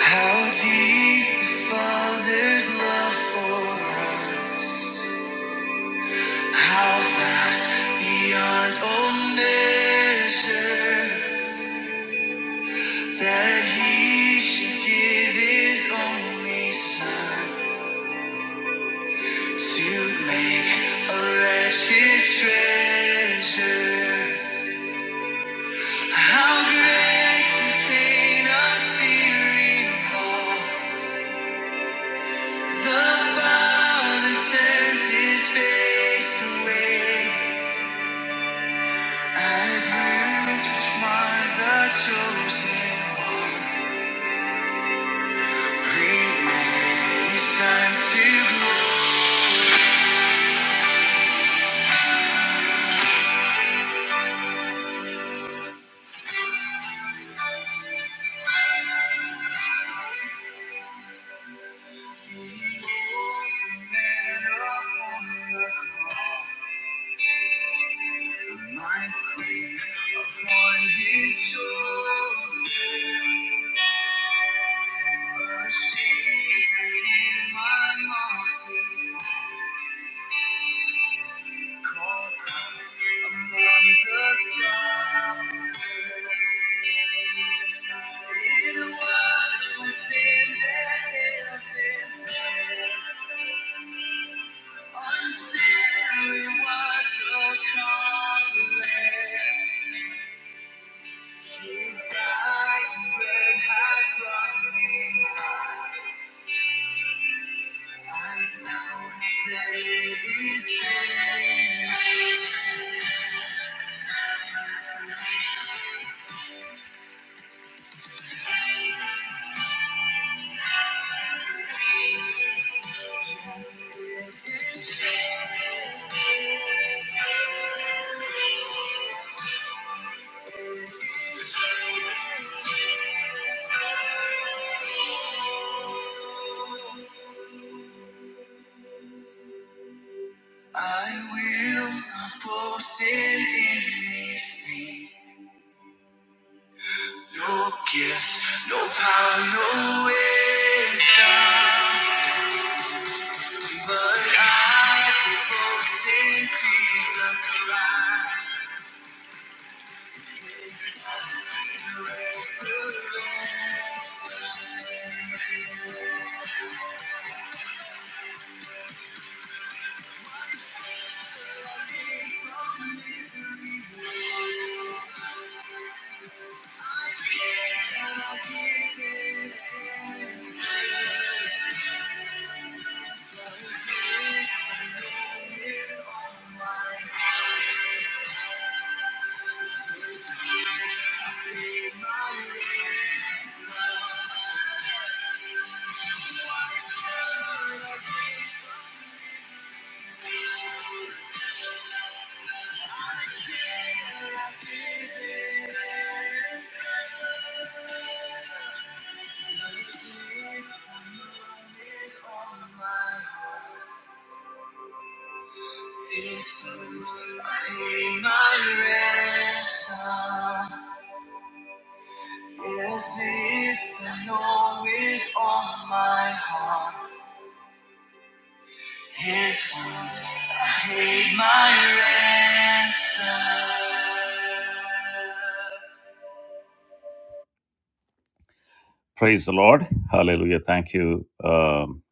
How deep the Father's love for us. How vast beyond all measure that He should give His only Son to make a wretched treasure. How great the pain of sealing loss. The Father turns His face away. As limbs which mark the chosen one, created shines to glory. Behold the man upon the cross, my sin upon his shoulder. Ashamed to hear my mocking song, call out among the scoffers. It was my sin that held it back. Until it was accomplished. His dying blood has brought me back. I know that it is finished. Yes, it is finished. I will not boast in anything. No gifts, no power, no wisdom. But I will boast in Jesus Christ. His death and resurrection. From misery. I cannot give it These wounds I pay my ransom. Is this I know with all my heart? His wounds paid my ransom. Praise the Lord. Hallelujah. Thank you, um,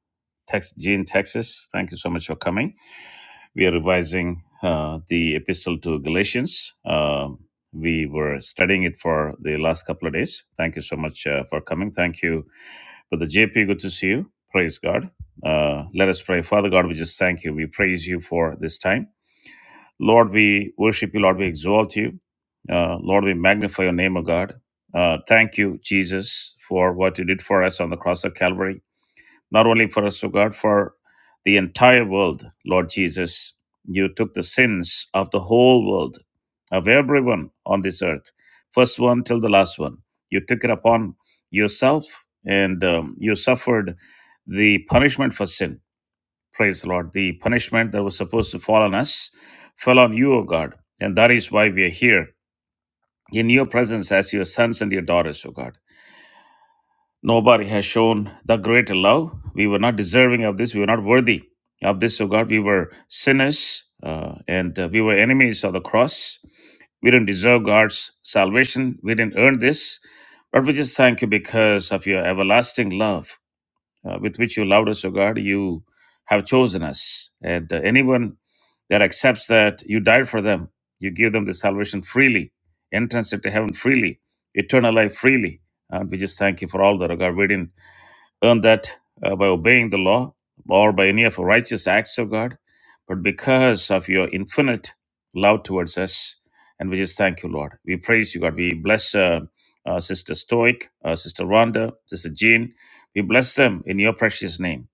Tex- Gene, Texas. Thank you so much for coming. We are revising uh, the epistle to Galatians. Um we were studying it for the last couple of days. Thank you so much uh, for coming. Thank you Brother JP, good to see you. Praise God. Uh, let us pray. Father God, we just thank you. We praise you for this time. Lord, we worship you. Lord, we exalt you. Uh, Lord, we magnify your name, O God. Uh, thank you, Jesus, for what you did for us on the cross of Calvary not only for us, O God, for the entire world, Lord Jesus. You took the sins of the whole world, of everyone on this earth, first one till the last one. You took it upon yourself and um, you suffered the punishment for sin. Praise the Lord. The punishment that was supposed to fall on us fell on you, O God. And that is why we are here in your presence as your sons and your daughters, O God. Nobody has shown the greater love. We were not deserving of this. We were not worthy of this, O God. We were sinners uh, and uh, we were enemies of the cross. We didn't deserve God's salvation. We didn't earn this. But we just thank you because of your everlasting love uh, with which you loved us, O God. You have chosen us. And uh, anyone that accepts that you died for them, you give them the salvation freely, entrance into heaven freely, eternal life freely. And we just thank you for all that, O God. We didn't earn that uh, by obeying the law or by any of the righteous acts, of God, but because of your infinite love towards us. And we just thank you, Lord. We praise you, God. We bless uh, uh, Sister Stoic, uh, Sister Rhonda, Sister Jean. We bless them in your precious name.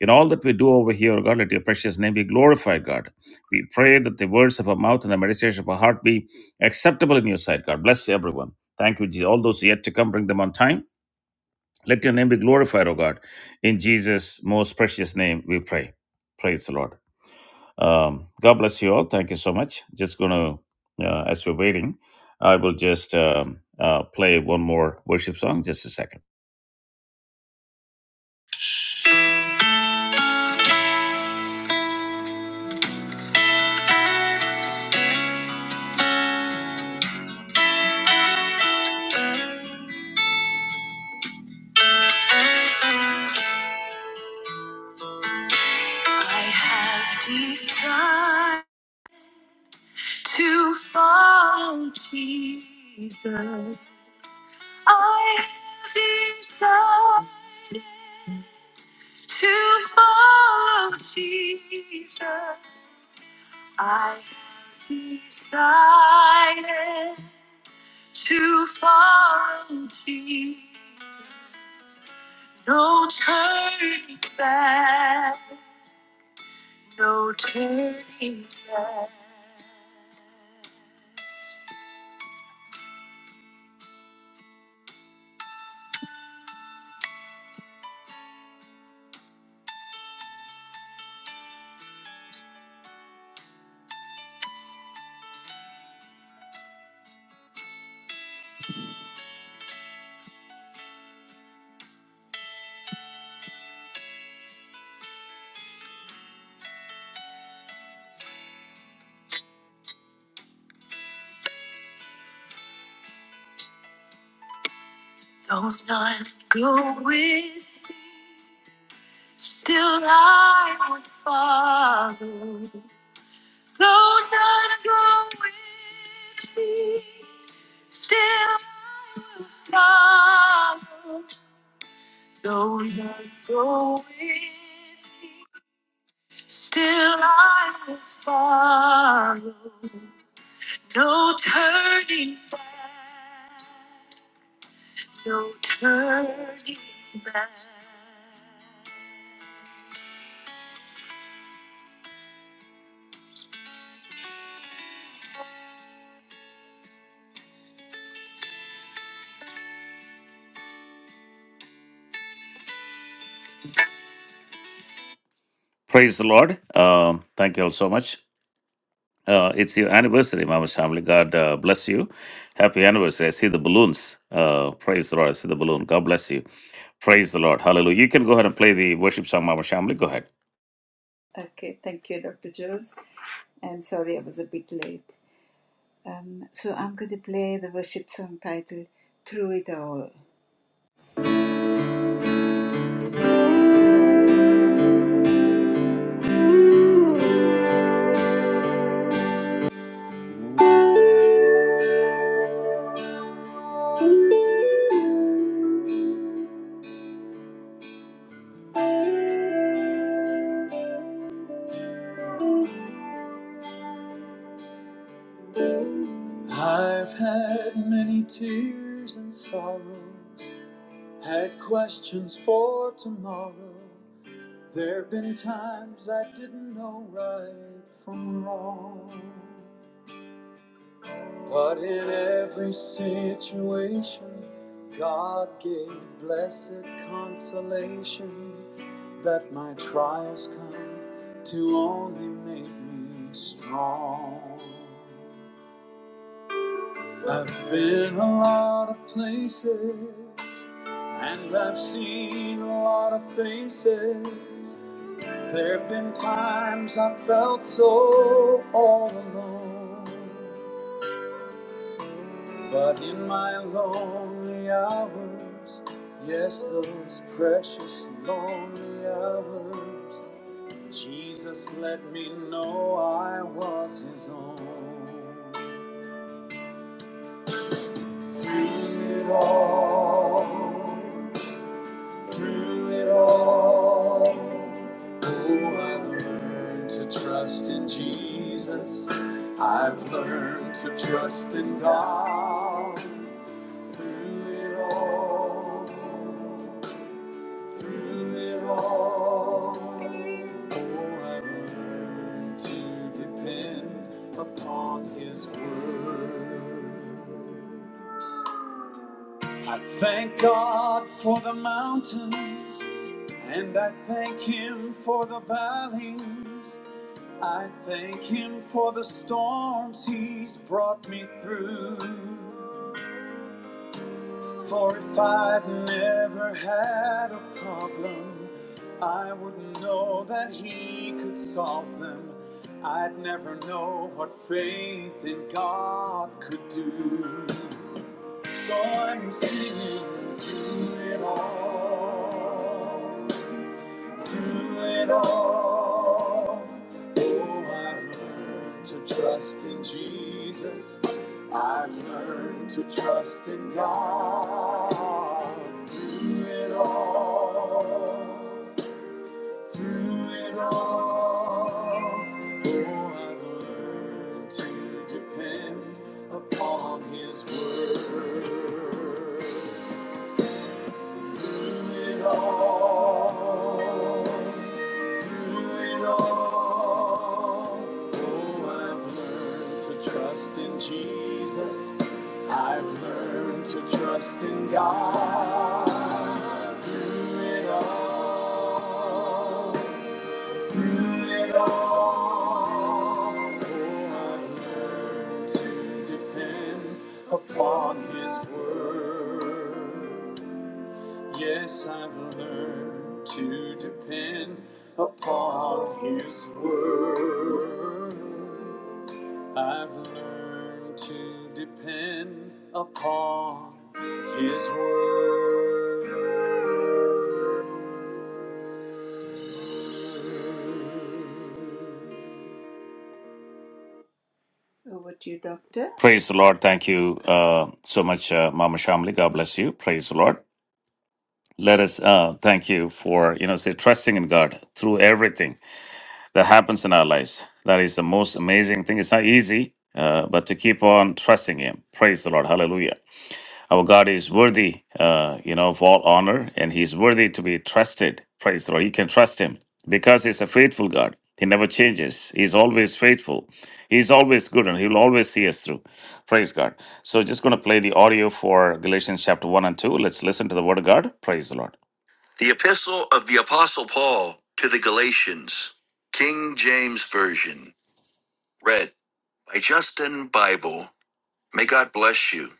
In all that we do over here, God, let your precious name be glorified, God. We pray that the words of our mouth and the meditation of our heart be acceptable in your sight, God. Bless everyone. Thank you, Jesus. All those yet to come, bring them on time let your name be glorified, O God. In Jesus' most precious name, we pray. Praise the Lord. Um, God bless you all. Thank you so much. Just going to, uh, as we're waiting, I will just um, uh, play one more worship song. Just a second. I have decided to follow Jesus. I have decided to follow Jesus. I decided to follow Jesus. No turning back, no turning back. Though none go with, me, still I would follow. Though none go with me, still I will follow. Though none go with me, Still I will follow. No turning back. No turning back. Praise the Lord. Um, thank you all so much. Uh, it's your anniversary, Mama's family. God uh, bless you. Happy anniversary. I see the balloons. Uh, praise the Lord. I see the balloon. God bless you. Praise the Lord. Hallelujah. You can go ahead and play the worship song, Mama Shamli. Go ahead. Okay, thank you, Dr. Jules. And sorry I was a bit late. Um, so I'm going to play the worship song titled Through It All. I've had many tears and sorrows, had questions for tomorrow. There have been times I didn't know right from wrong. But in every situation, God gave blessed consolation that my trials come to only make me strong. I've been a lot of places, and I've seen a lot of faces. There have been times I felt so all alone. But in my lonely hours, yes, those precious lonely hours, Jesus let me know I was His own. Through it all, through it all, oh, I learned to trust in Jesus. I've learned to trust in God. Through it all, through it all, oh, I've learned to depend upon His word. I thank God for the mountains, and I thank Him for the valleys. I thank Him for the storms He's brought me through. For if I'd never had a problem, I wouldn't know that He could solve them. I'd never know what faith in God could do. So I'm singing through it all. Through it all, oh, I've learned to trust in Jesus. I've learned to trust in God. Through it all, through it all, oh, I've learned to depend upon His word. Through it all, through it all, oh, I've learned to trust in Jesus. I've learned to trust in God. Through it all, through it all, oh, I've learned to depend upon His word. Yes, I've learned to depend upon His word. I've learned to depend upon His word. Over to you, Doctor. Praise the Lord. Thank you uh, so much, uh, Mama Shamli. God bless you. Praise the Lord. Let us uh, thank you for, you know, say trusting in God through everything that happens in our lives. That is the most amazing thing. It's not easy, uh, but to keep on trusting Him. Praise the Lord. Hallelujah. Our God is worthy, uh, you know, of all honor, and He's worthy to be trusted. Praise the Lord. You can trust Him because He's a faithful God. He never changes. He's always faithful. He's always good and He'll always see us through. Praise God. So, just going to play the audio for Galatians chapter 1 and 2. Let's listen to the Word of God. Praise the Lord. The Epistle of the Apostle Paul to the Galatians, King James Version, read by Justin Bible. May God bless you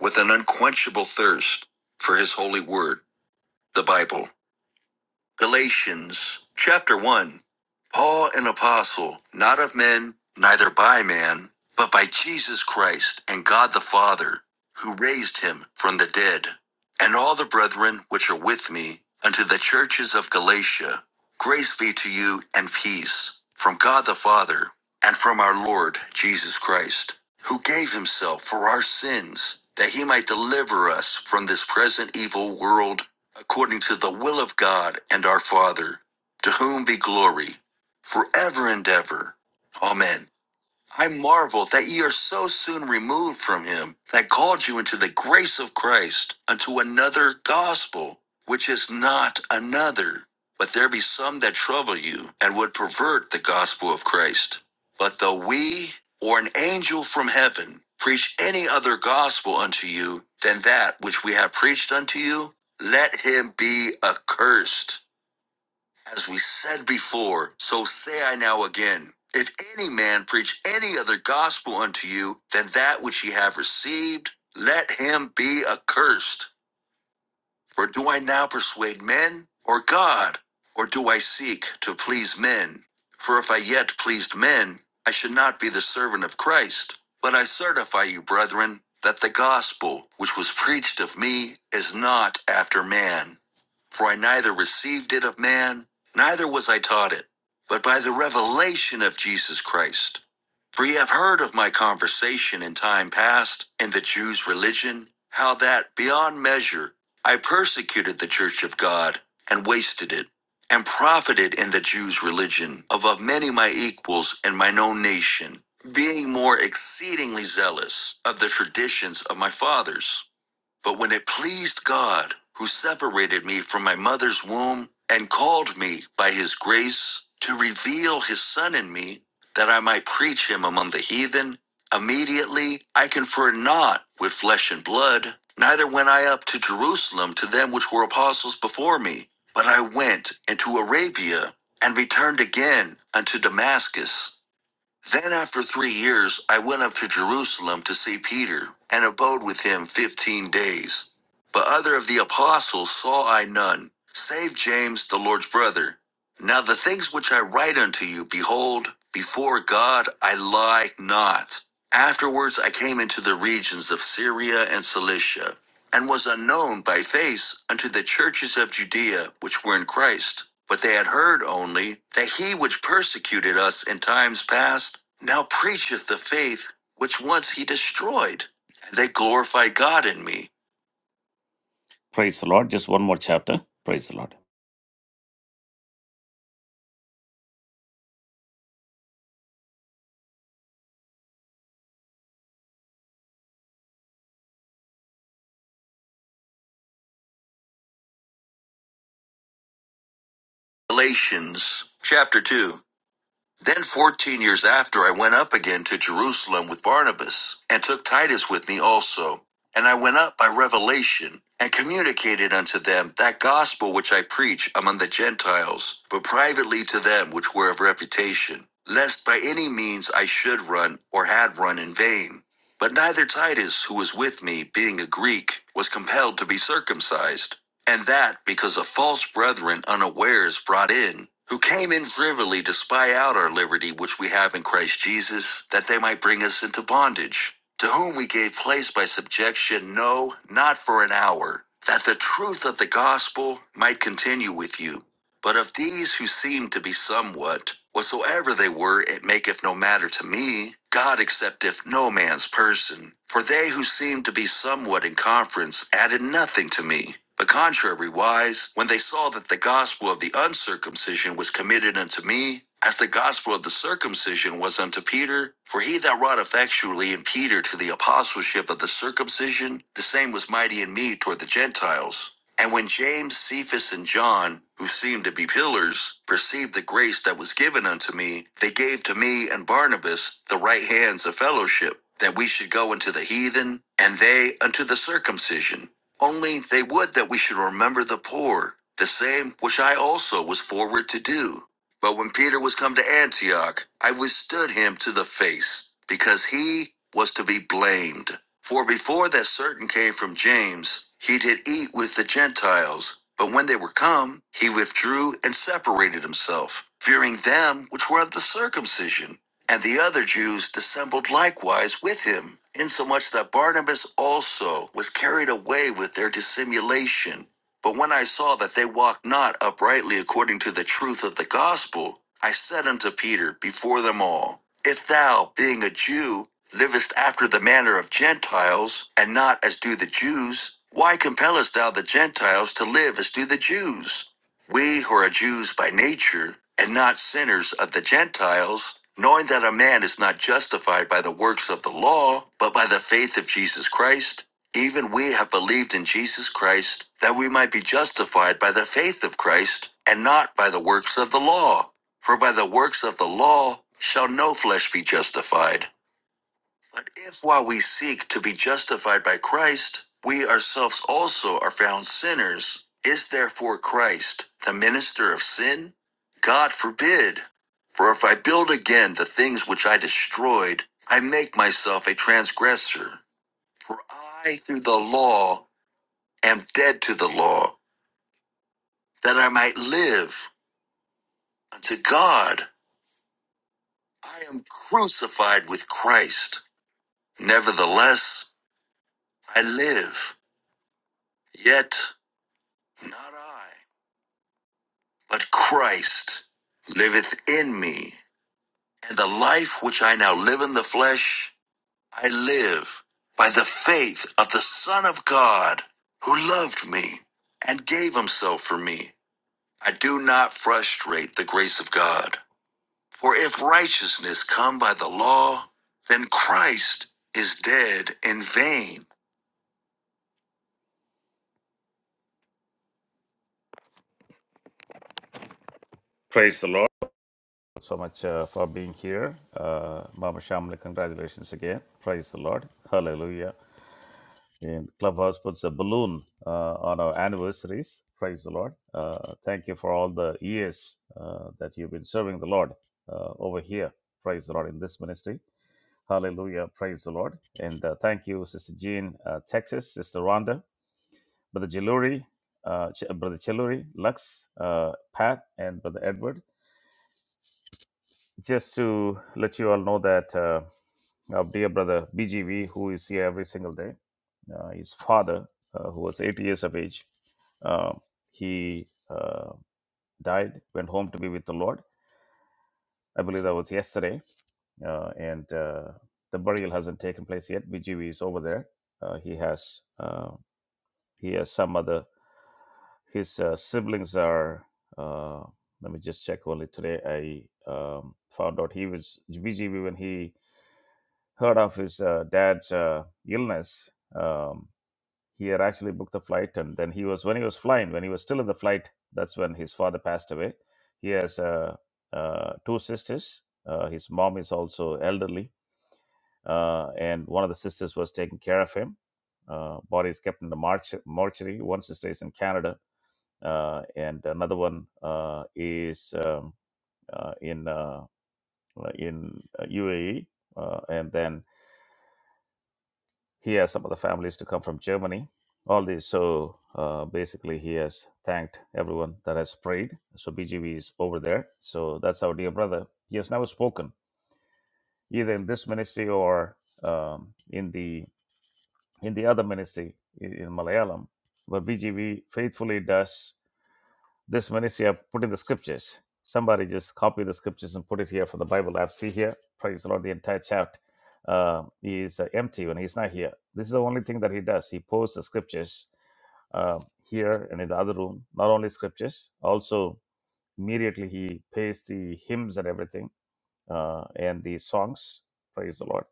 with an unquenchable thirst for his holy word, the Bible. Galatians chapter 1 Paul, an apostle, not of men, neither by man, but by Jesus Christ and God the Father, who raised him from the dead, and all the brethren which are with me, unto the churches of Galatia, grace be to you and peace from God the Father and from our Lord Jesus Christ, who gave himself for our sins, that he might deliver us from this present evil world according to the will of God and our Father, to whom be glory forever and ever. Amen. I marvel that ye are so soon removed from him that called you into the grace of Christ unto another gospel, which is not another. But there be some that trouble you and would pervert the gospel of Christ. But though we or an angel from heaven preach any other gospel unto you than that which we have preached unto you, let him be accursed. As we said before, so say I now again. If any man preach any other gospel unto you than that which ye have received, let him be accursed. For do I now persuade men or God? Or do I seek to please men? For if I yet pleased men, I should not be the servant of Christ. But I certify you, brethren, that the gospel which was preached of me is not after man. For I neither received it of man, neither was I taught it, but by the revelation of Jesus Christ. For ye have heard of my conversation in time past in the Jews' religion, how that beyond measure I persecuted the church of God and wasted it, and profited in the Jews' religion of of many my equals in mine own nation, being more exceedingly zealous of the traditions of my fathers. But when it pleased God, who separated me from my mother's womb and called me by his grace to reveal his Son in me, that I might preach him among the heathen, immediately I conferred not with flesh and blood, neither went I up to Jerusalem to them which were apostles before me, but I went into Arabia and returned again unto Damascus. Then after three years, I went up to Jerusalem to see Peter, and abode with him fifteen days. But other of the apostles saw I none, save James the Lord's brother. Now the things which I write unto you, behold, before God I lie not. Afterwards I came into the regions of Syria and Cilicia, and was unknown by face unto the churches of Judea which were in Christ. But they had heard only that he which persecuted us in times past now preacheth the faith which once he destroyed. And they glorified God in me. Praise the Lord. Just one more chapter. Praise the Lord. Galatians chapter 2. Then, 14 years after, I went up again to Jerusalem with Barnabas, and took Titus with me also. And I went up by revelation, and communicated unto them that gospel which I preach among the Gentiles, but privately to them which were of reputation, lest by any means I should run, or had run in vain. But neither Titus, who was with me, being a Greek, was compelled to be circumcised. And that because of false brethren unawares brought in, who came in privily to spy out our liberty which we have in Christ Jesus, that they might bring us into bondage, to whom we gave place by subjection, no, not for an hour, that the truth of the gospel might continue with you. But of these who seemed to be somewhat, whatsoever they were, it maketh no matter to me. God accepteth no man's person. For they who seemed to be somewhat in conference added nothing to me. But contrariwise, when they saw that the gospel of the uncircumcision was committed unto me, as the gospel of the circumcision was unto Peter, for he that wrought effectually in Peter to the apostleship of the circumcision, the same was mighty in me toward the Gentiles. And when James, Cephas, and John, who seemed to be pillars, perceived the grace that was given unto me, they gave to me and Barnabas the right hands of fellowship, that we should go unto the heathen, and they unto the circumcision. Only they would that we should remember the poor, the same which I also was forward to do. But when Peter was come to Antioch, I withstood him to the face, because he was to be blamed. For before that certain came from James, he did eat with the Gentiles. But when they were come, he withdrew and separated himself, fearing them which were of the circumcision. And the other Jews dissembled likewise with him, insomuch that Barnabas also was carried away with their dissimulation. But when I saw that they walked not uprightly according to the truth of the gospel, I said unto Peter before them all, If thou, being a Jew, livest after the manner of Gentiles, and not as do the Jews, why compellest thou the Gentiles to live as do the Jews? We who are Jews by nature, and not sinners of the Gentiles, knowing that a man is not justified by the works of the law, but by the faith of Jesus Christ, even we have believed in Jesus Christ that we might be justified by the faith of Christ and not by the works of the law. For by the works of the law shall no flesh be justified. But if while we seek to be justified by Christ, we ourselves also are found sinners, is therefore Christ the minister of sin? God forbid. For if I build again the things which I destroyed, I make myself a transgressor. For I, through the law, am dead to the law, that I might live unto God. I am crucified with Christ. Nevertheless, I live, yet not I, but Christ liveth in me. And the life which I now live in the flesh, I live by the faith of the Son of God, who loved me and gave himself for me. I do not frustrate the grace of God. For if righteousness come by the law, then Christ is dead in vain. Praise the Lord. So much uh, for being here. Uh, Mama Shamli, congratulations again. Praise the Lord. Hallelujah. And Clubhouse puts a balloon uh, on our anniversaries. Praise the Lord. Uh, thank you for all the years uh, that you've been serving the Lord uh, over here. Praise the Lord in this ministry. Hallelujah. Praise the Lord. And uh, thank you, Sister Jean, uh, Texas, Sister Rhonda. Brother Jaluri, uh, Ch- Brother Chiluri, Lux, uh, Pat, and Brother Edward. Just to let you all know that uh, our dear brother BGV, who is here every single day, uh, his father, uh, who was 80 years of age, uh, he uh, died, went home to be with the Lord. I believe that was yesterday, uh, and uh, the burial hasn't taken place yet. BGV is over there. Uh, he has uh, he has some other His uh, siblings are. Uh, let me just check only today. I um, found out he was BGB when he heard of his uh, dad's uh, illness. Um, he had actually booked the flight, and then he was when he was flying, when he was still in the flight, that's when his father passed away. He has uh, uh, two sisters. Uh, his mom is also elderly, uh, and one of the sisters was taking care of him uh, body is kept in the march- mortuary. One sister is in Canada uh, and another one uh, is um, uh, in uh, in uh, UAE, uh, and then he has some of the families to come from Germany. All these, so uh, basically, he has thanked everyone that has prayed. So BGV is over there. So that's our dear brother. He has never spoken either in this ministry or um, in the in the other ministry in in Malayalam, but BGV faithfully does this Manisha put in the scriptures. Somebody just copy the scriptures and put it here for the Bible app. See here, praise the Lord. The entire chat uh, is uh, empty when he's not here. This is the only thing that he does. He posts the scriptures uh, here and in the other room. Not only scriptures, also immediately he pastes the hymns and everything uh, and the songs. Praise the Lord.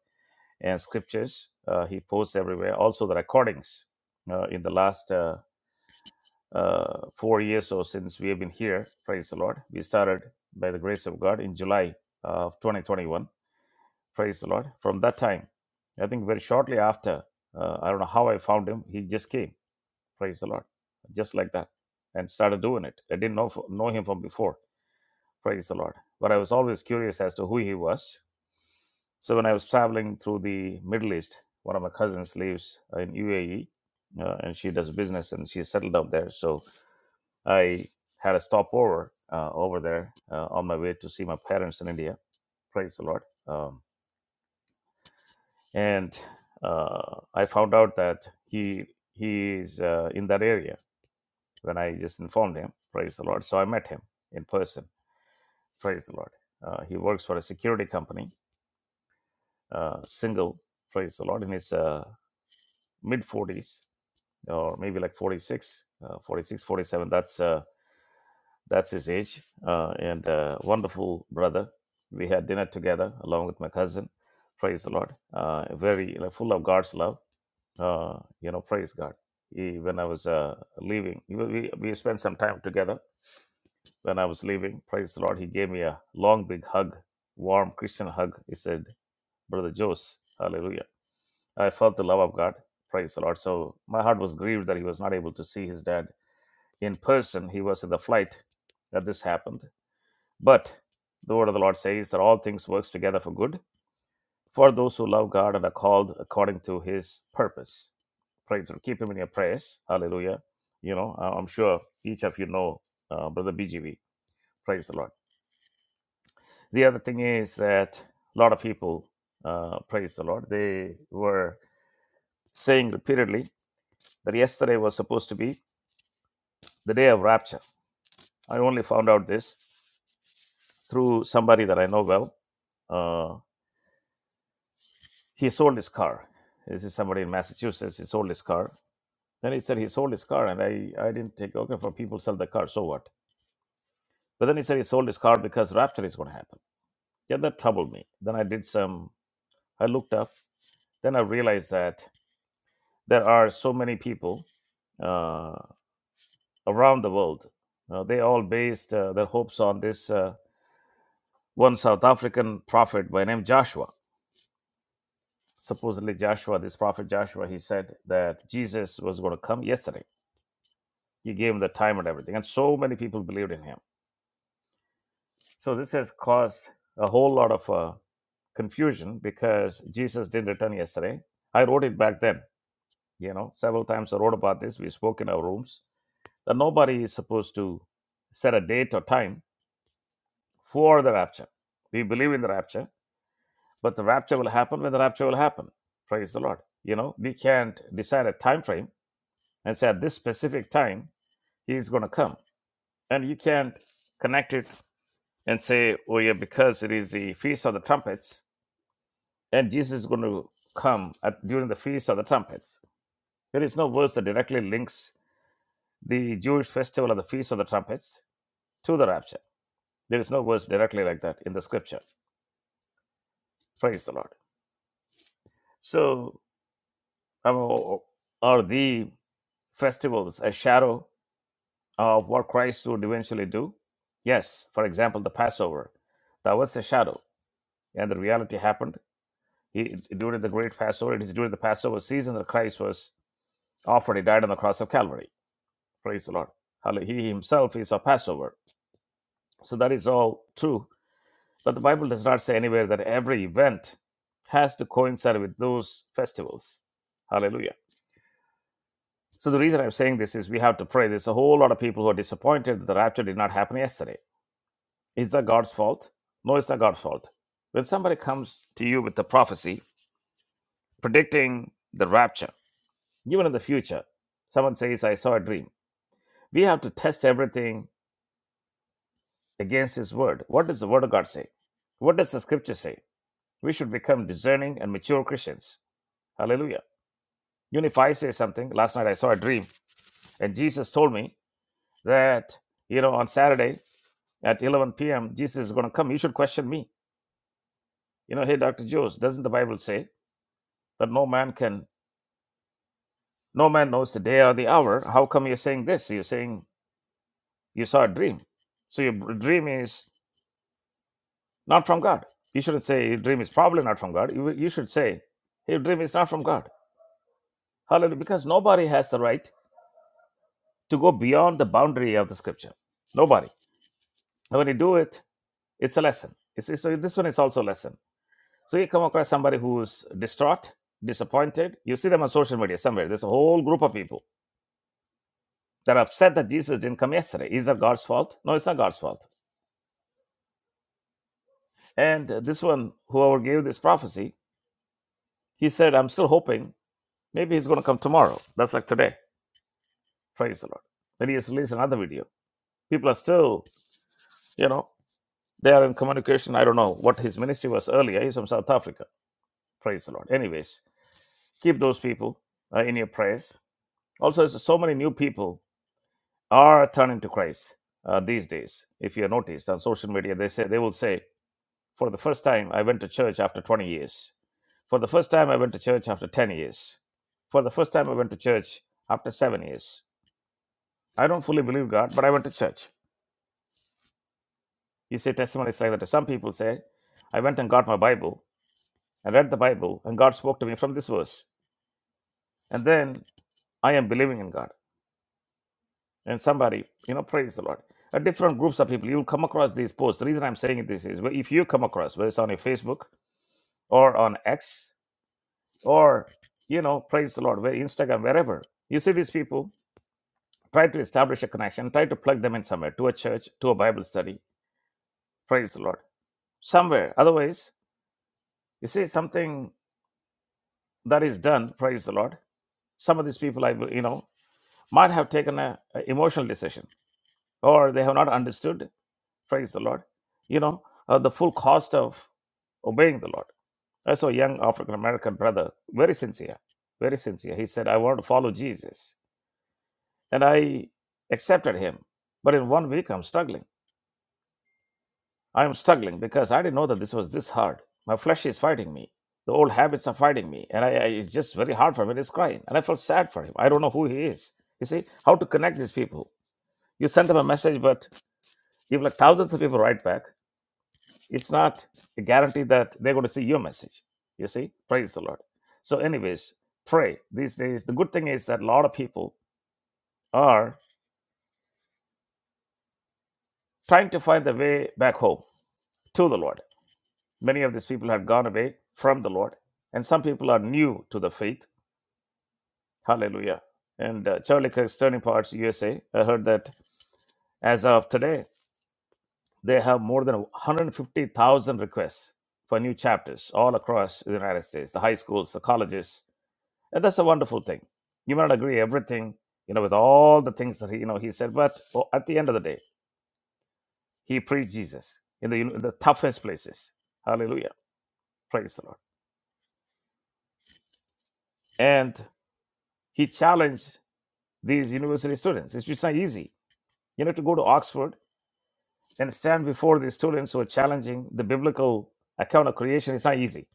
And scriptures uh, he posts everywhere. Also the recordings uh, in the last. uh, uh, four years or since we have been here. Praise the Lord. We started by the grace of God in July of 2021. Praise the Lord. From that time, I think very shortly after, uh, I don't know how I found him. He just came. Praise the Lord. Just like that, and started doing it. I didn't know know him from before. Praise the Lord. But I was always curious as to who he was so when I was traveling through the Middle East, one of my cousins lives in UAE, uh, and she does business and she's settled down there. So I had a stopover uh, over there uh, on my way to see my parents in India. Praise the Lord. Um, and uh, I found out that he he is uh, in that area when I just informed him. Praise the Lord. So I met him in person. Praise the Lord. Uh, he works for a security company, uh, single. Praise the Lord. In his uh, mid 40s, or maybe like 46, uh, 46, 47. That's uh, that's his age, uh, and uh, wonderful brother. We had dinner together along with my cousin. Praise the Lord. Uh, very like, full of God's love. Uh, you know, praise God. He, when I was uh, leaving, we, we we spent some time together. When I was leaving, praise the Lord, he gave me a long, big hug, warm Christian hug. He said, "Brother Jose, Hallelujah." I felt the love of God. Praise the Lord. So my heart was grieved that he was not able to see his dad in person. He was in the flight that this happened. But the word of the Lord says that all things works together for good for those who love God and are called according to His purpose. Praise Him. Keep Him in your prayers. Hallelujah. You know, I- am sure each of you know uh, Brother BGV. Praise the Lord. The other thing is that a lot of people, uh, praise the Lord, they were saying repeatedly that yesterday was supposed to be the day of rapture. I only found out this through somebody that I know well. uh, he sold his car. This is somebody in Massachusetts. He sold his car. Then he said he sold his car, and I, I didn't take okay for people sell their car. So what? But then he said he sold his car because rapture is going to happen. Yeah, that troubled me. Then I did some. I looked up. Then I realized that there are so many people uh, around the world. Uh, they all based uh, their hopes on this uh, one South African prophet by name Joshua. Supposedly Joshua, this prophet Joshua, he said that Jesus was going to come yesterday You gave him the time and everything. And so many people believed in him. So this has caused a whole lot of uh, confusion because Jesus didn't return yesterday. I wrote it back then, you know, several times I wrote about this. We spoke in our rooms that nobody is supposed to set a date or time for the rapture. We believe in the rapture, but the rapture will happen when the rapture will happen. Praise the Lord. You know, we can't decide a time frame and say at this specific time, he's going to come. And you can't connect it and say, "Oh yeah, because it is the feast of the trumpets, and Jesus is going to come at, during the feast of the trumpets." There is no verse that directly links the Jewish festival of the feast of the trumpets to the rapture. There is no verse directly like that in the scripture. Praise the Lord. So, um, are the festivals a shadow of what Christ would eventually do? Yes. For example, the Passover, that was a shadow, and the reality happened It- during the great Passover, it is during the Passover season that Christ was offered. He died on the cross of Calvary. Praise the Lord. Hallelujah. He himself is our Passover. So that is all true. But the Bible does not say anywhere that every event has to coincide with those festivals. Hallelujah. So the reason I'm saying this is we have to pray. There's a whole lot of people who are disappointed that the rapture did not happen yesterday. Is that God's fault? No, it's not God's fault. When somebody comes to you with a prophecy predicting the rapture, Even in the future, someone says, I saw a dream. We have to test everything against His Word. What does the Word of God say? What does the Scripture say? We should become discerning and mature Christians. Hallelujah. Even if I say something, last night I saw a dream, and Jesus told me that, you know, on Saturday at 11 p.m., Jesus is going to come. You should question me. You know, hey, Dr. Jones, doesn't the Bible say that no man can, no man knows the day or the hour? How come you're saying this? You're saying you saw a dream. So your dream is not from God. You shouldn't say your dream is probably not from God. You, you should say your dream is not from God. Hallelujah. Because nobody has the right to go beyond the boundary of the scripture. Nobody. And when you do it, it's a lesson. It's, it's- so this one is also a lesson. So you come across somebody who's distraught, disappointed. You see them on social media somewhere. There's a whole group of people that are upset that Jesus didn't come yesterday. Is that God's fault? No, it's not God's fault. And this one, whoever gave this prophecy, he said, I'm still hoping maybe he's going to come tomorrow. That's like today Praise the Lord. Then he has released another video. People are still, you know, they are in communication. I don't know what his ministry was earlier. He's from South Africa. Praise the Lord. Anyways, keep those people uh, in your prayers. Also, so so many new people are turning to Christ uh, these days. If you have noticed on social media, they say they will say, "For the first time, I went to church after 20 years. For the first time, I went to church after 10 years. For the first time, I went to church after seven years. I don't fully believe God, but I went to church." You say testimonies like that. Some people say, I went and got my Bible, I read the Bible, and God spoke to me from this verse. And then I am believing in God. And somebody, you know, praise the Lord. At different groups of people, you'll come across these posts. The reason I'm saying this is well, if you come across, whether it's on your Facebook or on X or, you know, praise the Lord, where Instagram, wherever, you see these people, try to establish a connection, try to plug them in somewhere, to a church, to a Bible study, praise the Lord, somewhere. Otherwise, you see something that is done, praise the Lord some of these people i will- you know might have taken a, a emotional decision or they have not understood praise the lord you know uh, the full cost of obeying the lord i saw a young african american brother very sincere very sincere he said i want to follow jesus and i accepted him but in one week i'm struggling i am struggling because i didn't know that this was this hard my flesh is fighting me the old habits are fighting me and I, I it's just very hard for me to crying and i felt sad for him i don't know who he is you see how to connect these people You send them a message, but if like thousands of people write back, it's not a guarantee that they're going to see your message. You see? Praise the Lord. So, anyways, pray these days. The good thing is that a lot of people are trying to find the way back home to the Lord. Many of these people have gone away from the Lord, and some people are new to the faith. Hallelujah. And uh, Charlie Kirk's Turning Parts USA, I heard that as of today, They have more than 150,000 requests for new chapters all across the United States, the high schools, the colleges. And that's a wonderful thing. You might not agree everything, you know, with all the things that he, you know, he said, but oh, at the end of the day, he preached Jesus in the, in the toughest places. Hallelujah. Praise the Lord. And he challenged these university students. It's just not easy. You know, to go to Oxford and stand before these students who are challenging the biblical account of creation, it's not easy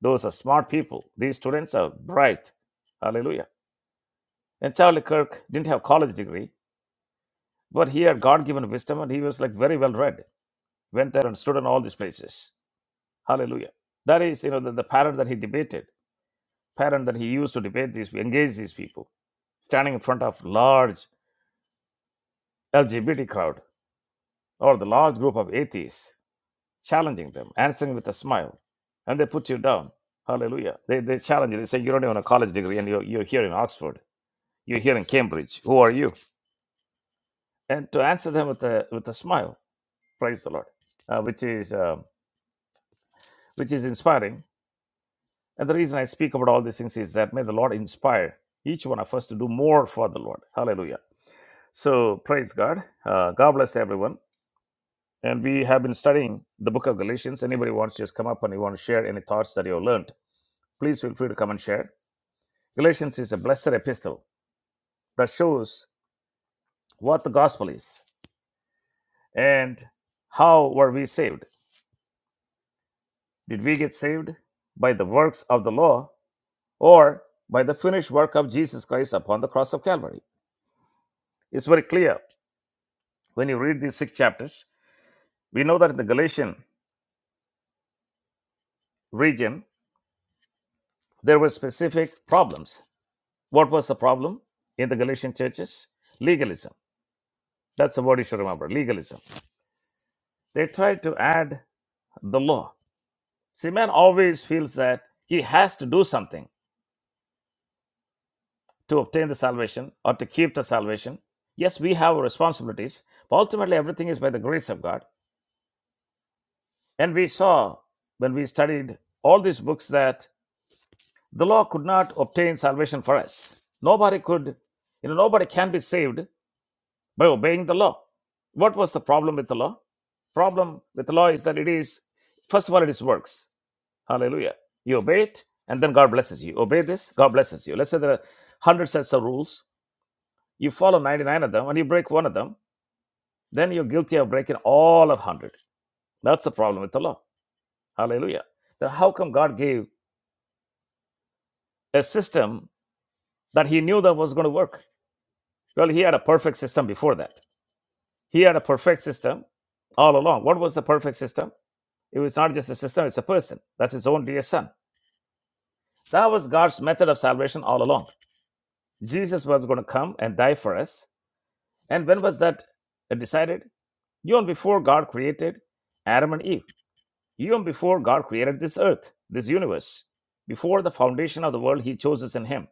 Those are smart people. These students are bright. Hallelujah. And Charlie Kirk didn't have college degree, but he had God given wisdom and he was like very well read. Went there and stood in all these places. Hallelujah. That is, you know, the, the pattern that he debated, pattern that he used to debate these, engage these people, standing in front of large LGBT crowd or the large group of atheists, challenging them, answering with a smile, and they put you down. Hallelujah. They, they challenge you. They say, you don't even have a college degree and you're, you're here in Oxford. You're here in Cambridge. Who are you? And to answer them with a with a smile, praise the Lord, uh, which is uh, which is inspiring. And the reason I speak about all these things is that may the Lord inspire each one of us to do more for the Lord. Hallelujah. So praise God. Uh, God bless everyone. And we have been studying the book of Galatians. Anybody wants to just come up and you want to share any thoughts that you have learned, please feel free to come and share. Galatians is a blessed epistle that shows what the gospel is and how were we saved Did we get saved by the works of the law or by the finished work of Jesus Christ upon the cross of Calvary? It's very clear when you read these six chapters. We know that in the Galatian region, there were specific problems. What was the problem in the Galatian churches? Legalism. That's the word you should remember legalism. They tried to add the law. See, man always feels that he has to do something to obtain the salvation or to keep the salvation. Yes, we have responsibilities, but ultimately everything is by the grace of God. And we saw when we studied all these books that the law could not obtain salvation for us. Nobody could, you know, nobody can be saved by obeying the law. What was the problem with the law? Problem with the law is that it is, first of all, it is works. Hallelujah. You obey it, and then God blesses you. Obey this, God blesses you. Let's say there are 100 sets of rules. You follow 99 of them, and you break one of them then you're guilty of breaking all of 100. That's the problem with the law. Hallelujah. Then how come God gave a system that he knew that was going to work? Well, he had a perfect system before that. He had a perfect system all along. What was the perfect system? It was not just a system, it's a person. That's his own dear son. That was God's method of salvation all along. Jesus was going to come and die for us. And when was that decided? You and before God created Adam and Eve. Even before God created this earth, this universe, before the foundation of the world, He chose us in Him.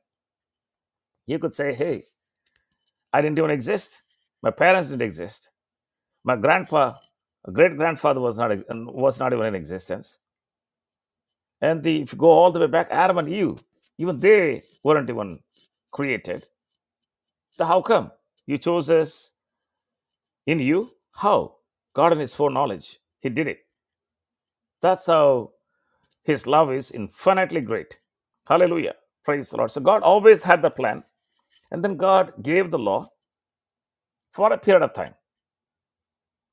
He could say, Hey, I didn't even exist. My parents didn't exist. My grandpa, great grandfather was not, was not even in existence. And the, if you go all the way back, Adam and Eve, even they weren't even created. So how come? You chose us in you? How? God in His foreknowledge, He did it. That's how His love is infinitely great. Hallelujah. Praise the Lord. So God always had the plan. And then God gave the law for a period of time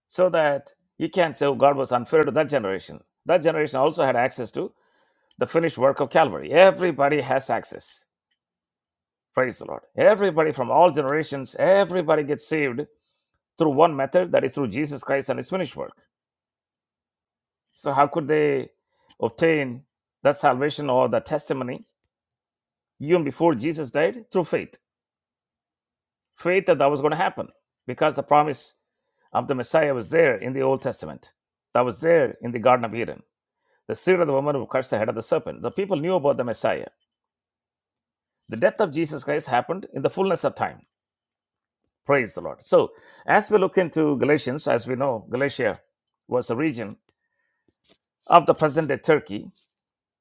so that you can't say, oh, God was unfair to that generation. That generation also had access to the finished work of Calvary. Everybody has access. Praise the Lord. Everybody from all generations, everybody gets saved through one method, that is through Jesus Christ and his finished work. So, how could they obtain that salvation or that testimony even before Jesus died? Through faith. faith that that was going to happen because the promise of the Messiah was there in the Old Testament, that was there in the Garden of Eden. The seed of the woman who cursed the head of the serpent. The people knew about the Messiah. The death of Jesus Christ happened in the fullness of time. Praise the Lord. So, as we look into Galatians, as we know, Galatia was a region of the present day Turkey,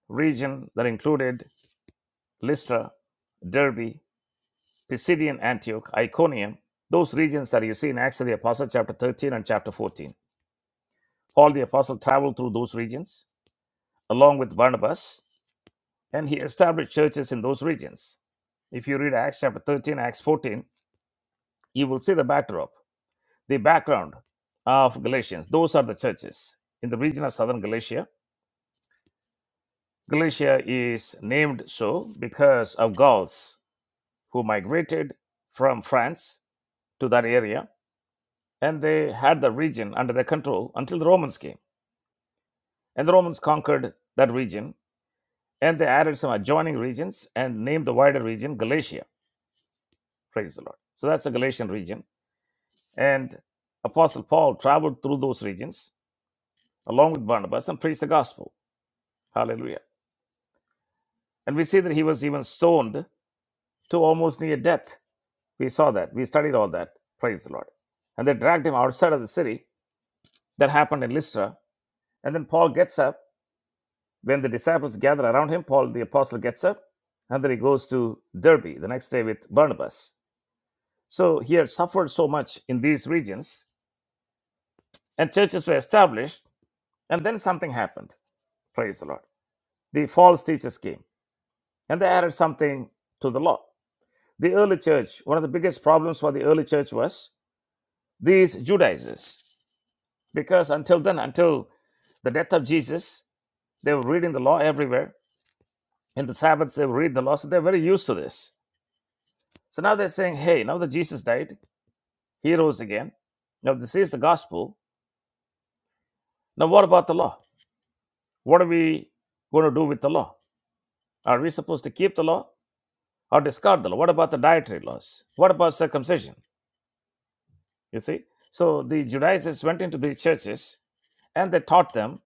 region that included Lystra, Derbe, Pisidian Antioch, Iconium, those regions that you see in Acts of the Apostles, chapter 13 and chapter 14 Paul the Apostle traveled through those regions along with Barnabas, and he established churches in those regions. If you read Acts chapter 13, Acts 14, you will see the backdrop, the background of Galatians. Those are the churches in the region of southern Galatia. Galatia is named so because of Gauls who migrated from France to that area, and they had the region under their control until the Romans came. And the Romans conquered that region and they added some adjoining regions and named the wider region Galatia. Praise the Lord. So that's the Galatian region. And Apostle Paul traveled through those regions along with Barnabas and preached the gospel. Hallelujah. And we see that he was even stoned to almost near death. We saw that. We studied all that. Praise the Lord. And they dragged him outside of the city. That happened in Lystra. And then Paul gets up. When the disciples gather around him, Paul the apostle gets up. And then he goes to Derby the next day with Barnabas So he had suffered so much in these regions, and churches were established, and then something happened. Praise the Lord. The false teachers came, and they added something to the law. The early church, one of the biggest problems for the early church was these Judaizers, because until then, until the death of Jesus, they were reading the law everywhere. In the Sabbaths, they would read the law, so they're very used to this. So now they're saying, hey, now that Jesus died, he rose again. Now, this is the gospel. Now, what about the law? What are we going to do with the law? Are we supposed to keep the law or discard the law? What about the dietary laws? What about circumcision? You see? So the Judaizers went into the churches and they taught them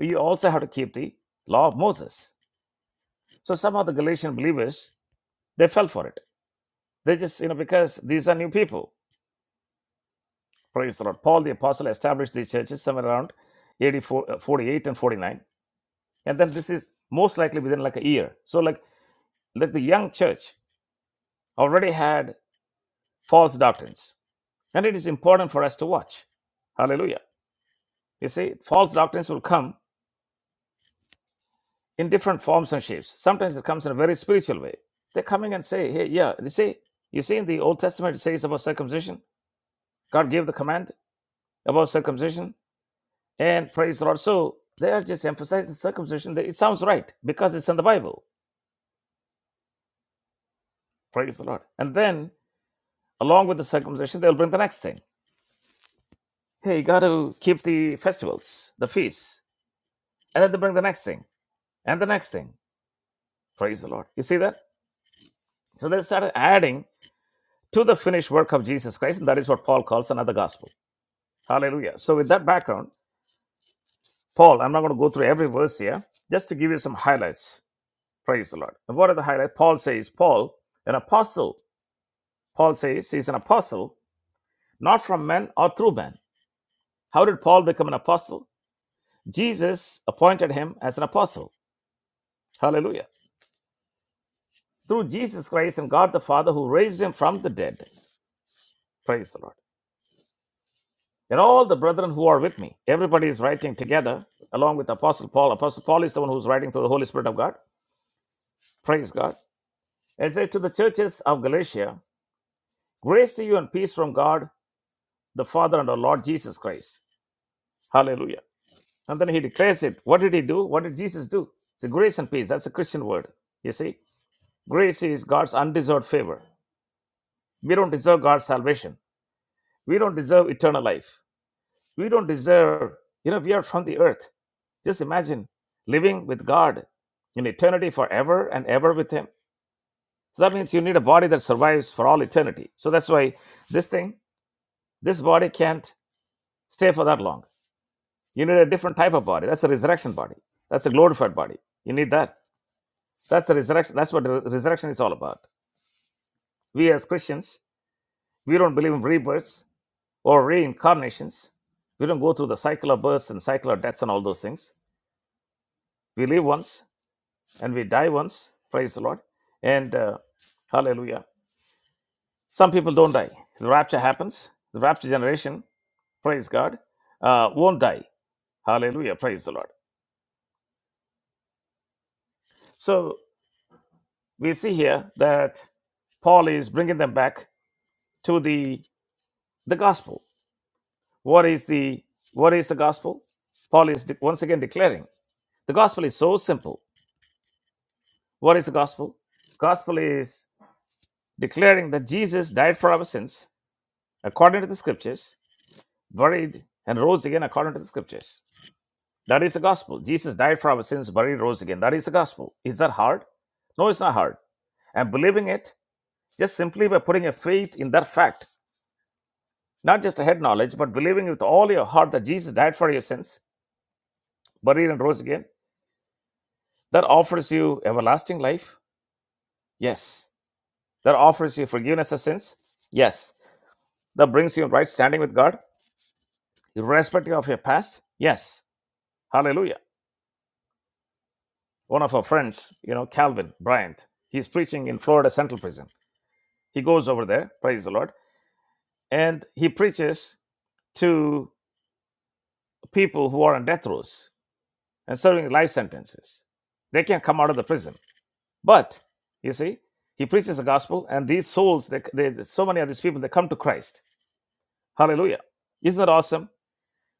you also have to keep the law of Moses. So some of the Galatian believers they fell for it. They just you know because these are new people. Praise the Lord. Paul the apostle established these churches somewhere around 84, uh, 48 and 49, and then this is most likely within like a year. So like like the young church already had false doctrines. And it is important for us to watch. Hallelujah. You see, false doctrines will come in different forms and shapes. Sometimes it comes in a very spiritual way. They're coming and say, hey, yeah, They say, you see in the Old Testament it says about circumcision. God gave the command about circumcision and praise the Lord. So they are just emphasizing circumcision. It sounds right because it's in the Bible. Praise the Lord. And then along with the circumcision, they'll bring the next thing. Hey, you got to keep the festivals, the feasts. And then they bring the next thing and the next thing Praise the Lord. You see that? So they started adding to the finished work of Jesus Christ, and that is what Paul calls another gospel. Hallelujah. So, with that background, Paul, I'm not going to go through every verse here, just to give you some highlights. Praise the Lord. And what are the highlights? Paul says, Paul, an apostle, Paul says he's an apostle, not from men or through men. How did Paul become an apostle? Jesus appointed him as an apostle. Hallelujah. Through Jesus Christ and God the Father who raised him from the dead. Praise the Lord. They're all the brethren who are with me. Everybody is writing together along with Apostle Paul. Apostle Paul is the one who's writing through the Holy Spirit of God. Praise God. It says to the churches of Galatia, grace to you and peace from God the Father and our Lord Jesus Christ. Hallelujah. And then he declares it. What did he do? What did Jesus do? It's a grace and peace. That's a Christian word. You see, grace is God's undeserved favor. We don't deserve God's salvation. We don't deserve eternal life. We don't deserve, you know, we are from the earth. Just imagine living with God in eternity forever and ever with Him. So that means you need a body that survives for all eternity. So that's why this thing, this body can't stay for that long. You need a different type of body. That's a resurrection body. That's a glorified body. You need that. That's the resurrection. That's what the resurrection is all about. We as Christians, we don't believe in rebirths or reincarnations. We don't go through the cycle of births and cycle of deaths and all those things. We live once and we die once. Praise the Lord. And uh, hallelujah. Some people don't die. The rapture happens. The rapture generation, praise God, uh, won't die. Hallelujah. Praise the Lord. So we see here that Paul is bringing them back to the the gospel. What is the what is the gospel? Paul is de- once again declaring the gospel is so simple. What is the gospel? Gospel is declaring that Jesus died for our sins according to the scriptures buried, and rose again according to the scriptures. That is the gospel. Jesus died for our sins, buried, rose again. That is the gospel. Is that hard? No, it's not hard. And believing it just simply by putting a faith in that fact, not just a head knowledge, but believing with all your heart that Jesus died for your sins, buried, and rose again, that offers you everlasting life. Yes. That offers you forgiveness of sins. Yes. That brings you in right standing with God, irrespective of your past. Yes. Hallelujah. one of our friends, you know, Calvin Bryant. He's preaching in Florida Central Prison. He goes over there, praise the Lord, and he preaches to people who are on death rows and serving life sentences. They can't come out of the prison. But you see, he preaches the gospel, and these souls, they, they, so many of these people, they come to Christ. Hallelujah! Isn't that awesome?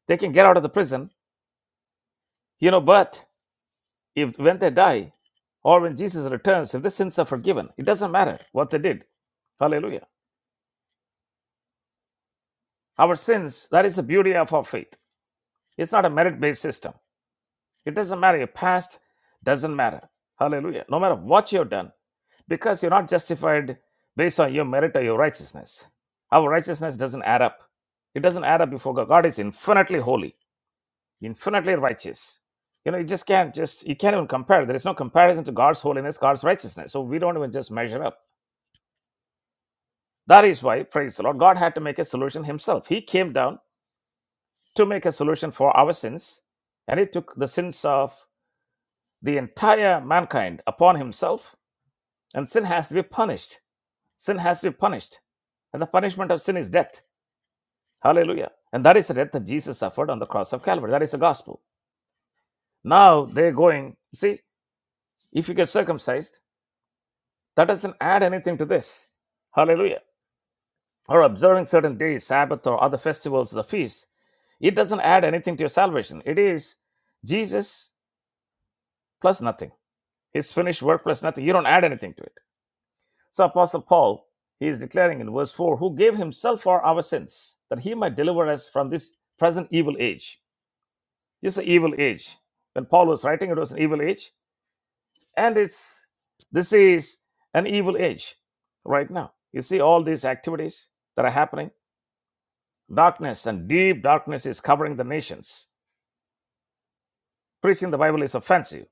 They can get out of the prison, you know. But if when they die, or when Jesus returns, if the sins are forgiven, it doesn't matter what they did. Hallelujah. Our sins, that is the beauty of our faith. It's not a merit based system. It doesn't matter. Your past doesn't matter. Hallelujah. No matter what you've done, because you're not justified based on your merit or your righteousness. Our righteousness doesn't add up. It doesn't add up before God. God is infinitely holy, infinitely righteous. You know, you just can't just, you can't even compare. There is no comparison to God's holiness, God's righteousness. So we don't even just measure up. That is why, praise the Lord, God had to make a solution himself. He came down to make a solution for our sins, and he took the sins of the entire mankind upon himself, and sin has to be punished. Sin has to be punished. And the punishment of sin is death. Hallelujah. And that is the death that Jesus suffered on the cross of Calvary. That is the gospel. Now they're going, see, if you get circumcised, that doesn't add anything to this. Hallelujah. Or observing certain days, Sabbath or other festivals, the feasts, it doesn't add anything to your salvation. It is Jesus plus nothing. His finished work plus nothing. You don't add anything to it. So Apostle Paul, he is declaring in verse 4, who gave himself for our sins, that he might deliver us from this present evil age. This is an evil age. When Paul was writing, it was an evil age. And it's this is an evil age right now. You see all these activities that are happening. Darkness and deep darkness is covering the nations. Preaching the Bible is offensive.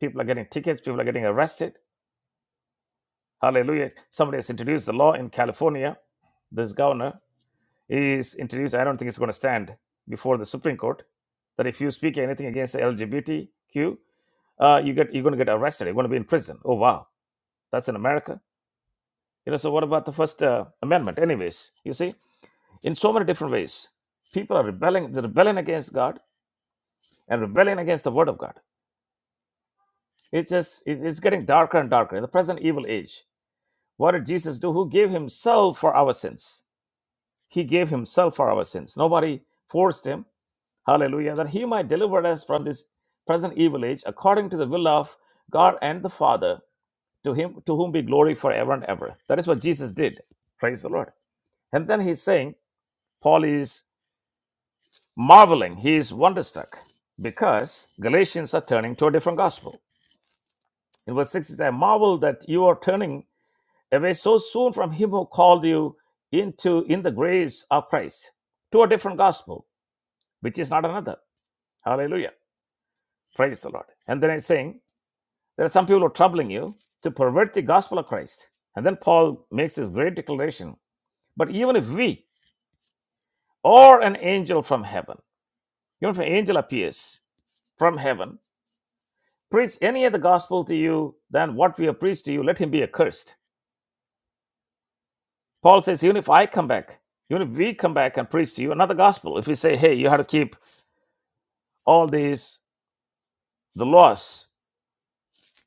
People are getting tickets, people are getting arrested Hallelujah. Somebody has introduced the law in California. This governor is introduced, I don't think it's going to stand before the Supreme Court, that if you speak anything against the LGBTQ, uh, you get, you're going to get arrested. You're going to be in prison. Oh, wow. That's in America. You know, so what about the First uh, Amendment? Anyways, you see, in so many different ways, people are rebelling, they're rebelling against God and rebelling against the Word of God. It's just, it's it's getting darker and darker in the present evil age. What did Jesus do? Who gave himself for our sins? He gave himself for our sins. Nobody forced him. Hallelujah. That he might deliver us from this present evil age according to the will of God and the Father, to him to whom be glory forever and ever. That is what Jesus did. Praise the Lord. And then he's saying, Paul is marveling, he is wonderstruck because Galatians are turning to a different gospel. In verse 6, He says, I marvel that you are turning away so soon from him who called you into in the grace of Christ to a different gospel, which is not another. Hallelujah. Praise the Lord. And then he's saying, there are some people who are troubling you to pervert the gospel of Christ. And then Paul makes this great declaration. But even if we or an angel from heaven, even if an angel appears from heaven, preach any other gospel to you than what we have preached to you, let him be accursed. Paul says, even if I come back, even if we come back and preach to you another gospel, if we say, hey, you have to keep all these, the laws,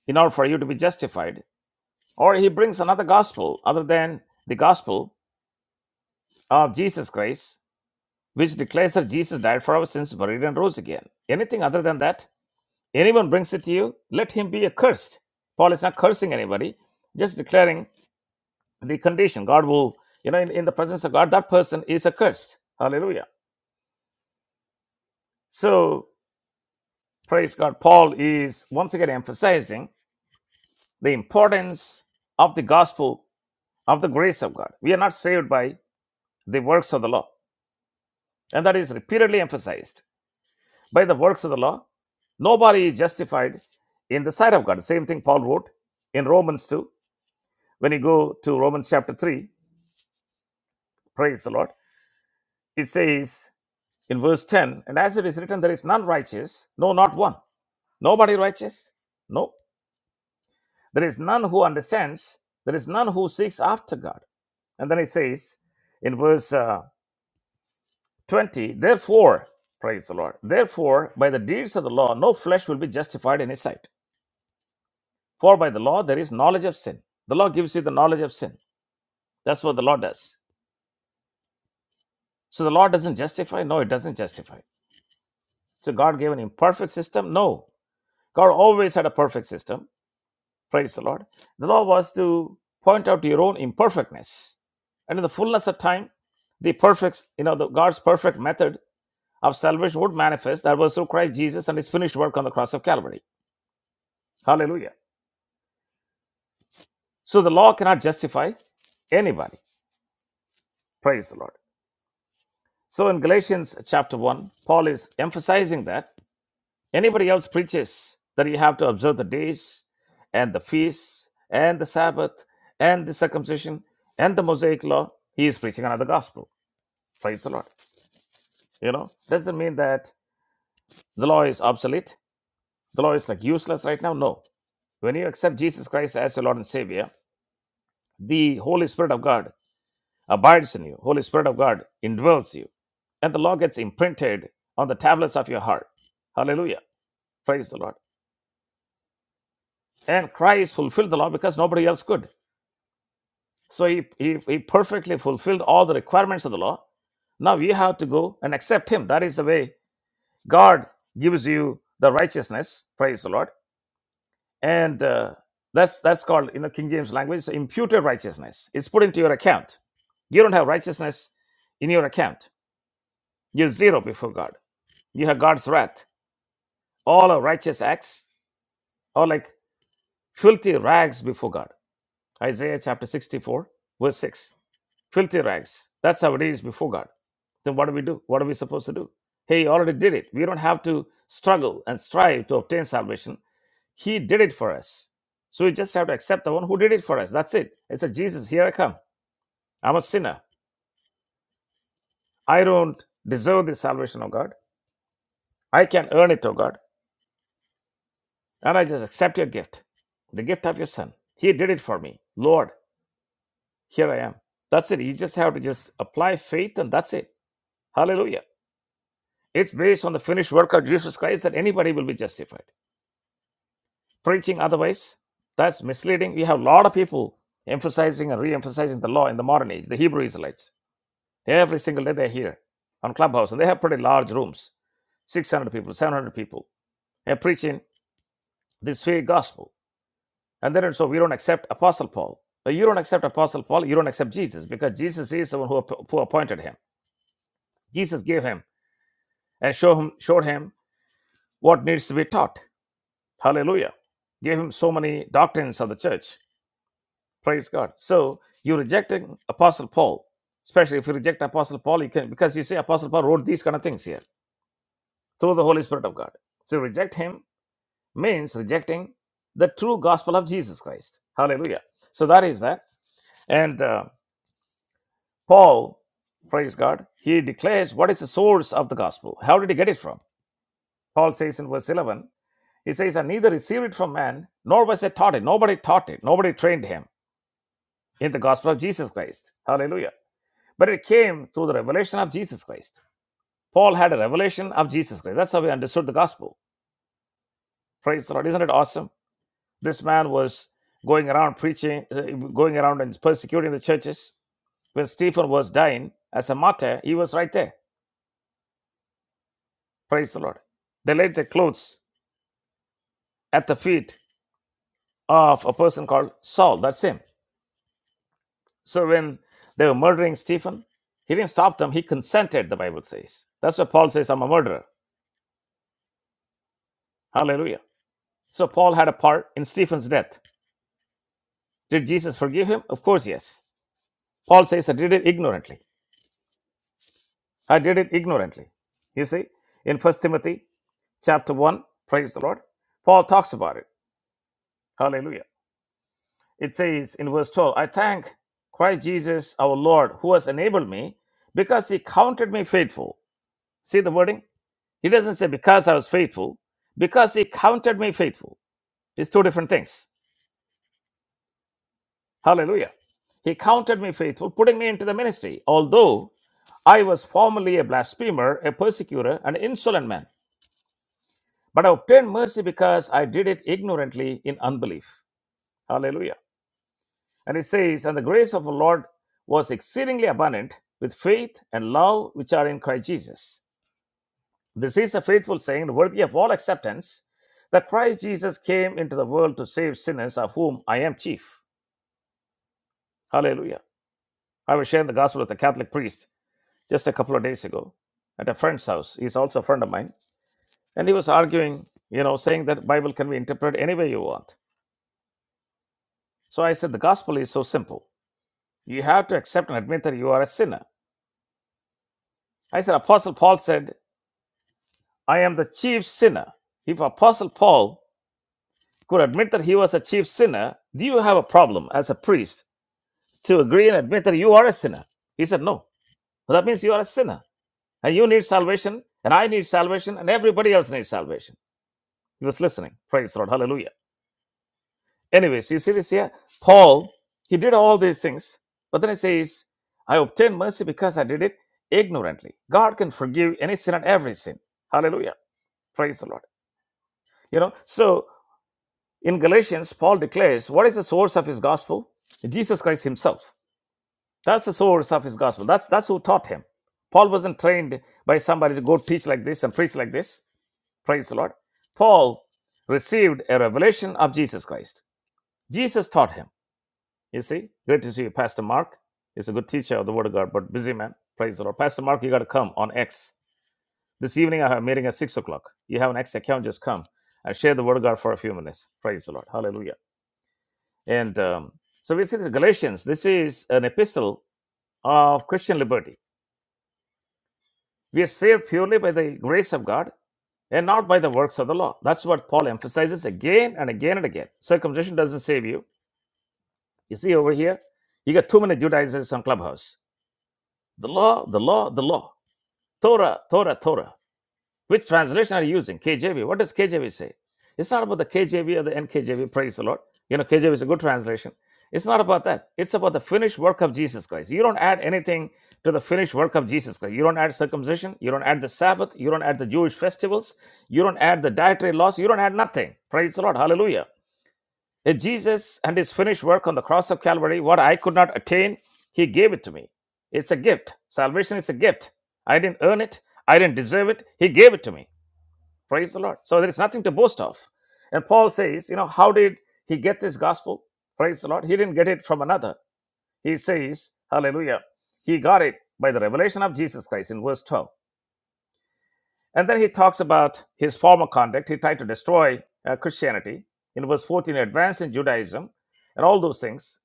in order for you to be justified, or he brings another gospel other than the gospel of Jesus Christ, which declares that Jesus died for our sins, buried, and rose again. Anything other than that, anyone brings it to you, let him be accursed. Paul is not cursing anybody, just declaring the condition. God will, you know, in, in the presence of God, that person is accursed. Hallelujah. So, praise God. Paul is once again emphasizing the importance of the gospel of the grace of God. We are not saved by the works of the law. And that is repeatedly emphasized. by the works of the law. Nobody is justified in the sight of God. Same thing Paul wrote in Romans 2. When you go to Romans chapter 3, praise the Lord, it says in verse 10, and as it is written, there is none righteous, no, not one. Nobody righteous? No. There is none who understands, there is none who seeks after God. And then it says in verse uh, 20, therefore, praise the Lord, therefore, by the deeds of the law, no flesh will be justified in his sight. For by the law there is knowledge of sin. The law gives you the knowledge of sin. That's what the law does. So the law doesn't justify? No, it doesn't justify. So God gave an imperfect system? No. God always had a perfect system. Praise the Lord. The law was to point out your own imperfectness. And in the fullness of time, the perfect, you know, the God's perfect method of salvation would manifest. That was through Christ Jesus and his finished work on the cross of Calvary. Hallelujah. So the law cannot justify anybody. Praise the Lord. So in Galatians chapter 1, Paul is emphasizing that anybody else preaches that you have to observe the days and the feasts and the Sabbath and the circumcision and the Mosaic law, he is preaching another gospel. Praise the Lord. You know, doesn't mean that the law is obsolete, the law is like useless right now. No. When you accept Jesus Christ as your Lord and Savior, the Holy Spirit of God abides in you, Holy Spirit of God indwells you, and the law gets imprinted on the tablets of your heart. Hallelujah. Praise the Lord. And Christ fulfilled the law because nobody else could. So he, he, he perfectly fulfilled all the requirements of the law. Now we have to go and accept him. That is the way God gives you the righteousness. Praise the Lord. And uh, that's that's called in the King James language imputed righteousness. It's put into your account. You don't have righteousness in your account. You're zero before God. You have God's wrath. All our righteous acts are like filthy rags before God. Isaiah chapter 64, verse 6 filthy rags. That's how it is before God. Then what do we do? What are we supposed to do? Hey, He already did it. We don't have to struggle and strive to obtain salvation. He did it for us. So we just have to accept the one who did it for us. That's it. It's a Jesus, here I come. I'm a sinner. I don't deserve the salvation of God. I can earn it, O God. And I just accept your gift, the gift of your son. He did it for me. Lord, here I am. That's it. You just have to just apply faith and that's it. Hallelujah. It's based on the finished work of Jesus Christ that anybody will be justified. Preaching otherwise, that's misleading. We have a lot of people emphasizing and re-emphasizing the law in the modern age, the Hebrew Israelites. Every single day they're here on Clubhouse, and they have pretty large rooms, 600 people, 700 people. They're preaching this fake gospel. And then so we don't accept Apostle Paul. But you don't accept Apostle Paul, you don't accept Jesus, because Jesus is the one who, who appointed him. Jesus gave him and show him, showed him what needs to be taught. Hallelujah. Gave him so many doctrines of the church. Praise God. So you rejecting Apostle Paul, especially if you reject Apostle Paul, you can because you say Apostle Paul wrote these kind of things here through the Holy Spirit of God. So reject him means rejecting the true gospel of Jesus Christ. Hallelujah. So that is that. And uh, Paul, praise God, he declares what is the source of the gospel. How did he get it from? Paul says in verse 11, he says, I neither received it from man, nor was I taught it. Nobody taught it. Nobody trained him. in the gospel of Jesus Christ. Hallelujah. But it came through the revelation of Jesus Christ. Paul had a revelation of Jesus Christ. That's how he understood the gospel. Praise the Lord. Isn't it awesome? This man was going around preaching, uh, going around and persecuting the churches. When Stephen was dying as a martyr, he was right there. Praise the Lord. They laid their clothes at the feet of a person called Saul. That's him. So when they were murdering Stephen, he didn't stop them. He consented, the Bible says. That's what Paul says, I'm a murderer. Hallelujah. So Paul had a part in Stephen's death. Did Jesus forgive him? Of course, yes. Paul says, I did it ignorantly. I did it ignorantly. You see, in First Timothy chapter 1, praise the Lord, Paul talks about it. Hallelujah. It says in verse 12, I thank Christ Jesus our Lord who has enabled me because he counted me faithful. See the wording? He doesn't say because I was faithful, because he counted me faithful. It's two different things. Hallelujah. He counted me faithful, putting me into the ministry, although I was formerly a blasphemer, a persecutor, an insolent man, but I obtained mercy because I did it ignorantly in unbelief. Hallelujah. And it says, And the grace of our Lord was exceedingly abundant with faith and love which are in Christ Jesus. This is a faithful saying, worthy of all acceptance, that Christ Jesus came into the world to save sinners, of whom I am chief. Hallelujah. I was sharing the gospel with a Catholic priest just a couple of days ago at a friend's house. He's also a friend of mine And he was arguing, you know, saying that Bible can be interpreted any way you want. So I said the gospel is so simple. You have to accept and admit that you are a sinner. I said Apostle Paul said, I am the chief sinner. If Apostle Paul could admit that he was a chief sinner, do you have a problem as a priest to agree and admit that you are a sinner? He said, No. Well, that means you are a sinner. And you need salvation, and I need salvation, and everybody else needs salvation. He was listening. Praise the Lord. Hallelujah. Anyways, you see this here? Paul, he did all these things, but then he says, I obtained mercy because I did it ignorantly. God can forgive any sin and every sin. Hallelujah. Praise the Lord. You know, so in Galatians, Paul declares, what is the source of his gospel? Jesus Christ himself. That's the source of his gospel. That's that's who taught him. Paul wasn't trained by somebody to go teach like this and preach like this. Praise the Lord. Paul received a revelation of Jesus Christ. Jesus taught him. You see? Great to see you, Pastor Mark. He's a good teacher of the Word of God, but busy man. Praise the Lord. Pastor Mark, you got to come on X. This evening, I have a meeting at 6 o'clock. You have an X account, just come and share the Word of God for a few minutes. Praise the Lord. Hallelujah. And um, so we see this Galatians. This is an epistle of Christian liberty. We are saved purely by the grace of God and not by the works of the law. That's what Paul emphasizes again and again and again. Circumcision doesn't save you. You see over here, you got too many Judaizers on Clubhouse. The law, the law, the law. Torah, Torah, Torah. Which translation are you using? KJV. What does KJV say? It's not about the KJV or the NKJV. Praise the Lord. You know, KJV is a good translation. It's not about that. It's about the finished work of Jesus Christ. You don't add anything to the finished work of Jesus Christ. You don't add circumcision. You don't add the Sabbath. You don't add the Jewish festivals. You don't add the dietary laws. You don't add nothing. Praise the Lord. Hallelujah. If Jesus and his finished work on the cross of Calvary, what I could not attain, he gave it to me. It's a gift. Salvation is a gift. I didn't earn it, I didn't deserve it. He gave it to me. Praise the Lord. So there is nothing to boast of. And Paul says, you know, how did he get this gospel? Praise the Lord. He didn't get it from another. He says, hallelujah, he got it by the revelation of Jesus Christ in verse 12. And then he talks about his former conduct. He tried to destroy uh, Christianity in verse 14, advance in Judaism and all those things.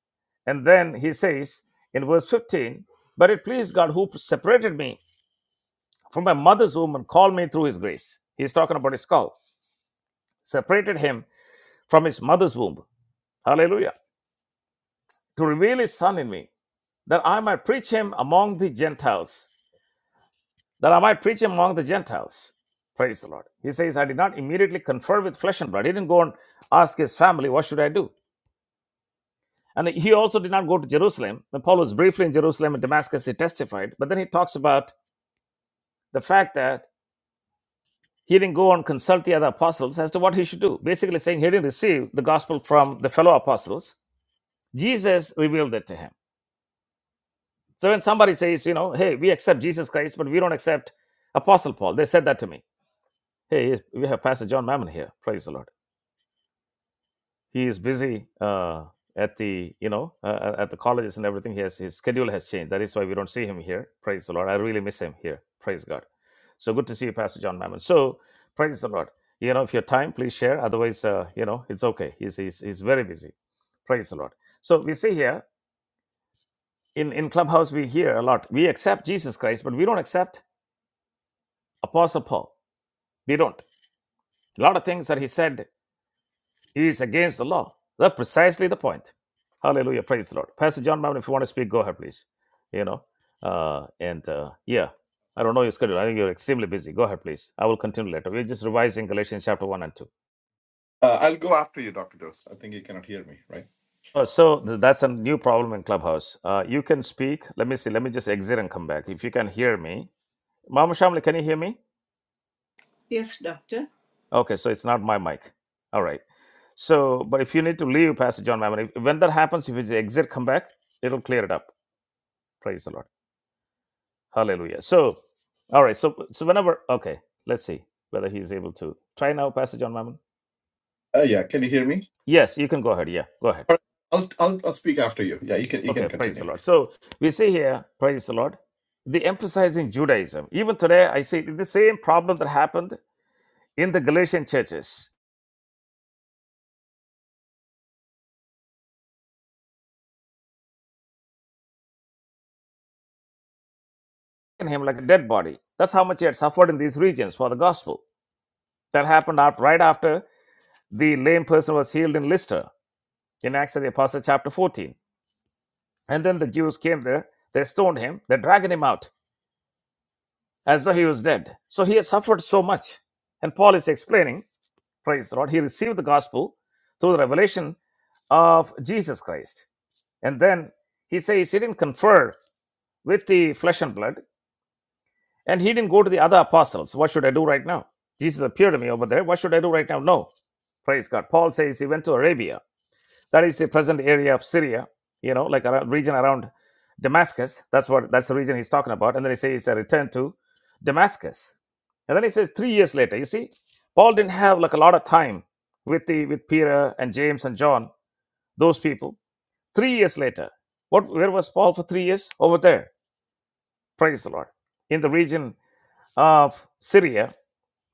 And then he says in verse 15, But it pleased God who separated me from my mother's womb and called me through his grace. He's talking about his call, separated him from his mother's womb. Hallelujah. To reveal his son in me, that I might preach him among the Gentiles that I might preach among the Gentiles. Praise the Lord. He says, I did not immediately confer with flesh and blood. He didn't go and ask his family, What should I do? And he also did not go to Jerusalem. Now, Paul was briefly in Jerusalem and Damascus, he testified, but then he talks about the fact that he didn't go and consult the other apostles as to what he should do, basically saying he didn't receive the gospel from the fellow apostles. Jesus revealed it to him. So when somebody says, you know, hey, we accept Jesus Christ, but we don't accept Apostle Paul, they said that to me. Hey, yes, we have Pastor John Mammon here. Praise the Lord he is busy uh, at the you know uh, uh, at the colleges and everything. He has his schedule has changed. That is why we don't see him here. Praise the Lord. I really miss him here. Praise God. So good to see you, Pastor John Mammon. So praise the Lord. You know, if you have time, please share. Otherwise, uh, you know, it's okay. He's, he's he's very busy. Praise the Lord. So we see here in in clubhouse we hear a lot. We accept Jesus Christ, but we don't accept Apostle Paul. We don't. A lot of things that he said It is against the law. That's precisely the point. Hallelujah. Praise the Lord. Pastor John Mammon, if you want to speak, go ahead, please. You know, uh, and uh, yeah, I don't know your schedule. I think you're extremely busy. Go ahead, please. I will continue later. We're just revising Galatians chapter 1 and 2. Uh, I'll go after you, Dr. Dose. I think you cannot hear me, right? Uh, so th- that's a new problem in Clubhouse. Uh, you can speak. Let me see. Let me just exit and come back. If you can hear me. Mama Shamli, can you hear me? Yes, Doctor. Okay, so it's not my mic. All right. So, but if you need to leave, Pastor John Mammon, if, when that happens, if it's exit, come back, it'll clear it up. Praise the Lord. Hallelujah. So, all right. So, so whenever, okay, let's see whether he's able to try now, Pastor John Mammon. Uh, yeah, can you hear me? Yes, you can go ahead. Yeah, go ahead. All right, I'll, I'll, I'll speak after you. Yeah, you can, you can Okay, praise continue. the Lord. So we see here, praise the Lord, the emphasizing Judaism. Even today, I see the same problem that happened in the Galatian churches, in him like a dead body. That's how much he had suffered in these regions for the gospel. That happened after, right after the lame person was healed in Lystra, in Acts of the Apostles, chapter 14. And then the Jews came there, they stoned him, they dragged him out. as though he was dead. So he has suffered so much. And Paul is explaining, praise the Lord, he received the gospel through the revelation of Jesus Christ. And then he says he didn't confer with the flesh and blood, and he didn't go to the other apostles. What should I do right now? Jesus appeared to me over there. What should I do right now? No. Praise God. Paul says he went to Arabia that is the present area of Syria, you know, like a region around Damascus. That's what that's the region he's talking about. And then he says it's a return to Damascus. And then he says three years later, you see, Paul didn't have like a lot of time with the with Peter and James and John, those people. Three years later, what where was Paul for three years? Over there. Praise the Lord. In the region of Syria,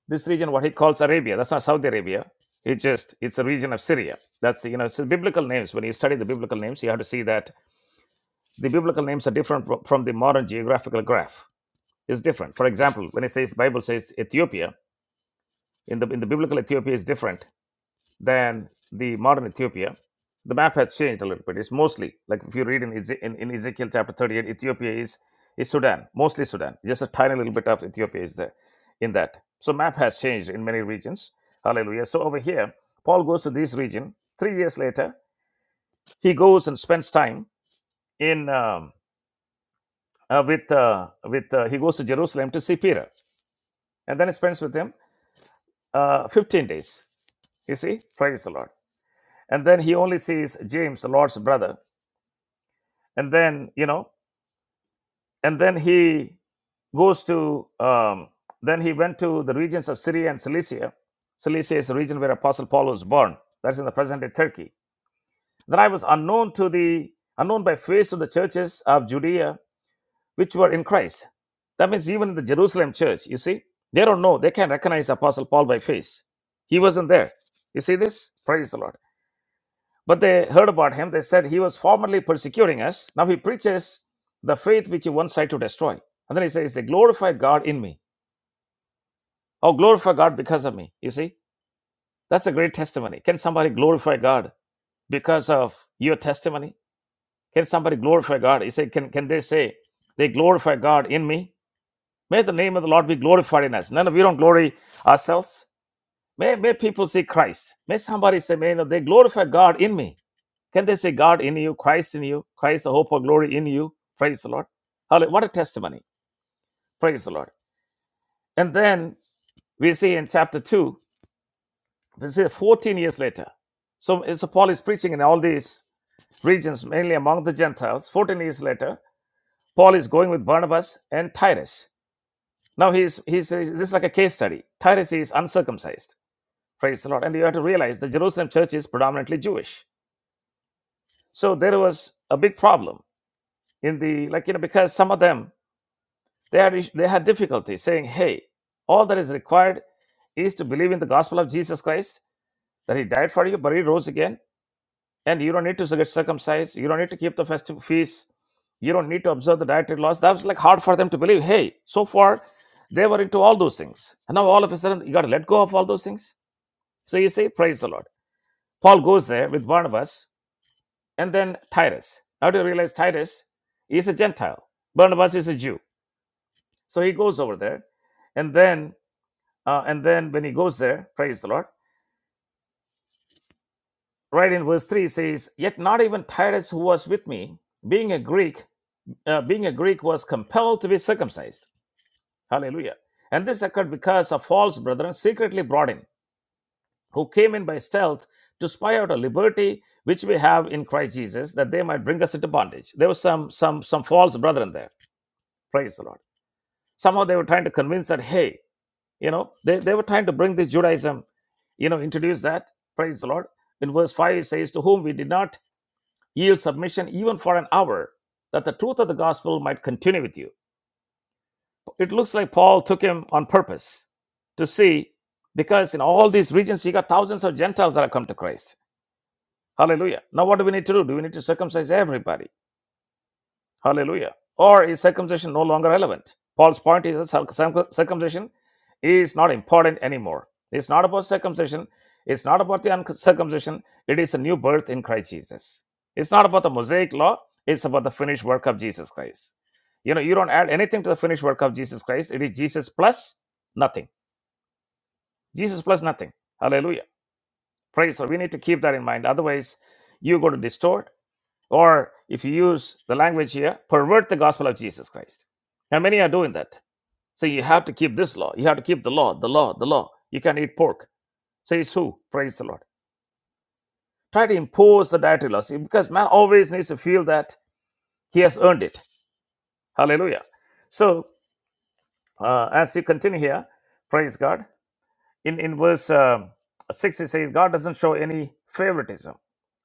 this region what he calls arabia that's not saudi arabia it's just it's a region of syria that's the, you know it's the biblical names when you study the biblical names you have to see that the biblical names are different from, from the modern geographical graph it's different for example when it says bible says ethiopia in the in the biblical ethiopia is different than the modern Ethiopia. The map has changed a little bit. It's mostly like if you read in, Eze- in, in Ezekiel chapter 38, Ethiopia is, is Sudan, mostly Sudan. Just a tiny little bit of Ethiopia is there in that. So map has changed in many regions. Hallelujah. So over here, Paul goes to this region. Three years later, he goes and spends time in um, uh, with uh, with uh, he goes to Jerusalem to see Peter, and then he spends with him uh, 15 days. You see, praise the Lord. And then he only sees James, the Lord's brother, and then you know and then he goes to um, then he went to the regions of syria and cilicia cilicia is the region where apostle paul was born that's in the present day turkey then i was unknown to the unknown by face of the churches of judea which were in christ that means even in the jerusalem church you see they don't know they can't recognize apostle paul by face he wasn't there you see this praise the lord But they heard about him. They said he was formerly persecuting us. Now he preaches the faith which he once tried to destroy. And then he says, They glorify God in me, or glorify God because of me. You see, that's a great testimony. Can somebody glorify God because of your testimony? Can somebody glorify God? He said, can, can they say, They glorify God in me? May the name of the Lord be glorified in us. None of you don't glory ourselves. May, may people see Christ. May somebody say, May you know, they glorify God in me. Can they say God in you, Christ in you, Christ the hope of glory in you? Praise the Lord. Hallelujah. What a testimony. Praise the Lord. And then we see in chapter 2, we see 14 years later. So, uh, so Paul is preaching in all these regions, mainly among the Gentiles. 14 years later, Paul is going with Barnabas and Titus. Now he's, he's this is like a case study. Titus is uncircumcised. Praise the Lord. And you have to realize the Jerusalem church is predominantly Jewish. So there was a big problem in the like you know because some of them They had, they had difficulty saying, hey, all that is required is to believe in the gospel of Jesus Christ, that he died for you, but he rose again. And you don't need to get circumcised. You don't need to keep the festive feasts. You don't need to observe the dietary laws. That was like hard for them to believe. Hey, so far they were into all those things. And now all of a sudden you got to let go of all those things. So you say, praise the Lord. Paul goes there with Barnabas and then Titus. Now do you realize Titus is a Gentile? Barnabas is a Jew. So he goes over there. And then Uh, and then when he goes there, praise the Lord, right in verse 3 it says, Yet not even Titus, who was with me, being a Greek, uh, being a Greek, was compelled to be circumcised. Hallelujah. And this occurred because of false brethren secretly brought in, who came in by stealth to spy out a liberty which we have in Christ Jesus, that they might bring us into bondage. There was some some some false brethren there. Praise the Lord. Somehow they were trying to convince that, hey, You know, they, they were trying to bring this Judaism, you know, introduce that. Praise the Lord. In verse 5, it says, To whom we did not yield submission even for an hour, that the truth of the gospel might continue with you. It looks like Paul took him on purpose to see, because in all these regions, he got thousands of Gentiles that have come to Christ. Hallelujah. Now, what do we need to do? Do we need to circumcise everybody? Hallelujah. Or is circumcision no longer relevant? Paul's point is that circ- circumcision is not important anymore. It's not about circumcision. It's not about the uncircumcision. It is a new birth in Christ Jesus. It's not about the Mosaic law. It's about the finished work of Jesus Christ. You know, you don't add anything to the finished work of Jesus Christ. It is Jesus plus nothing. Jesus plus nothing. Hallelujah. Praise. So we need to keep that in mind. Otherwise, you go to distort. Or if you use the language here, pervert the gospel of Jesus Christ. Now many are doing that. So you have to keep this law. You have to keep the law, the law, the law. You can't eat pork. Says who? Praise the Lord. Try to impose the dietary laws because man always needs to feel that he has earned it. Hallelujah. So uh, as you continue here, praise God. In in verse um, six it says God doesn't show any favoritism.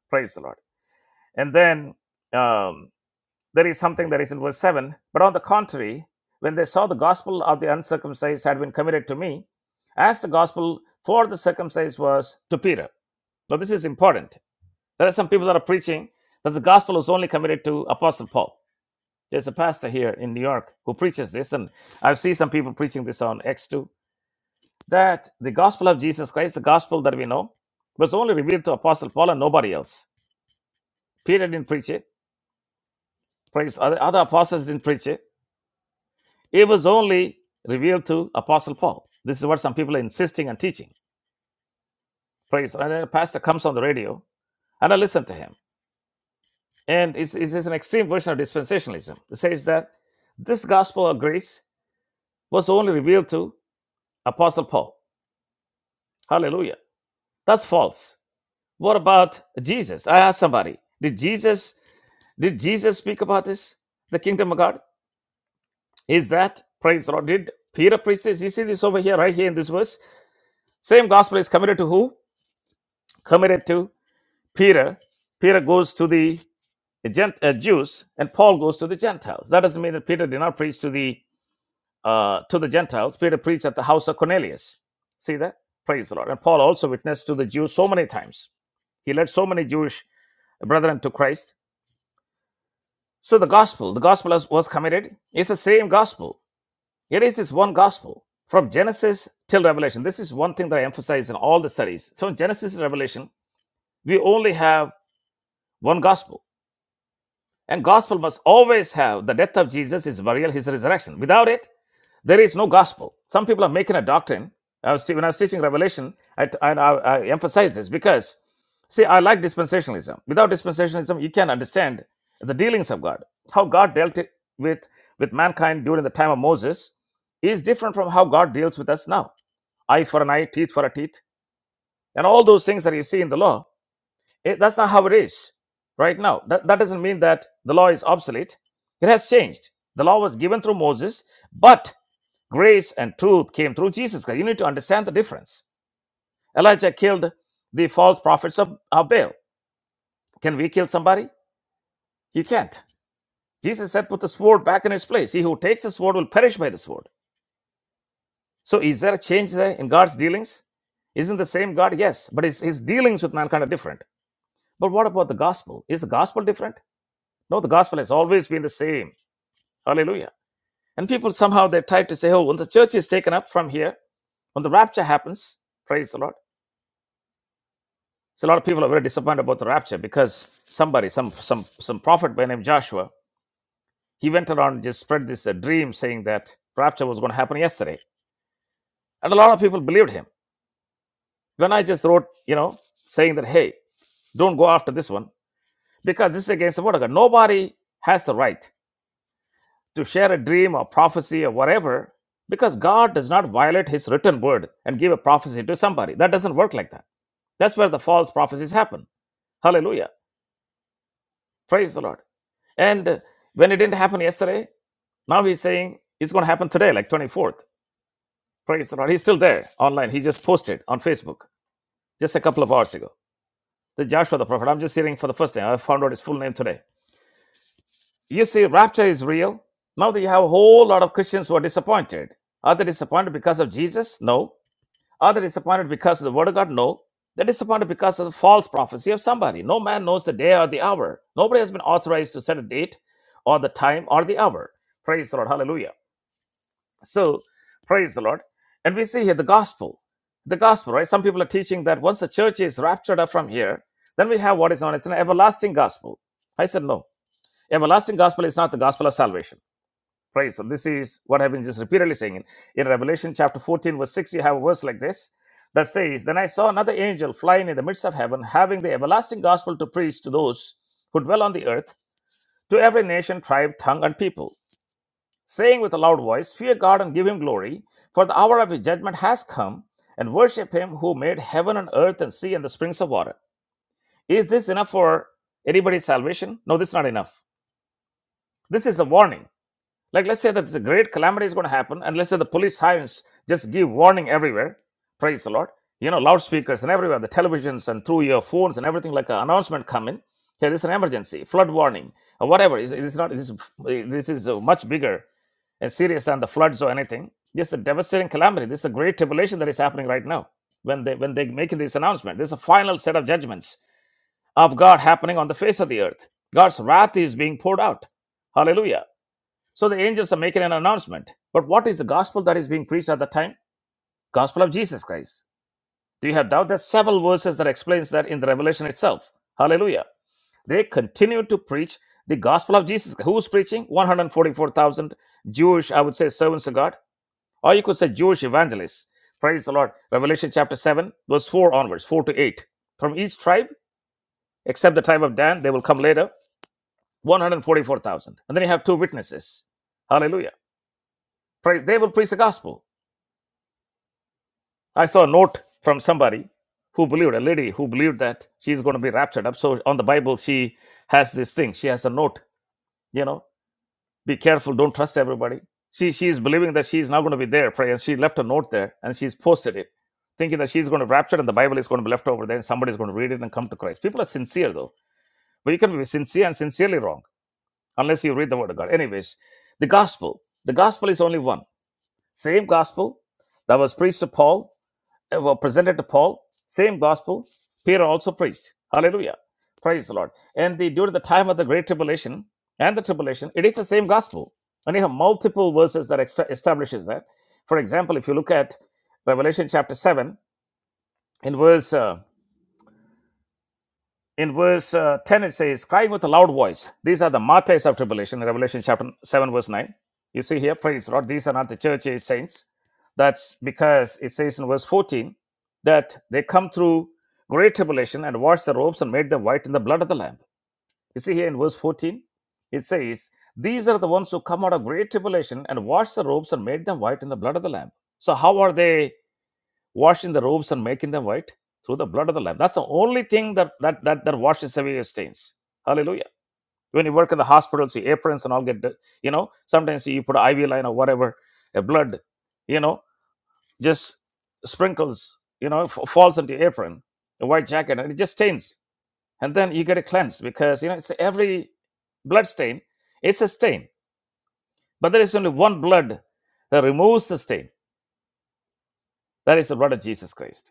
Praise the Lord. And then um, There is something that is in verse 7. But on the contrary, when they saw the gospel of the uncircumcised had been committed to me, as the gospel for the circumcised was to Peter. Now, this is important. There are some people that are preaching that the gospel was only committed to Apostle Paul. There's a pastor here in New York who preaches this, and I've seen some people preaching this on x too. that the gospel of Jesus Christ, the gospel that we know, was only revealed to Apostle Paul and nobody else. Peter didn't preach it. Praise other, other apostles didn't preach it. It was only revealed to Apostle Paul. This is what some people are insisting and teaching. Praise. And then a pastor comes on the radio, and I listen to him. And it's, it's an extreme version of dispensationalism. It says that this gospel of grace was only revealed to Apostle Paul. Hallelujah. That's false. What about Jesus? I asked somebody, did Jesus did Jesus speak about this? The kingdom of God? Is that praise the Lord? Did Peter preach this? You see this over here, right here in this verse? Same gospel is committed to who? Committed to Peter, Peter goes to the Gent- uh, Jews, and Paul goes to the Gentiles. That doesn't mean that Peter did not preach to the uh, to the Gentiles. Peter preached at the house of Cornelius. See that? Praise the Lord. And Paul also witnessed to the Jews so many times. He led so many Jewish brethren to Christ. So the gospel, the gospel was committed. It's the same gospel. It is this one gospel from Genesis till Revelation. This is one thing that I emphasize in all the studies. So in Genesis to Revelation, we only have one gospel And gospel must always have the death of Jesus, his burial, his resurrection. Without it, there is no gospel. Some people are making a doctrine. I was when I was teaching Revelation, I, t- I, I emphasize this because, see, I like dispensationalism. Without dispensationalism, you can not understand the dealings of God. How God dealt with, with mankind during the time of Moses is different from how God deals with us now. Eye for an eye, teeth for a teeth, and all those things that you see in the law Eh, that's not how it is right now. That, that doesn't mean that the law is obsolete. It has changed. The law was given through Moses, but grace and truth came through Jesus. Because you need to understand the difference. Elijah killed the false prophets of, of Baal. Can we kill somebody? You can't. Jesus said, put the sword back in its place. He who takes the sword will perish by the sword. So is there a change there in God's dealings? Isn't the same God? Yes, but his, his dealings with mankind are different. But what about the gospel? Is the gospel different? No, the gospel has always been the same. Hallelujah. And people somehow they try to say, oh, when the church is taken up from here, when the rapture happens, praise the Lord. So a lot of people are very disappointed about the rapture because somebody, some some some prophet by the name of Joshua, he went around and just spread this uh, dream saying that rapture was going to happen yesterday. And a lot of people believed him. Then I just wrote, you know, saying that, hey, don't go after this one because this is against the word of God. Nobody has the right. to share a dream or prophecy or whatever because God does not violate his written word and give a prophecy to somebody. That doesn't work like that. That's where the false prophecies happen. Hallelujah. Praise the Lord. And when it didn't happen yesterday, now he's saying it's going to happen today, like 24th. Praise the Lord. He's still there online. He just posted on Facebook just a couple of hours ago. The Joshua the prophet. I'm just hearing for the first time. I found out his full name today. You see, rapture is real. Now that you have a whole lot of Christians who are disappointed. Are they disappointed because of Jesus? No Are they disappointed because of the word of God? No. They're disappointed because of the false prophecy of somebody. No man knows the day or the hour. Nobody has been authorized to set a date or the time or the hour. Praise the Lord. Hallelujah. So, praise the Lord. And we see here the gospel. The gospel, right? Some people are teaching that once the church is raptured up from here, then we have what is known as an everlasting gospel. I said, no. Everlasting gospel is not the gospel of salvation. Praise. So this is what I've been just repeatedly saying. In, in Revelation chapter 14, verse 6, you have a verse like this that says, Then I saw another angel flying in the midst of heaven, having the everlasting gospel to preach to those who dwell on the earth, to every nation, tribe, tongue, and people, saying with a loud voice, Fear God and give him glory, for the hour of his judgment has come, and worship him who made heaven and earth and sea and the springs of water. Is this enough for anybody's salvation? No, this is not enough. This is a warning Like, let's say that this great calamity is going to happen, and let's say the police sirens just give warning everywhere. Praise the Lord. You know, loudspeakers and everywhere, the televisions and through your phones and everything, like an announcement come in. Here, this is an emergency, flood warning, or whatever. It's, it's not. This is this is uh, much bigger and serious than the floods or anything. Yes, the devastating calamity. This is a great tribulation that is happening right now. When they when they make this announcement, there's a final set of judgments of God happening on the face of the earth. God's wrath is being poured out. Hallelujah. So the angels are making an announcement. But what is the gospel that is being preached at that time? Gospel of Jesus Christ. Do you have doubt? There's several verses that explains that in the Revelation itself. Hallelujah. They continue to preach the gospel of Jesus. Who's preaching? 144,000 Jewish, I would say, servants of God. Or you could say Jewish evangelists. Praise the Lord. Revelation chapter 7, verse 4 onwards, 4 to 8. From each tribe, except the tribe of Dan, they will come later, 144,000. And then you have two witnesses. Hallelujah. Pray, they will preach the gospel. I saw a note from somebody who believed, a lady who believed that she's going to be raptured up. So on the Bible, she has this thing. She has a note, you know, be careful, don't trust everybody. She she's believing that she's not going to be there, pray. And she left a note there and she's posted it, thinking that she's going to rapture and the Bible is going to be left over there and somebody's going to read it and come to Christ. People are sincere though. But you can be sincere and sincerely wrong unless you read the word of God. Anyways, the gospel. The gospel is only one. Same gospel that was preached to Paul uh, were presented to Paul, same gospel Peter also preached. Hallelujah. Praise the Lord. And the during the time of the Great Tribulation and the tribulation, it is the same gospel. And you have multiple verses that extra establishes that. For example, if you look at Revelation chapter 7, in verse uh, in verse uh, 10 it says crying with a loud voice these are the martyrs of tribulation in revelation chapter 7 verse 9 you see here praise the lord these are not the church age saints that's because it says in verse 14 that they come through great tribulation and washed their robes and made them white in the blood of the lamb you see here in verse 14 it says these are the ones who come out of great tribulation and washed their robes and made them white in the blood of the lamb so how are they washing the robes and making them white through the blood of the lamb. That's the only thing that that that, that washes away your stains. Hallelujah. When you work in the hospitals, your aprons and all get, you know, sometimes you put an IV line or whatever, a blood, you know, just sprinkles, you know, f- falls into your apron, a white jacket, and it just stains. And then you get it cleansed because, you know, it's every blood stain, it's a stain. But there is only one blood that removes the stain. That is the blood of Jesus Christ.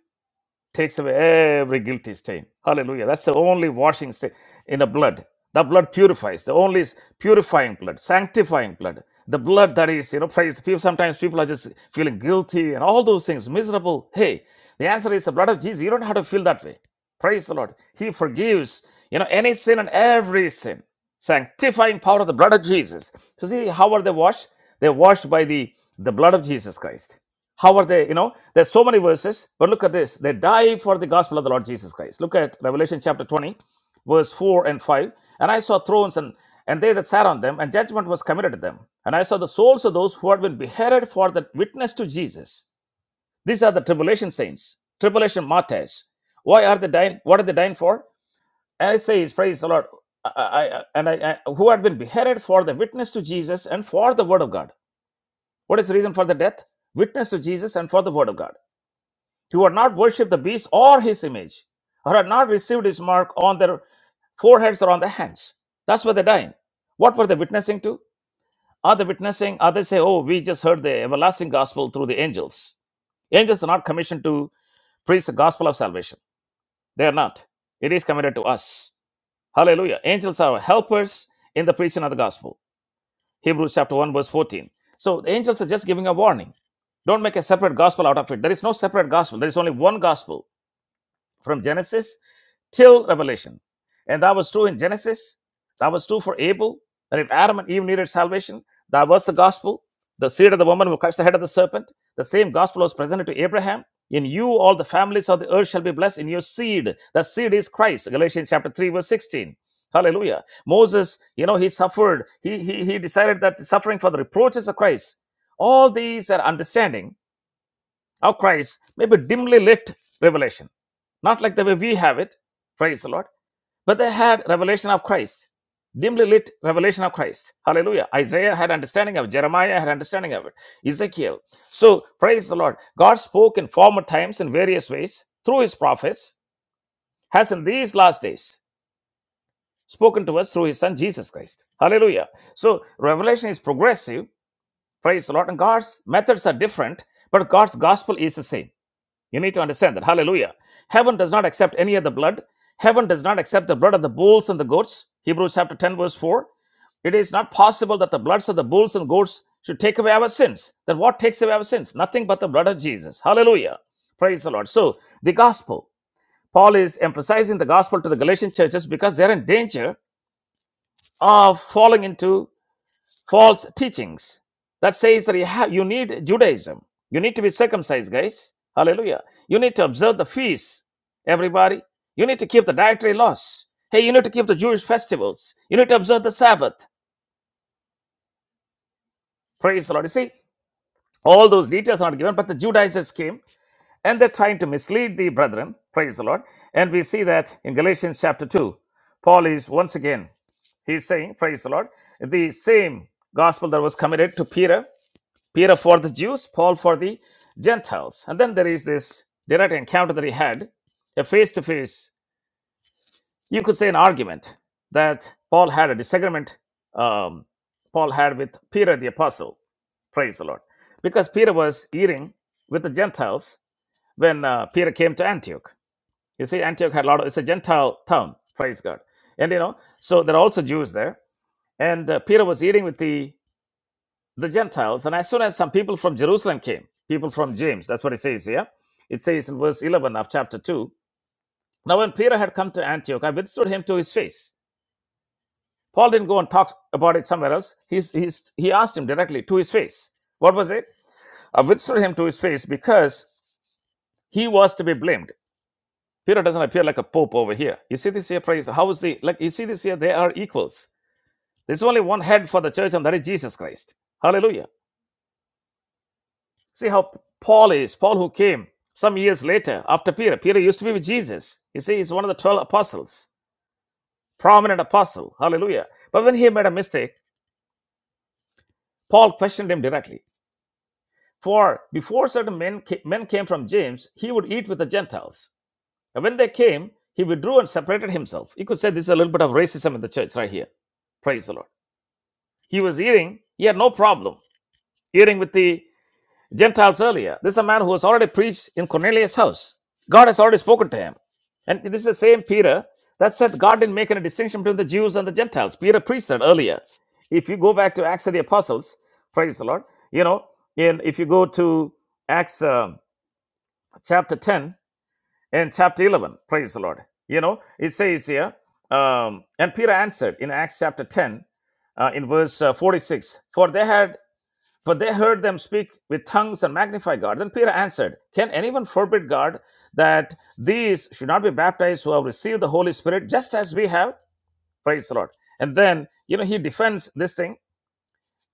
takes away every guilty stain. Hallelujah. That's the only washing stain in the blood. The blood purifies. The only is purifying blood, sanctifying blood. The blood that is, you know, praise. People sometimes people are just feeling guilty and all those things, miserable. Hey, the answer is the blood of Jesus. You don't have to feel that way. Praise the Lord. He forgives, you know, any sin and every sin. Sanctifying power of the blood of Jesus. So see, how are they washed? They're washed by the, the blood of Jesus Christ. How are they? You know, there's so many verses, but look at this. They die for the gospel of the Lord Jesus Christ. Look at Revelation chapter 20, verse 4 and 5. And I saw thrones and and they that sat on them, and judgment was committed to them. And I saw the souls of those who had been beheaded for the witness to Jesus. These are the tribulation saints, tribulation martyrs. Why are they dying? What are they dying for? And it says, praise the Lord. I, I, I- and I, I, who had been beheaded for the witness to Jesus and for the word of God. What is the reason for the death? Witness to Jesus and for the word of God who had not worshipped the beast or his image, or had not received his mark on their foreheads or on their hands. That's why they're dying. What were they witnessing to? Are they witnessing? Are they say, oh, we just heard the everlasting gospel through the angels? Angels are not commissioned to preach the gospel of salvation. They are not. It is committed to us. Hallelujah. Angels are helpers in the preaching of the gospel. Hebrews chapter 1, verse 14. So the angels are just giving a warning. Don't make a separate gospel out of it. There is no separate gospel. There is only one gospel from Genesis till Revelation. And that was true in Genesis. That was true for Abel. That if Adam and Eve needed salvation, that was the gospel. The seed of the woman will crush the head of the serpent. The same gospel was presented to Abraham. In you, all the families of the earth shall be blessed in your seed. The seed is Christ. Galatians chapter 3, verse 16. Hallelujah. Moses, you know, he suffered. He, he, he decided that suffering for the reproaches of Christ. All these are understanding of Christ may be dimly lit revelation, not like the way we have it, praise the Lord, but they had revelation of Christ, dimly lit revelation of Christ. Hallelujah. Isaiah had understanding of it, Jeremiah had understanding of it, Ezekiel. So, praise the Lord. God spoke in former times in various ways through his prophets, has in these last days spoken to us through his son Jesus Christ. Hallelujah. So, revelation is progressive, praise the Lord, and God's methods are different, but God's gospel is the same. You need to understand that. Hallelujah. Heaven does not accept any other blood. Heaven does not accept the blood of the bulls and the goats. Hebrews chapter 10, verse 4. It is not possible that the bloods of the bulls and goats should take away our sins. Then what takes away our sins? Nothing but the blood of Jesus. Hallelujah. Praise the Lord. So, the gospel. Paul is emphasizing the gospel to the Galatian churches because they're in danger of falling into false teachings that says that you have you need Judaism. You need to be circumcised, guys. Hallelujah. You need to observe the feasts, everybody. You need to keep the dietary laws. Hey, you need to keep the Jewish festivals. You need to observe the Sabbath. Praise the Lord. You see, all those details are not given, but the Judaizers came and they're trying to mislead the brethren. Praise the Lord. And we see that in Galatians chapter 2. Paul is once again, he's saying, praise the Lord, the same gospel that was committed to Peter Peter for the Jews, Paul for the Gentiles. And then there is this direct encounter that he had, a face to face, you could say an argument that Paul had, a disagreement um, Paul had with Peter the apostle. Praise the Lord. Because Peter was eating with the Gentiles when uh, Peter came to Antioch. You see, Antioch had a lot of, it's a Gentile town, praise God. And you know, so there are also Jews there. And uh, Peter was eating with the the Gentiles. And as soon as some people from Jerusalem came, people from James, that's what it says here. It says in verse 11 of chapter 2. Now, when Peter had come to Antioch, I withstood him to his face. Paul didn't go and talk about it somewhere else. He's, he's, he asked him directly to his face. What was it? I withstood him to his face because he was to be blamed. Peter doesn't appear like a pope over here. You see this here, praise. How is the, like, you see this here, they are equals. There's only one head for the church, and that is Jesus Christ. Hallelujah. See how Paul is, Paul who came some years later after Peter. Peter used to be with Jesus. You see, he's one of the 12 apostles, prominent apostle. Hallelujah. But when he made a mistake, Paul questioned him directly. For before certain men, men came from James, he would eat with the Gentiles. And when they came, he withdrew and separated himself. You could say this is a little bit of racism in the church right here. Praise the Lord. He was eating, he had no problem eating with the Gentiles earlier. This is a man who has already preached in Cornelius' house. God has already spoken to him. And this is the same Peter that said God didn't make any distinction between the Jews and the Gentiles. Peter preached that earlier. If you go back to Acts of the Apostles, praise the Lord, you know, and if you go to Acts um, chapter 10 and chapter 11, praise the Lord, you know, it says here, um, and Peter answered in Acts chapter 10 uh, in verse uh, 46 For they had for they heard them speak with tongues and magnify God. Then Peter answered, Can anyone forbid God that these should not be baptized who have received the Holy Spirit just as we have? Praise the Lord. And then, you know, he defends this thing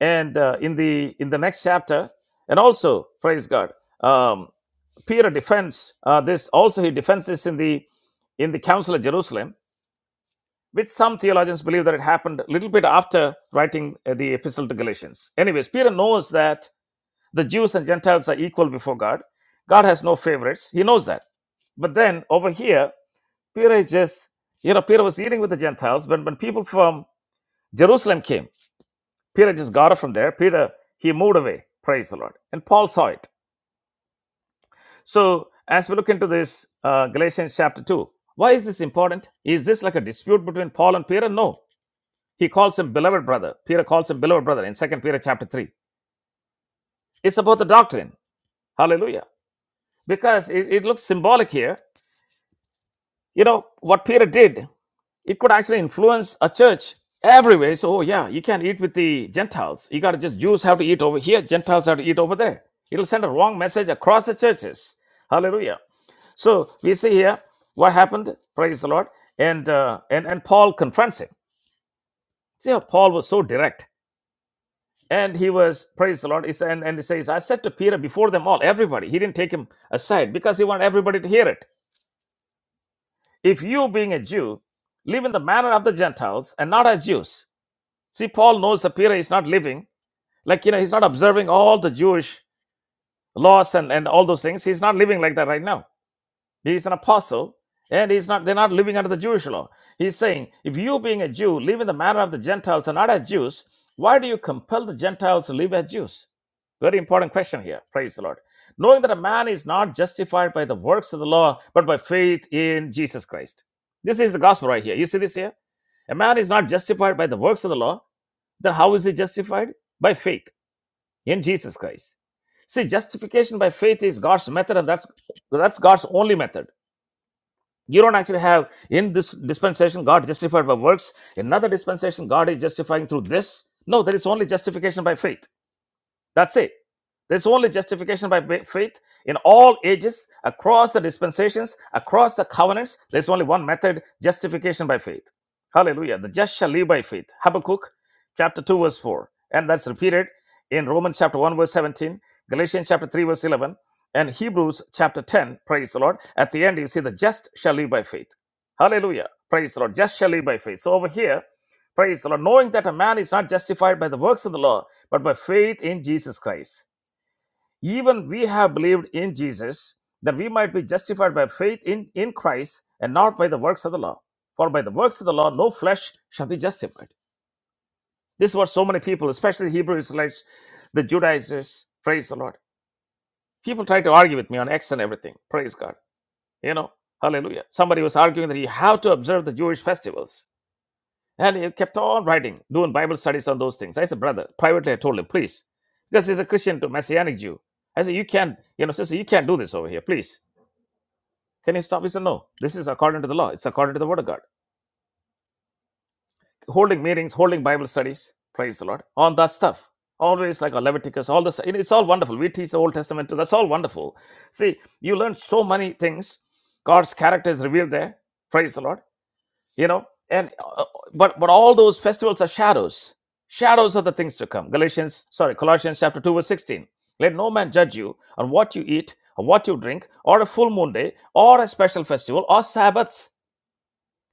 and uh, in the in the next chapter and also praise god um, peter defends uh, this also he defends this in the in the council of jerusalem which some theologians believe that it happened a little bit after writing uh, the epistle to galatians anyways peter knows that the Jews and Gentiles are equal before God. God has no favorites. He knows that. But then over here, Peter is just, you know, Peter was eating with the Gentiles. When, when people from Jerusalem came, Peter just got up from there. Peter, he moved away. Praise the Lord. And Paul saw it. So as we look into this, uh, Galatians chapter 2, why is this important? Is this like a dispute between Paul and Peter? No. He calls him beloved brother. Peter calls him beloved brother in Second Peter chapter 3. It's about the doctrine. Hallelujah. Because it, it looks symbolic here You know, what Peter did, it could actually influence a church everywhere. So, oh, yeah, you can't eat with the Gentiles. You got to just Jews have to eat over here, Gentiles have to eat over there. It'll send a wrong message across the churches. Hallelujah. So, we see here what happened. Praise the Lord. And, uh, and, and Paul confronts him. See how Paul was so direct. And he was, praise the Lord, he said, and, and he says, I said to Peter before them all, everybody, he didn't take him aside because he wanted everybody to hear it. if you, being a Jew, live in the manner of the Gentiles and not as Jews. See, Paul knows that Peter is not living, like, you know, he's not observing all the Jewish laws and, and all those things. He's not living like that right now. He is an apostle, and he's not. They're not living under the Jewish law. He's saying, if you, being a Jew, live in the manner of the Gentiles and not as Jews, why do you compel the Gentiles to live as Jews? Very important question here. Praise the Lord. Knowing that a man is not justified by the works of the law, but by faith in Jesus Christ. This is the gospel right here. You see this here? A man is not justified by the works of the law. Then how is he justified? By faith in Jesus Christ. See, justification by faith is God's method, and that's that's God's only method. You don't actually have in this dispensation God justified by works. In another dispensation, God is justifying through this. No, there is only justification by faith. That's it. There's only justification by faith in all ages, across the dispensations, across the covenants. There's only one method justification by faith. Hallelujah. The just shall live by faith. Habakkuk chapter 2, verse 4. And that's repeated in Romans chapter 1, verse 17, Galatians chapter 3, verse 11, and Hebrews chapter 10. Praise the Lord. At the end, you see the just shall live by faith. Hallelujah. Praise the Lord. Just shall live by faith. So over here, Praise the Lord. Knowing that a man is not justified by the works of the law, but by faith in Jesus Christ. Even we have believed in Jesus that we might be justified by faith in, in Christ and not by the works of the law. For by the works of the law, no flesh shall be justified. This is what so many people, especially Hebrew Israelites, the Judaizers, praise the Lord. People try to argue with me on X and everything. Praise God. You know, hallelujah. Somebody was arguing that you have to observe the Jewish festivals. And he kept on writing, doing Bible studies on those things. I said, brother, privately I told him, please. Because he's a Christian to Messianic Jew. I said, you can't, you know, sister, you can't do this over here, please. Can you stop? He said, no. This is according to the law. It's according to the word of God. Holding meetings, holding Bible studies, praise the Lord, on that stuff. Always like a Leviticus, all this. you know, It's all wonderful. We teach the Old Testament too. That's all wonderful. See, you learn so many things. God's character is revealed there. Praise the Lord. you know and uh, but but all those festivals are shadows shadows are the things to come galatians sorry colossians chapter 2 verse 16 let no man judge you on what you eat or what you drink or a full moon day or a special festival or sabbaths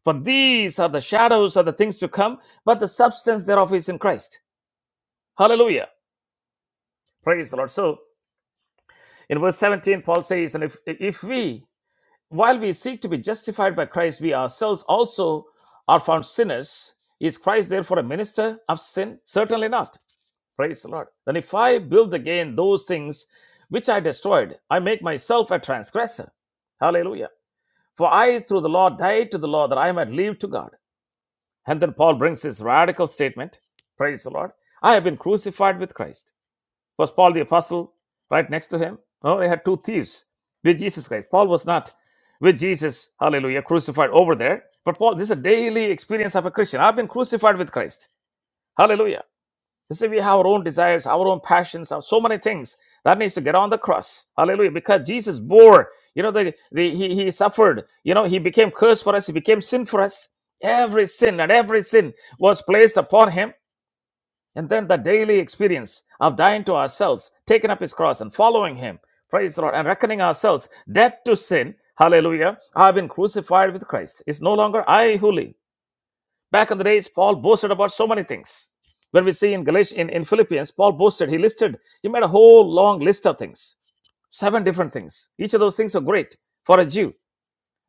for these are the shadows of the things to come but the substance thereof is in christ hallelujah praise the lord so in verse 17 paul says and if if we While we seek to be justified by Christ, we ourselves also are found sinners. Is Christ therefore a minister of sin? Certainly not. Praise the Lord. Then if I build again those things which I destroyed, I make myself a transgressor. Hallelujah. For I through the law died to the law that I might live to God. And then Paul brings his radical statement. Praise the Lord. I have been crucified with Christ. Was Paul the apostle right next to him? No, they had two thieves with Jesus Christ. Paul was not with Jesus, hallelujah, crucified over there. But Paul, this is a daily experience of a Christian. I've been crucified with Christ. Hallelujah. You see, we have our own desires, our own passions, our so many things that needs to get on the cross. Hallelujah. Because Jesus bore, you know, the, the he, he suffered, you know, he became cursed for us, he became sin for us. Every sin and every sin was placed upon him. And then the daily experience of dying to ourselves, taking up his cross and following him, praise the Lord, and reckoning ourselves dead to sin, hallelujah, I have been crucified with Christ. It's no longer I who live. Back in the days, Paul boasted about so many things. When we see in Galatians, in, in Philippians, Paul boasted, he listed, he made a whole long list of things, seven different things. Each of those things were great for a Jew.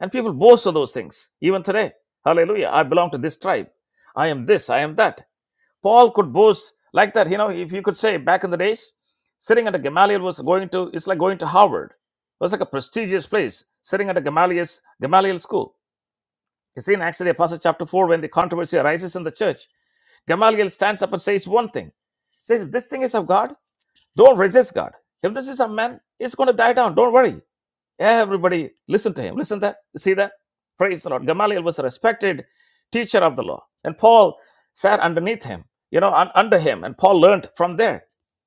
And people boast of those things, even today. Hallelujah. I belong to this tribe. I am this, I am that. Paul could boast like that. You know, if you could say back in the days, sitting at a Gamaliel was going to, it's like going to Harvard. It was like a prestigious place, sitting at a Gamaliel's, Gamaliel school. You see in Acts of the Apostle chapter 4, when the controversy arises in the church, Gamaliel stands up and says one thing. Says, if this thing is of God. Don't resist God. If this is a man, it's going to die down. Don't worry. Everybody, listen to him. Listen that. See that? Praise the Lord. Gamaliel was a respected teacher of the law, and Paul sat underneath him, you know, un- under him, and Paul learned from there.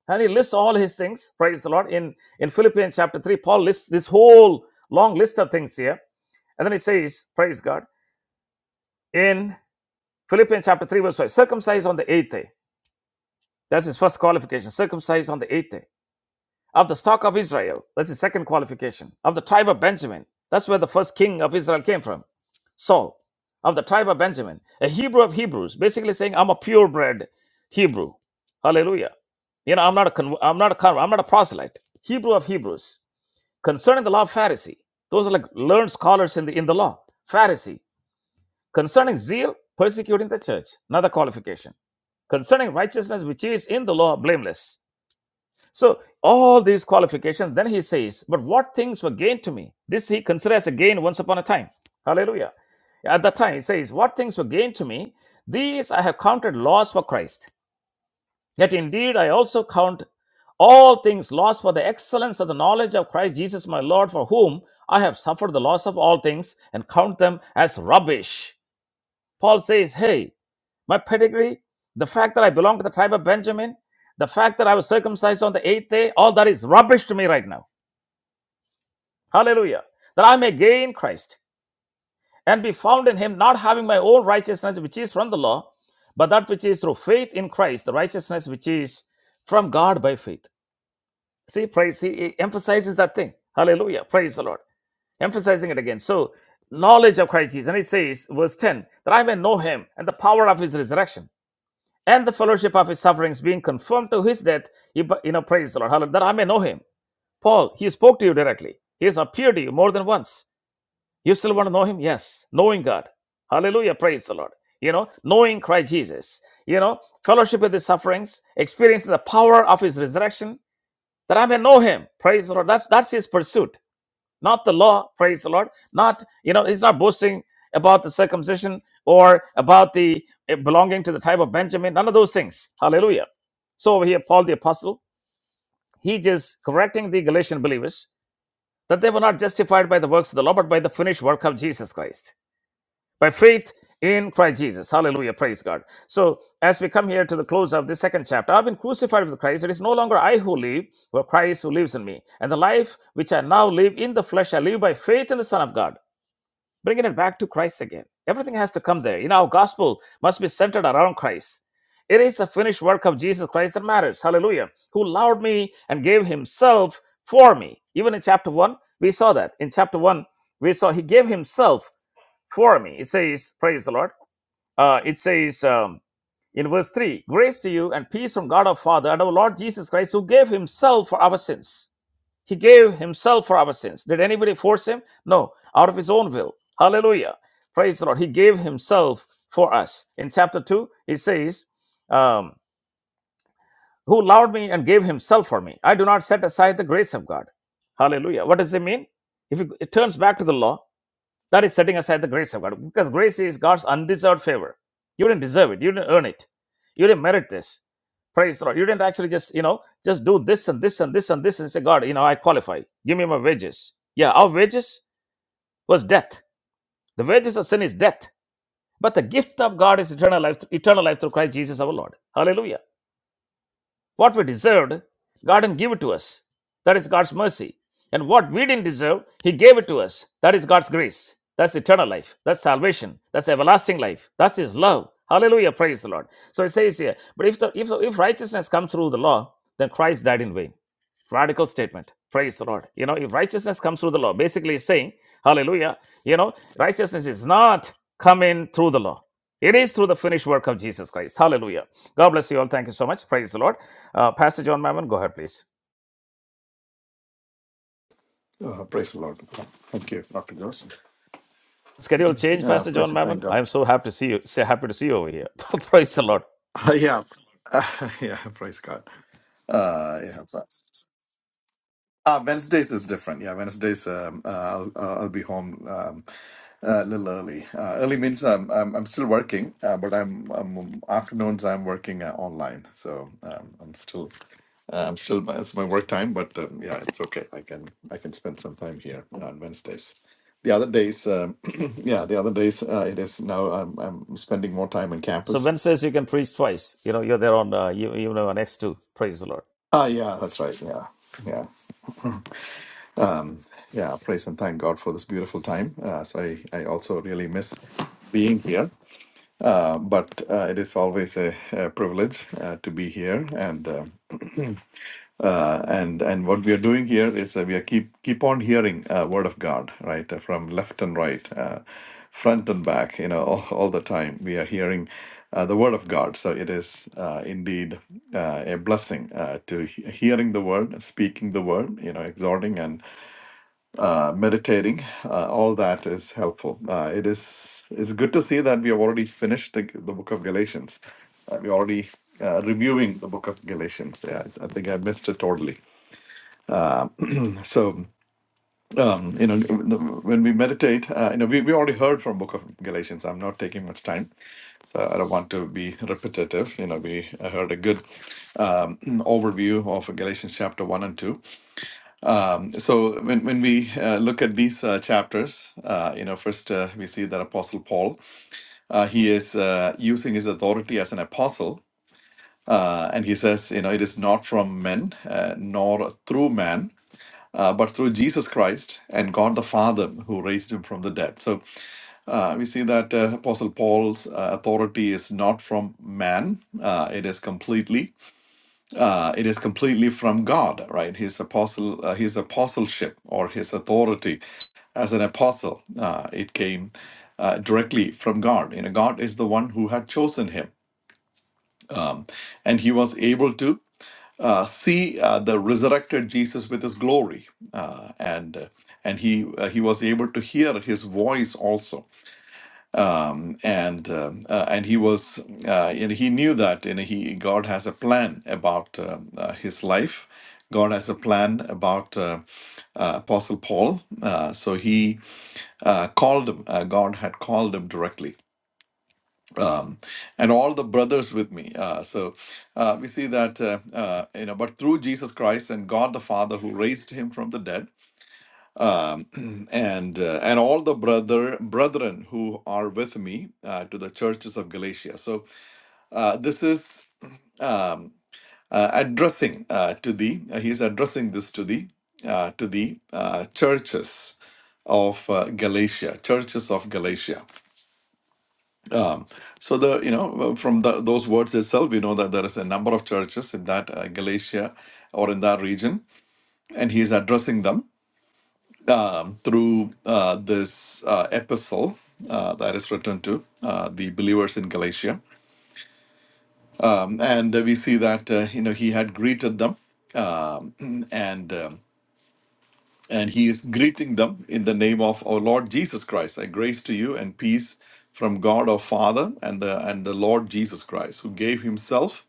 And he lists all his things. Praise the Lord. In in Philippians chapter three, Paul lists this whole long list of things here, and then he says, "Praise God." In Philippians chapter three, verse five, circumcised on the eighth day. That's his first qualification. Circumcised on the eighth day of the stock of Israel. That's the second qualification. Of the tribe of Benjamin. That's where the first king of Israel came from. Saul, of the tribe of Benjamin, a Hebrew of Hebrews, basically saying, I'm a purebred Hebrew. Hallelujah. You know, I'm not a con- I'm not a con- I'm not a proselyte. Hebrew of Hebrews. Concerning the law of Pharisee. Those are like learned scholars in the in the law. Pharisee. Concerning zeal, persecuting the church. Another qualification. Concerning righteousness which is in the law, blameless so all these qualifications, then he says, but what things were gained to me? This he considers a gain once upon a time. Hallelujah. At that time, he says, what things were gained to me? These I have counted loss for Christ. Yet indeed I also count all things lost for the excellence of the knowledge of Christ Jesus my Lord, for whom I have suffered the loss of all things and count them as rubbish. Paul says, hey, my pedigree, the fact that I belong to the tribe of Benjamin, the fact that I was circumcised on the eighth day, all that is rubbish to me right now. Hallelujah. That I may gain Christ and be found in him, not having my own righteousness, which is from the law, but that which is through faith in Christ, the righteousness which is from God by faith. See, praise, see, it emphasizes that thing. Hallelujah. Praise the Lord. Emphasizing it again. So, knowledge of Christ Jesus. And it says, verse 10, that I may know him and the power of his resurrection and the fellowship of his sufferings, being conformed to his death, you bu- know, praise the Lord, hallelujah, that I may know him. Paul, he spoke to you directly. He has appeared to you more than once. You still want to know him? Yes. Knowing God. Hallelujah, praise the Lord. You know, knowing Christ Jesus. You know, fellowship with his sufferings, experiencing the power of his resurrection, that I may know him. Praise the Lord. That's that's his pursuit not the law praise the lord not you know he's not boasting about the circumcision or about the eh, belonging to the tribe of benjamin none of those things hallelujah so over here paul the apostle he just correcting the galatian believers that they were not justified by the works of the law but by the finished work of jesus christ by faith in christ jesus hallelujah praise god so as we come here to the close of the second chapter i've been crucified with christ it is no longer i who live but christ who lives in me and the life which i now live in the flesh i live by faith in the son of god bringing it back to Christ again. Everything has to come there. You know, our gospel must be centered around Christ. It is the finished work of Jesus Christ that matters. Hallelujah. Who loved me and gave himself for me. Even in chapter 1, we saw that. In chapter 1, we saw he gave himself for me. It says, praise the Lord. Uh, it says um, in verse 3 Grace to you and peace from God our Father and our Lord Jesus Christ, who gave himself for our sins. He gave himself for our sins. Did anybody force him? No, out of his own will. Hallelujah. Praise the Lord. He gave himself for us. In chapter 2, he says, um, Who loved me and gave himself for me. I do not set aside the grace of God. Hallelujah. What does it mean? If it it turns back to the law, that is setting aside the grace of God because grace is God's undeserved favor. You didn't deserve it. You didn't earn it. You didn't merit this. Praise the Lord. You didn't actually just, you know, just do this and this and this and this and say, God, you know, I qualify. Give me my wages. Yeah, our wages was death. The wages of sin is death. But the gift of God is eternal life, eternal life through Christ Jesus our Lord. Hallelujah. What we deserved, God didn't give it to us. That is God's mercy. And what we didn't deserve, He gave it to us. That is God's grace. That's eternal life. That's salvation. That's everlasting life. That's His love. Hallelujah. Praise the Lord. So it says here, but if, the, if, the, if righteousness comes through the law, then Christ died in vain. Radical statement. Praise the Lord. You know, if righteousness comes through the law, basically it's saying, Hallelujah, you know, righteousness is not coming through the law. It is through the finished work of Jesus Christ. Hallelujah. God bless you all. Thank you so much. Praise the Lord. Uh, Pastor John Mammon, go ahead, please. Uh, praise the Lord. Thank you, Dr. Joseph. Schedule change, Uh, Pastor praise John and thank Mammon. I God. am so happy to see you. Say happy to see you over here. Praise the Lord. yeah. yeah, praise God. Uh, yeah. Ah, Wednesdays is different. Yeah, Wednesdays um, uh, I'll, uh, I'll be home um, a little early. Uh, early means um, I'm I'm still working, uh, but I'm, I'm afternoons I'm working uh, online, so um, I'm still uh, I'm still it's my work time, but um, yeah, it's okay. I can I can spend some time here on Wednesdays. The other days, um, yeah, the other days uh, it is now I'm I'm spending more time on So campus. Wednesdays you can preach twice. You know you're there on uh, you, you know on X two. Praise the Lord. Ah, yeah, that's right. Yeah, yeah. Um, yeah, praise and thank God for this beautiful time. Uh, so I, I also really miss being here, uh, but uh, it is always a, a privilege uh, to be here. And uh, uh, and and what we are doing here is uh, we are keep keep on hearing uh, word of God, right, uh, from left and right, uh, front and back. You know, all, all the time we are hearing uh, the word of God. So it is uh, indeed uh, a blessing uh, to he- hearing the word, speaking the word, you know, exhorting uh, meditating, uh, all that is helpful. Uh, it is it's good to see that we have already finished the, the book of Galatians. Uh, we're already uh, reviewing the book of Galatians. Yeah, I, I think I missed it totally. So um, you know, when we meditate, uh, you know, we, we already heard from book of Galatians. I'm not taking much time, so I don't want to be repetitive. You know, we heard a good um, overview of Galatians chapter one and two. So when when we uh, look at these uh, chapters, uh, you know, first uh, we see that Apostle Paul, uh, he is uh, using his authority as an apostle, uh, and he says, you know, it is not from men uh, nor through man, uh, but through Jesus Christ and God the Father who raised him from the dead. So uh, we see that uh, Apostle Paul's uh, authority is not from man; uh, it is completely Uh, it is completely from God, right? His apostle, uh, his apostleship or his authority as an apostle, uh, it came uh, directly from God. You know, God is the one who had chosen him, and he was able to uh, see uh, the resurrected Jesus with his glory, uh, and and he uh, he was able to hear his voice also and um, uh, and he was uh, and he knew that you know he God has a plan about uh, uh, his life. God has a plan about uh, uh, Apostle Paul, uh, so he uh, called him. Uh, God had called him directly, um, and all the brothers with me. Uh, so uh, we see that uh, uh, you know, but through Jesus Christ and God the Father who raised him from the dead, um, and uh, and all the brother brethren who are with me uh, to the churches of Galatia. So uh, this is um, uh, addressing uh, to the uh, he's addressing this to the uh, to the uh, churches of uh, Galatia, churches of Galatia. So the you know uh, from the, those words itself, we know that there is a number of churches in that uh, Galatia or in that region, and he is addressing them through uh, this uh, epistle uh, that is written to uh, the believers in Galatia. um, and uh, we see that uh, you know he had greeted them, um, and um, and he is greeting them in the name of our Lord Jesus Christ. I grace to you and peace from God our Father and the and the Lord Jesus Christ, who gave himself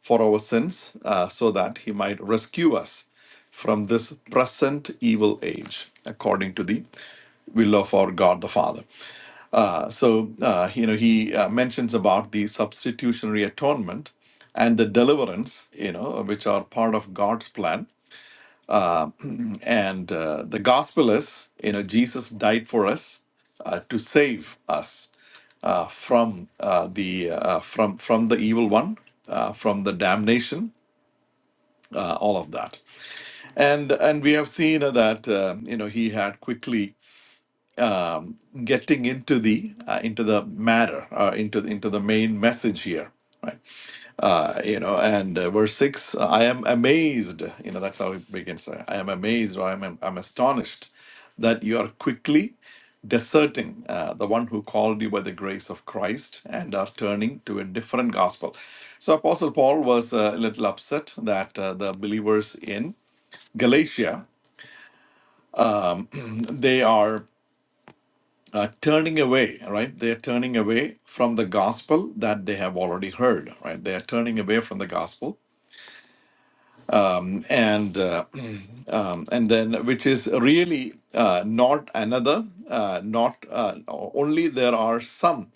for our sins, uh, so that he might rescue us from this present evil age, according to the will of our God the Father. Uh, so, uh, you know, he uh, mentions about the substitutionary atonement and the deliverance, you know, which are part of God's plan and uh, the gospel is, you know, Jesus died for us uh, to save us uh, from uh, the uh, from from the evil one, uh, from the damnation, uh, all of that. And and we have seen uh, that uh, you know he had quickly getting into the uh, into the matter, uh, into the, into the main message here. Right? uh, you know, and uh, verse six, uh, I am amazed. You know, that's how it begins. uh, I am amazed, or I'm, I'm astonished that you are quickly deserting uh, the one who called you by the grace of Christ and are turning to a different gospel. So, Apostle Paul was a little upset that uh, the believers in Galatia they are uh, turning away, right? They are turning away from the gospel that they have already heard, right? They are turning away from the gospel, and uh, um, and then which is really uh, not another, uh, not uh, only there are some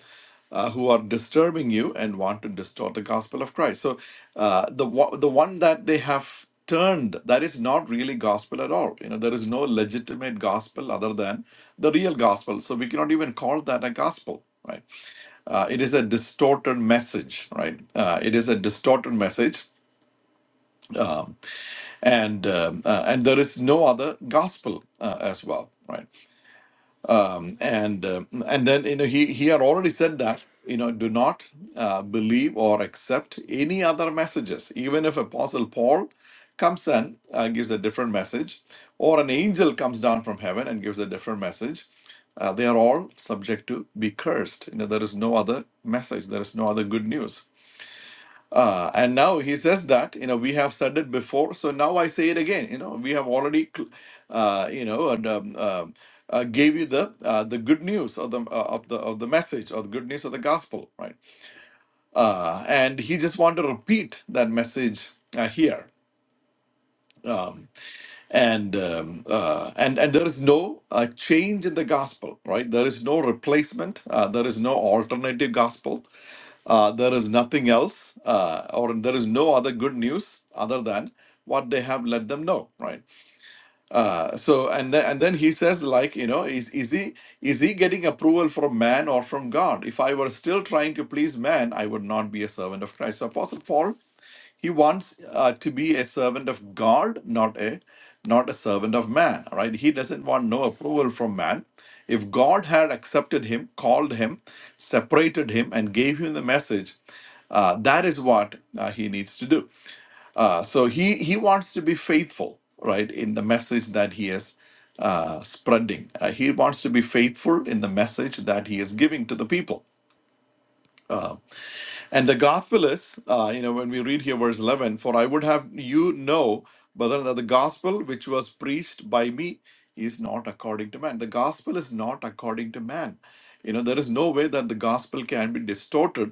uh, who are disturbing you and want to distort the gospel of Christ. So uh, the wa- the one that they have turned that is not really gospel at all. You know there is no legitimate gospel other than the real gospel. So we cannot even call that a gospel, right? Uh, it is a distorted message, right? Uh, it is a distorted message and um, uh, and there is no other gospel uh, as well right um, and um and then you know he he had already said that you know do not uh, believe or accept any other messages even if apostle paul comes and uh, gives a different message or an angel comes down from heaven and gives a different message uh, they are all subject to be cursed you know there is no other message there is no other good news uh, and now he says that, you know, we have said it before, so now I say it again. You know, we have already, cl- uh, you know, and, um, um, uh, gave you the uh, the good news of the uh, of the of the message or the good news of the gospel, right? Uh, and he just wanted to repeat that message uh, here. Um, and um, uh, and and there is no uh, change in the gospel, right? There is no replacement. Uh, there is no alternative gospel. Uh, there is nothing else, uh, or there is no other good news other than what they have let them know, right? Uh, so, and then and then he says, like, you know, is is he is he getting approval from man or from God? If I were still trying to please man, I would not be a servant of Christ. So, Apostle Paul he wants uh, to be a servant of God, not a not a servant of man. all Right? He doesn't want no approval from man. If God had accepted him, called him, separated him, and gave him the message, uh, that is what uh, he needs to do. Uh, so he he wants to be faithful, right, in the message that he is uh, spreading. Uh, he wants to be faithful in the message that he is giving to the people. And the gospel is, uh, you know, when we read here verse 11, for I would have you know, brethren, that the gospel which was preached by me is not according to man. The gospel is not according to man. You know, there is no way that the gospel can be distorted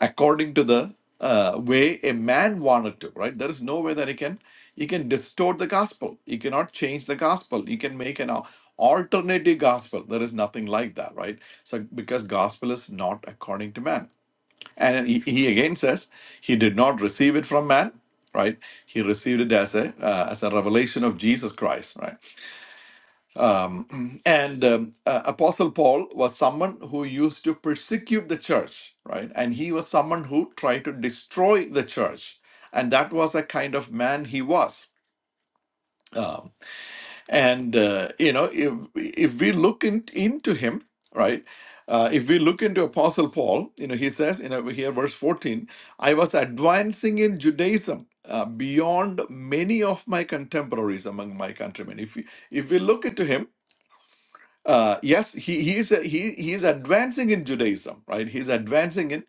according to the uh, way a man wanted to, right? There is no way that he can he can distort the gospel. He cannot change the gospel. He can make an al- alternative gospel. There is nothing like that, right? So because gospel is not according to man. And he, he again says he did not receive it from man, right? He received it as a uh, as a revelation of Jesus Christ, right? Um, and um, uh, Apostle Paul was someone who used to persecute the church, right? And he was someone who tried to destroy the church, and that was a kind of man he was. Um, and uh, you know, if if we look in, into him, right? Uh, if we look into Apostle Paul, you know, he says in over here, verse fourteen, I was advancing in Judaism uh, beyond many of my contemporaries among my countrymen. If we, if we look into him, uh, yes, he he is a, he he is advancing in Judaism, right? He's advancing in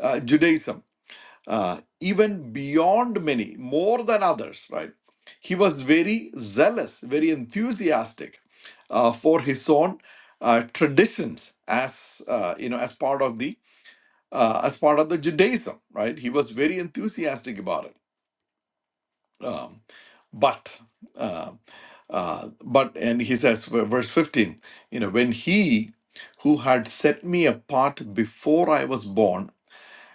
uh, Judaism uh, even beyond many, more than others, right? He was very zealous, very enthusiastic uh, for his own uh, traditions as uh, you know as part of the uh, as part of the Judaism, right? He was very enthusiastic about it. Um, but uh, uh, but and he says v- verse 15, you know, when he who had set me apart before I was born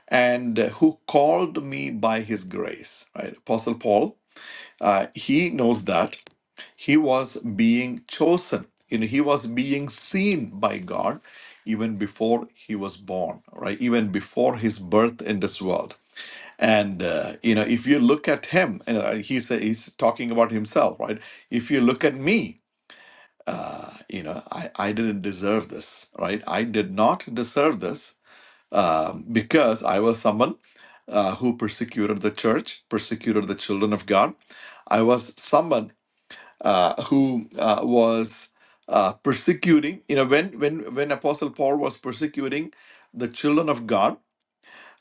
and who called me by his grace. Right? Apostle Paul, uh, he knows that he was being chosen. You know, he was being seen by God even before he was born, right? Even before his birth in this world. And uh, you know, if you look at him, uh, he's uh, he's talking about himself, right? If you look at me, you know, I, I didn't deserve this, right? I did not deserve this, um, because I was someone uh, who persecuted the church, persecuted the children of God. I was someone uh, who uh, was uh, persecuting. You know, when when when Apostle Paul was persecuting the children of God,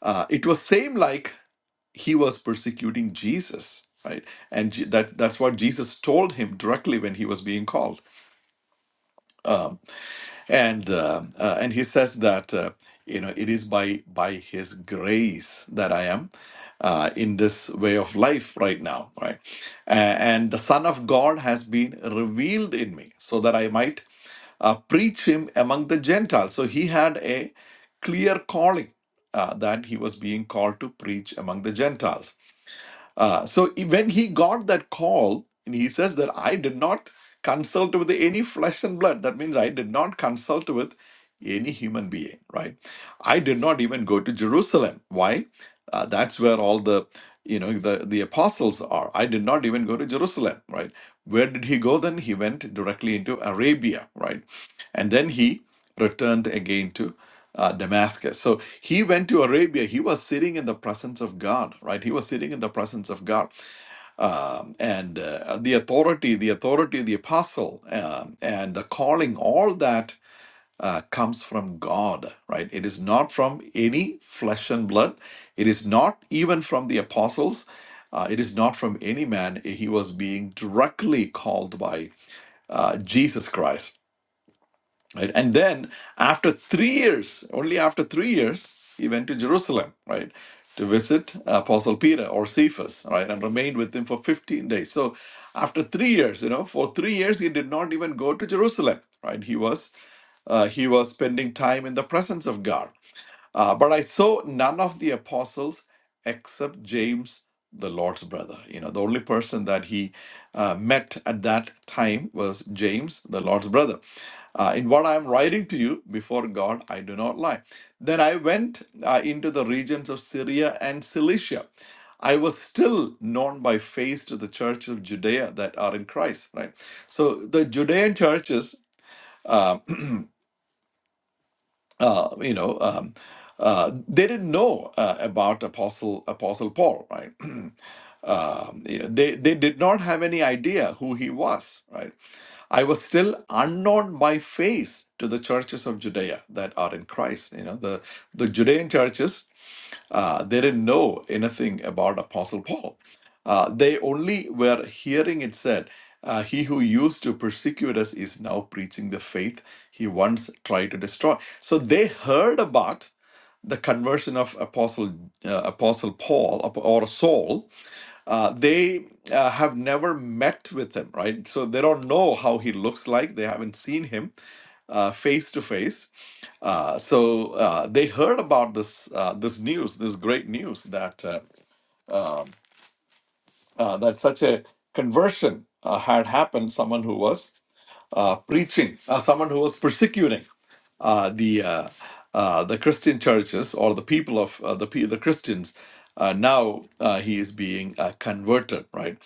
uh, it was same like he was persecuting Jesus, right? And Je- that that's what Jesus told him directly when he was being called. Um, and uh, uh, and he says that uh, you know it is by by his grace that i am uh, in this way of life right now right A- and the son of god has been revealed in me so that i might uh, preach him among the gentiles so he had a clear calling uh, that he was being called to preach among the gentiles uh, so e- when he got that call, and he says that I did not consult with any flesh and blood. That means I did not consult with any human being, right? I did not even go to Jerusalem. Why? Uh, that's where all the you know the the apostles are. I did not even go to Jerusalem, right? Where did he go? Then he went directly into Arabia, right? And then he returned again to uh, Damascus. So he went to Arabia. He was sitting in the presence of God, right? He was sitting in the presence of God. Um, and uh, the authority, the authority of the apostle, um, and the calling, all that uh, comes from God, right? It is not from any flesh and blood. It is not even from the apostles. Uh, it is not from any man. He was being directly called by uh, Jesus Christ right and then after three years only after three years he went to jerusalem right to visit apostle peter or cephas right and remained with him for 15 days so after three years you know for three years he did not even go to jerusalem right he was uh, he was spending time in the presence of god uh, but I saw none of the apostles except James, the Lord's brother. You know, the only person that he uh, met at that time was James, the Lord's brother. Uh, in what I am writing to you before God, I do not lie. Then I went uh, into the regions of Syria and Cilicia. I was still known by face to the church of Judea that are in Christ, right? So the Judean churches um, uh, you know, um, uh, they didn't know uh, about Apostle Apostle Paul, right? um, you know, they they did not have any idea who he was, right? I was still unknown by face to the churches of Judea that are in Christ. You know, the the Judean churches uh, they didn't know anything about Apostle Paul. Uh, they only were hearing it said, uh, He who used to persecute us is now preaching the faith he once tried to destroy. So they heard about the conversion of Apostle uh, Apostle Paul or Saul, uh, they uh, have never met with him, right? So they don't know how he looks like. They haven't seen him uh, face to face. Uh, So uh, they heard about this uh, this news, this great news that uh, um uh, that such a conversion uh, had happened. Someone who was uh, preaching, uh, someone who was persecuting uh, the uh, uh, the Christian churches or the people of uh, the pe- the Christians. Uh, now uh, he is being uh, converted, right?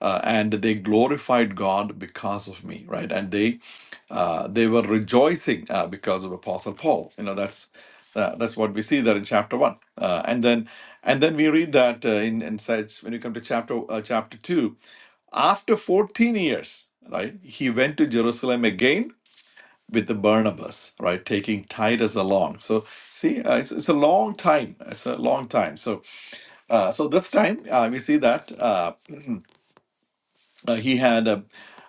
Uh, and they glorified God because of me, right? And they uh, they were rejoicing uh, because of Apostle Paul. You know that's uh, that's what we see there in chapter one, uh, and then and then we read that uh, in in such when you come to chapter uh, chapter two, after fourteen years, right? He went to Jerusalem again with the Barnabas, right? Taking Titus along. So see, uh, it's, it's a long time. It's a long time. So uh, so this time uh, we see that uh, uh, he had a,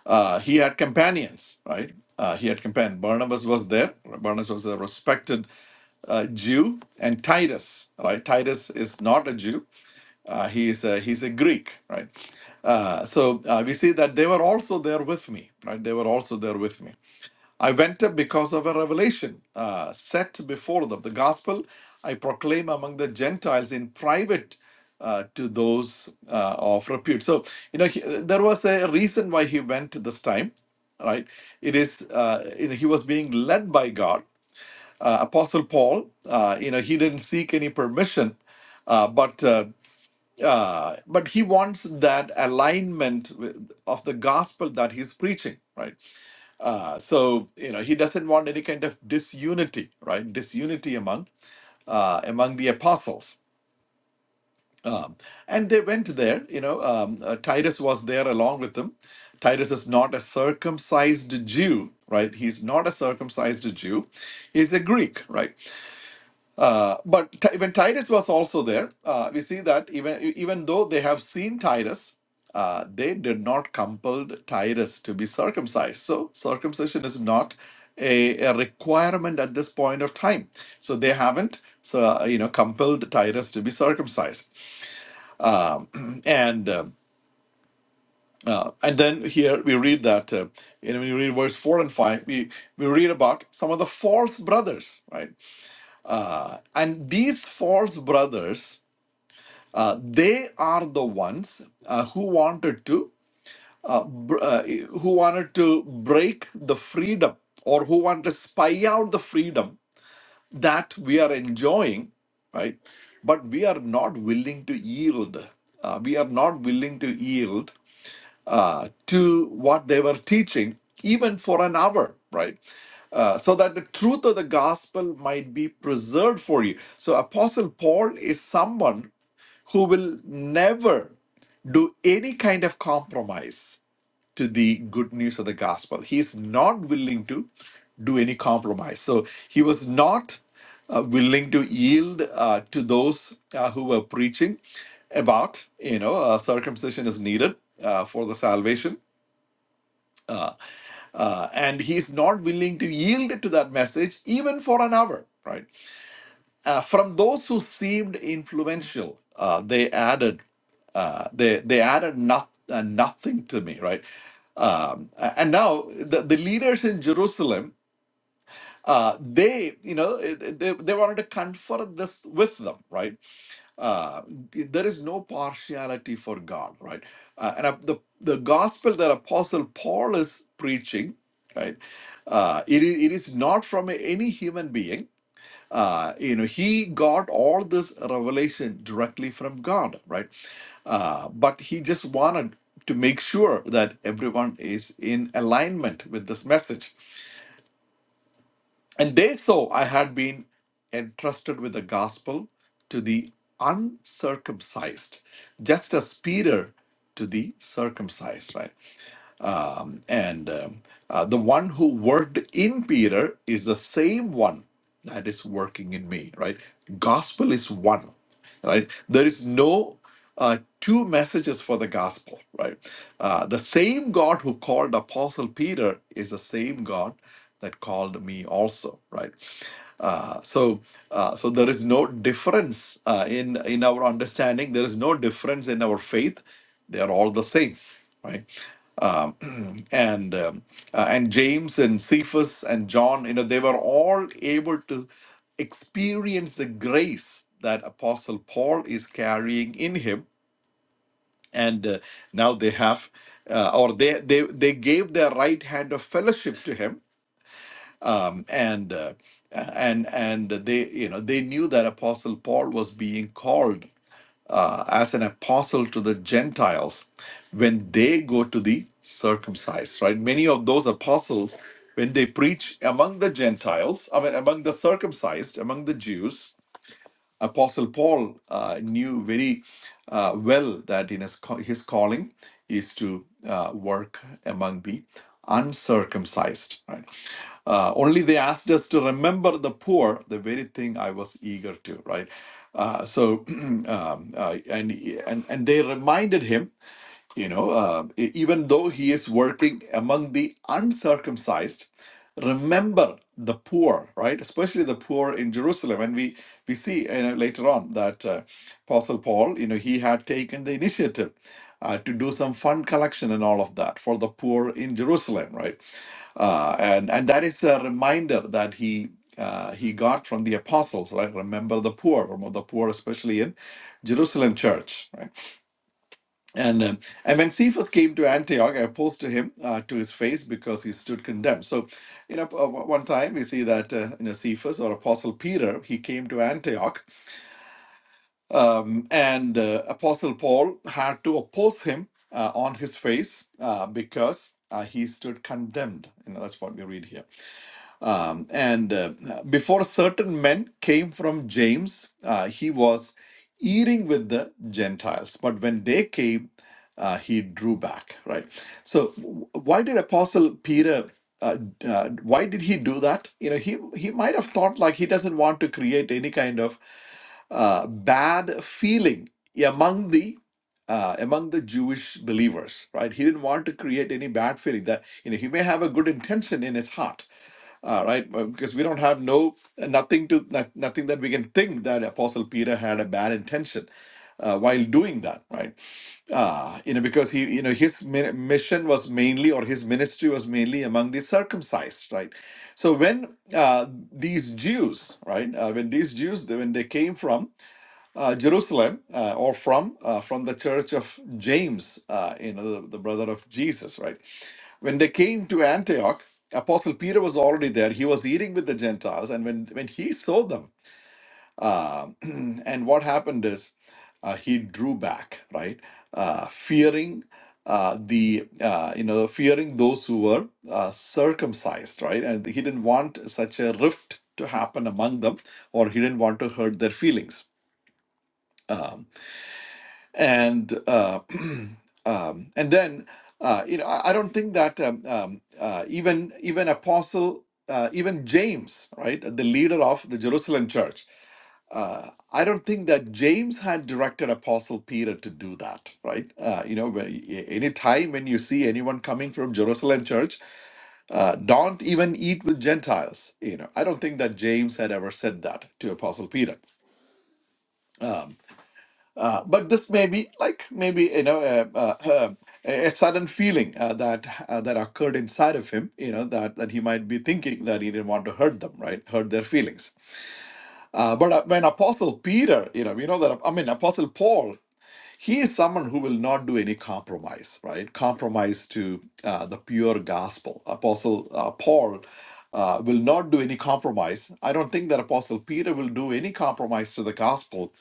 uh, he had companions, right? Uh, he had companions. Barnabas was there. Barnabas was a respected uh, Jew, and Titus, right? Titus is not a Jew. Uh, he is a, he's a Greek, right? Uh, so uh, we see that they were also there with me, right? They were also there with me. I went up because of a revelation uh, set before them. The gospel I proclaim among the Gentiles in private uh, to those uh, of repute. So, you know, he, there was a reason why he went this time, right? It is, uh, you know, he was being led by God. Uh, Apostle Paul, uh, you know, he didn't seek any permission, uh, but uh, uh, but he wants that alignment with, of the gospel that he's preaching, right? Uh, so you know he doesn't want any kind of disunity, right? Disunity among uh, among the apostles. Um, and they went there. You know, um, uh, Titus was there along with them. Titus is not a circumcised Jew, right? He's not a circumcised Jew. He's a Greek, right? Uh, but Ti- when Titus was also there, uh, we see that even e, even though they have seen Titus, uh, they did not compel Titus to be circumcised. So circumcision is not a, a requirement at this point of time. So they haven't, so uh, you know, compelled Titus to be circumcised. Um, and um, uh, and then here we read that uh, you know when you read verse four and five, we we read about some of the false brothers, right? Uh, and these false brothers Uh, they are the ones uh, who wanted to uh, br- uh, who wanted to break the freedom or who want to spy out the freedom that we are enjoying right but we are not willing to yield uh, we are not willing to yield uh, to what they were teaching even for an hour right uh, so that the truth of the gospel might be preserved for you so apostle paul is someone who will never do any kind of compromise to the good news of the gospel. He is not willing to do any compromise. So he was not uh, willing to yield uh, to those uh, who were preaching about, you know, uh, circumcision is needed. Uh, for the salvation, uh, and he's not willing to yield to that message even for an hour, right? Uh, from those who seemed influential, uh, they added uh, they they added not, uh, nothing to me, right? Um, a- and now the, the leaders in Jerusalem, uh, they you know they, they wanted to confer this with them, right? uh, there is no partiality for God, right? Uh, and uh, the the gospel that Apostle Paul is preaching, right? Uh, it, i- it is not from any human being uh, you know he got all this revelation directly from god right uh, but he just wanted to make sure that everyone is in alignment with this message and they saw i had been entrusted with the gospel to the uncircumcised just as peter to the circumcised right um, and um, uh, the one who worked in Peter is the same one that is working in me, right? Gospel is one, right? There is no uh, two messages for the gospel, right? Uh, the same God who called Apostle Peter is the same God that called me also, right? Uh, so, uh, so there is no difference uh, in in our understanding. There is no difference in our faith. They are all the same, right? um, and um, uh, and James and Cephas and John, you know, they were all able to experience the grace that Apostle Paul is carrying in him, and uh, now they have, uh, or they they they gave their right hand of fellowship to him, um, and uh, and and they you know they knew that Apostle Paul was being called uh, as an apostle to the Gentiles when they go to the circumcised, right? Many of those apostles, when they preach among the Gentiles, I mean, among the circumcised, among the Jews, Apostle Paul uh, knew very uh, well that in his, ca- his calling is to uh, work among the uncircumcised. Right? Uh, only they asked us to remember the poor, the very thing I was eager to. Right. Uh, so, um, uh, and, and and they reminded him you know, uh, e- even though he is working among the uncircumcised, remember the poor, right? Especially the poor in Jerusalem. And we we see you know, later on that uh, Apostle Paul, you know, he had taken the initiative uh, to do some fund collection and all of that for the poor in Jerusalem, right? Uh, and and that is a reminder that he. Uh, he got from the apostles, right? Remember the poor, remember the poor, especially in Jerusalem church, right? And, um, and when Cephas came to Antioch, I opposed to him uh, to his face because he stood condemned. So, you know, uh, one time we see that, uh, you know, Cephas or Apostle Peter, he came to Antioch um, and uh, Apostle Paul had to oppose him uh, on his face uh, because uh, he stood condemned. You know, that's what we read here. Um, and uh, before certain men came from James, uh, he was eating with the Gentiles. But when they came, uh, he drew back, right? So, w- why did Apostle Peter? Uh, uh, why did he do that? You know, he he might have thought like he doesn't want to create any kind of uh, bad feeling among the uh, among the Jewish believers, right? He didn't want to create any bad feeling. That you know, he may have a good intention in his heart, all right, well, because we don't have no uh, nothing to no- nothing that we can think that Apostle Peter had a bad intention uh, while doing that, right? Uh, you know, because he, you know, his mi- mission was mainly or his ministry was mainly among the circumcised, right? So when uh, these Jews, right, uh, when these Jews when they came from uh, Jerusalem uh, or from uh, from the church of James, uh, you know, the, the brother of Jesus, right? When they came to Antioch, Apostle Peter was already there. He was eating with the Gentiles, and when when he saw them, um and what happened is uh, he drew back, right, uh, fearing. Uh, the uh, you know fearing those who were uh, circumcised right and he didn't want such a rift to happen among them or he didn't want to hurt their feelings Um, and uh, um, and then uh, you know I, I don't think that um, um, uh, even even apostle uh, even James right the leader of the Jerusalem church uh, I don't think that James had directed apostle Peter to do that right uh, you know when, any time when you see anyone coming from Jerusalem church uh, don't even eat with Gentiles you know I don't think that James had ever said that to apostle Peter But this may be like maybe you know a, uh uh, um, a, a sudden feeling uh, that uh, that occurred inside of him. You know that that he might be thinking that he didn't want to hurt them, right? Hurt their feelings. Uh, but uh, when Apostle Peter, you know, we know that I mean Apostle Paul, he is someone who will not do any compromise, right? Compromise to uh, the pure gospel. Apostle uh, Paul. Uh, will not do any compromise. I don't think that Apostle Peter will do any compromise to the gospel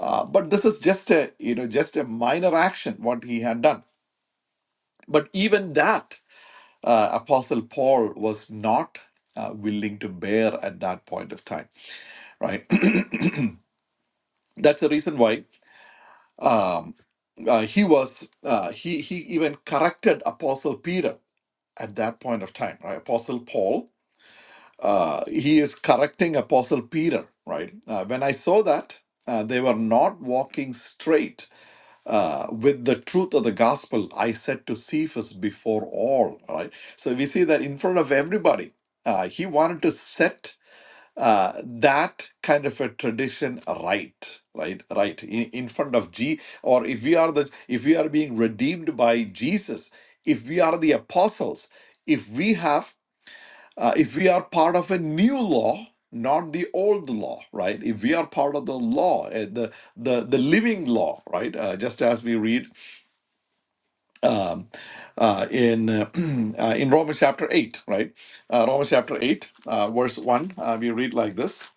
uh, but this is just a you know just a minor action what he had done. But even that uh, Apostle Paul was not uh, willing to bear at that point of time, right? That's the reason why um, uh, he was uh, he he even corrected Apostle Peter at that point of time, right? Apostle Paul uh, he is correcting Apostle Peter, right? Uh, when I saw that uh, they were not walking straight uh, with the truth of the gospel I said to Cephas before all, right? So we see that in front of everybody, uh, he wanted to set uh, that kind of a tradition right, right, right, in, in front of G. Or if we are the, if we are being redeemed by Jesus, if we are the apostles, if we have, uh, if we are part of a new law. Not the old law, right? If we are part of the law, uh, the the the living law, right? Uh, just as we read uh, in uh, uh, in Romans chapter eight, right? Uh, Romans chapter eight, uh, verse one. Uh, we read like this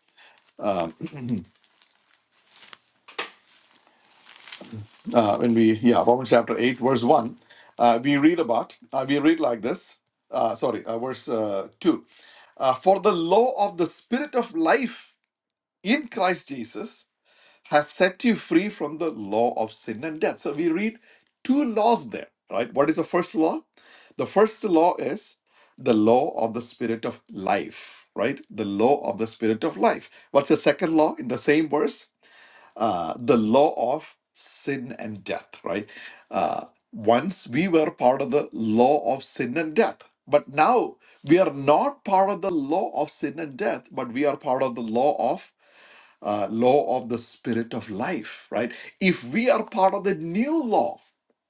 uh, when we yeah Romans chapter eight, verse one. Uh, we read about uh, we read like this. Uh, sorry, uh, verse uh, two. Uh, For the law of the Spirit of life in Christ Jesus has set you free from the law of sin and death. So we read two laws there, right? What is the first law? The first law is the law of the spirit of life, right? The law of the spirit of life. What's the second law in the same verse? Uh, the law of sin and death, right? Uh, once we were part of the law of sin and death, but now we are not part of the law of sin and death, but we are part of the law of uh, law of the spirit of life, right? If we are part of the new law,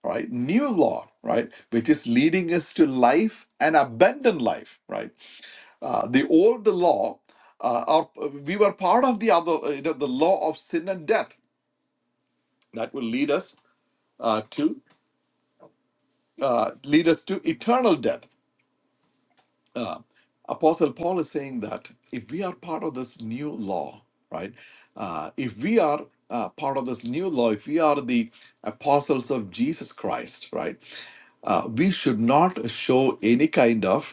right? New law, right? Which is leading us to life and abundant life, right? Uh, the old law, uh, our, we were part of the other, uh, you know, the law of sin and death that will lead us uh, to uh, lead us to eternal death Apostle Paul is saying that if we are part of this new law, right? Uh, if we are uh, part of this new law, if we are the apostles of Jesus Christ, right? Uh, we should not show any kind of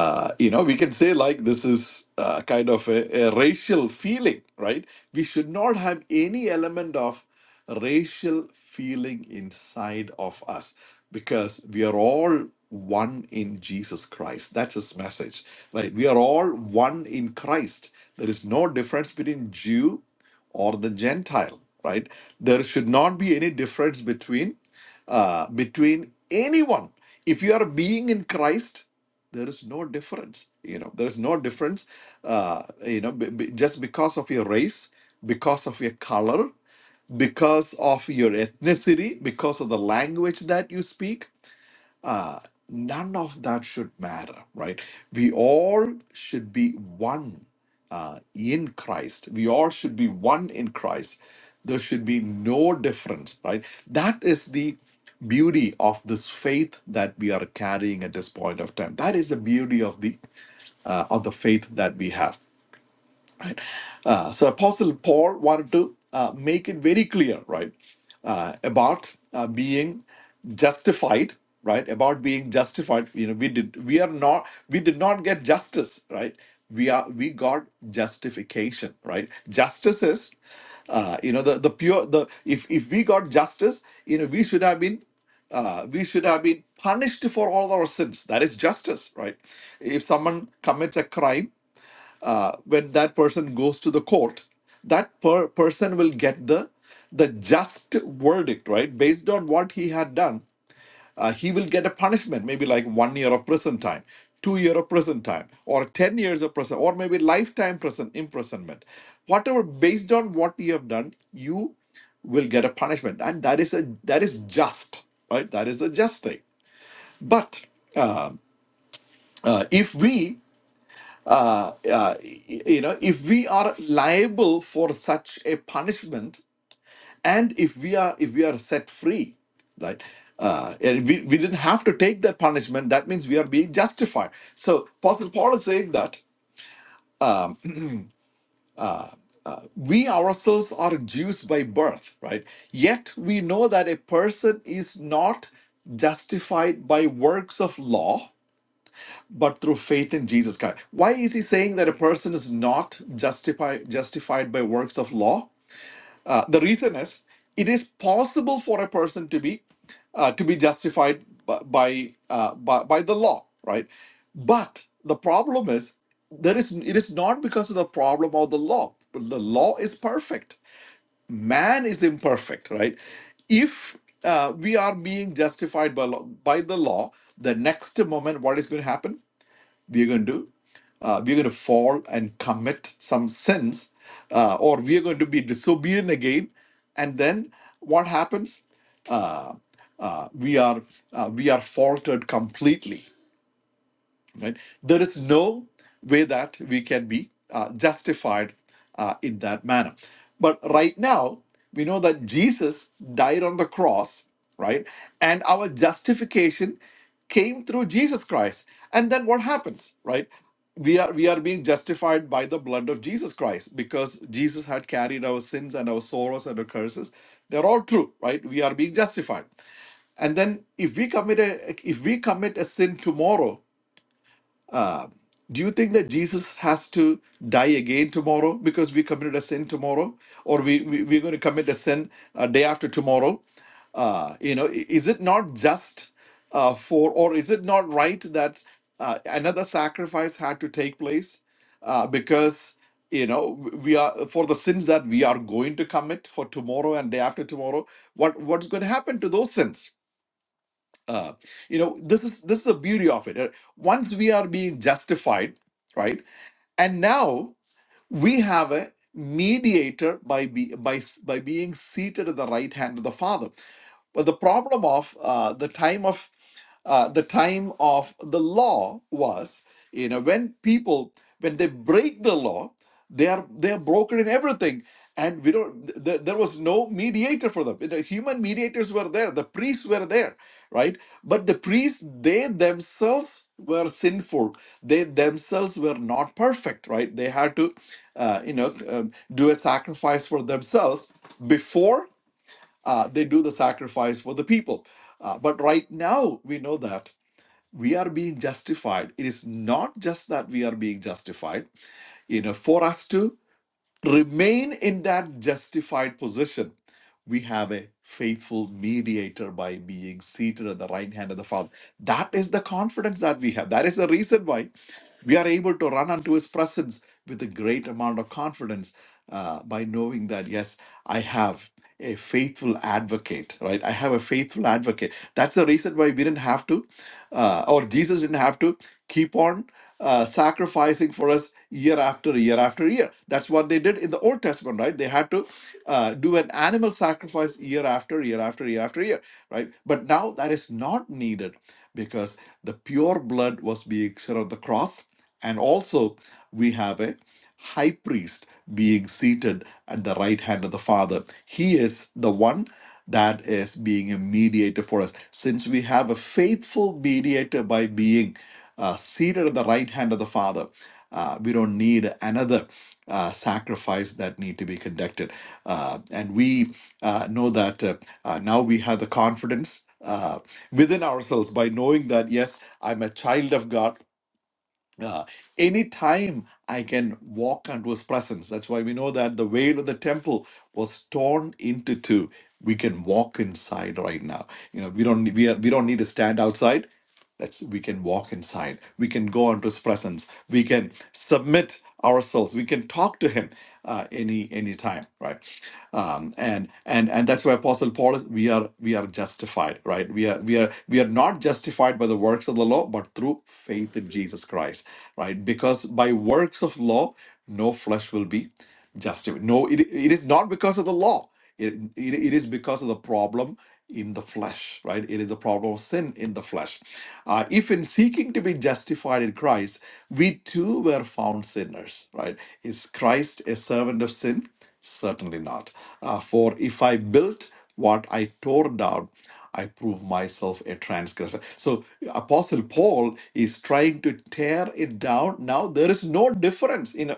uh, you know, we can say like this is uh, kind of a, a racial feeling, right? We should not have any element of racial feeling inside of us because we are all one in Jesus Christ. That's his message, right? We are all one in Christ. There is no difference between Jew or the Gentile, right? There should not be any difference between uh, between anyone. If you are being in Christ, there is no difference you know there is no difference uh, you know b- b- just because of your race because of your color because of your ethnicity because of the language that you speak none of that should matter right we all should be one uh, in christ we all should be one in christ there should be no difference right that is the beauty of this faith that we are carrying at this point of time that is the beauty of the uh, of the faith that we have. Uh, so Apostle Paul wanted to uh, make it very clear, right, uh, about uh, being justified, right, about being justified. You know, we did we are not we did not get justice, right? We are we got justification, right? Justice is uh, you know the the pure the if if we got justice you know we should have been uh, we should have been punished for all our sins that is justice right if someone commits a crime uh, when that person goes to the court, that per- person will get the the just verdict, right? Based on what he had done, uh, he will get a punishment, maybe like one year of prison time, two year of prison time, or ten years of prison, or maybe lifetime prison imprisonment. Whatever, based on what you have done, you will get a punishment, and that is a that is just, right? That is a just thing. But uh, if we uh, you know if we are liable for such a punishment and if we are if we are set free right uh, and we, we didn't have to take that punishment that means we are being justified so apostle paul is saying that we ourselves are jews by birth right yet we know that a person is not justified by works of law but through faith in jesus christ why is he saying that a person is not justify, justified by works of law Uh, the reason is it is possible for a person to be uh, to be justified by by, uh, by by the law right but the problem is there is it is not because of the problem of the law the law is perfect man is imperfect right if uh, we are being justified by, law, by the law the next moment what is going to happen we're going to uh, we're going to fall and commit some sins uh, or we're going to be disobedient again and then what happens uh, we are uh, we are faltered completely right there is no way that we can be uh, justified uh, in that manner but right now we know that jesus died on the cross right and our justification came through jesus christ and then what happens right we are we are being justified by the blood of jesus christ because jesus had carried our sins and our sorrows and our curses they're all true right we are being justified and then if we commit a if we commit a sin tomorrow do you think that Jesus has to die again tomorrow because we committed a sin tomorrow, or we, we we're going to commit a sin a day after tomorrow? Uh, you know, i- is it not just uh, for, or is it not right that uh, another sacrifice had to take place uh, because you know w- we are for the sins that we are going to commit for tomorrow and day after tomorrow? What what's going to happen to those sins? Uh, you know, this is this is the beauty of it. Uh, Once we are being justified right? And now we have a mediator by be, by by being seated at the right hand of the Father. But the problem of uh, the time of uh, the time of the law was you know when people when they break the law they are they are broken in everything and we don't th- th- there was no mediator for them the human mediators were there the priests were there right but the priests they themselves were sinful they themselves were not perfect right they had to uh, you know um, do a sacrifice for themselves before uh, they do the sacrifice for the people uh, but right now we know that we are being justified. It is not just that we are being justified. You know, for us to remain in that justified position, we have a faithful mediator by being seated at the right hand of the Father. That is the confidence that we have. That is the reason why we are able to run unto His presence with a great amount of confidence uh, by knowing that, yes, I have a faithful advocate, right? I have a faithful advocate. That's the reason why we didn't have to. Uh, or Jesus didn't have to keep on uh, sacrificing for us year after year after year. That's what they did in the Old Testament, right? They had to uh, do an animal sacrifice year after year after year after year, right? But now that is not needed because the pure blood was being shed on the cross. And also, we have a high priest being seated at the right hand of the Father. He is the one that is being a mediator for us. Since we have a faithful mediator by being uh, seated at the right hand of the Father, uh, we don't need another uh, sacrifice that need to be conducted. Uh, and we uh, know that uh, uh, now we have the confidence uh, within ourselves by knowing that yes, I'm a child of God uh, anytime I can walk into his presence. That's why we know that the veil of the temple was torn into two. We can walk inside right now. You know, we don't we are, we don't need to stand outside. That's we can walk inside. We can go into His presence. We can submit ourselves. We can talk to Him uh, any any time, right? Um, and and and that's why Apostle Paul is. We are we are justified, right? We are we are we are not justified by the works of the law, but through faith in Jesus Christ, right? Because by works of law, no flesh will be. Justify. No, it, it is not because of the law. It, it, it is because of the problem in the flesh, right? It is a problem of sin in the flesh. Uh, if in seeking to be justified in Christ, we too were found sinners, right? Is Christ a servant of sin? Certainly not. Uh, for if I built what I tore down, I prove myself a transgressor. So Apostle Paul is trying to tear it down. Now there is no difference. You know,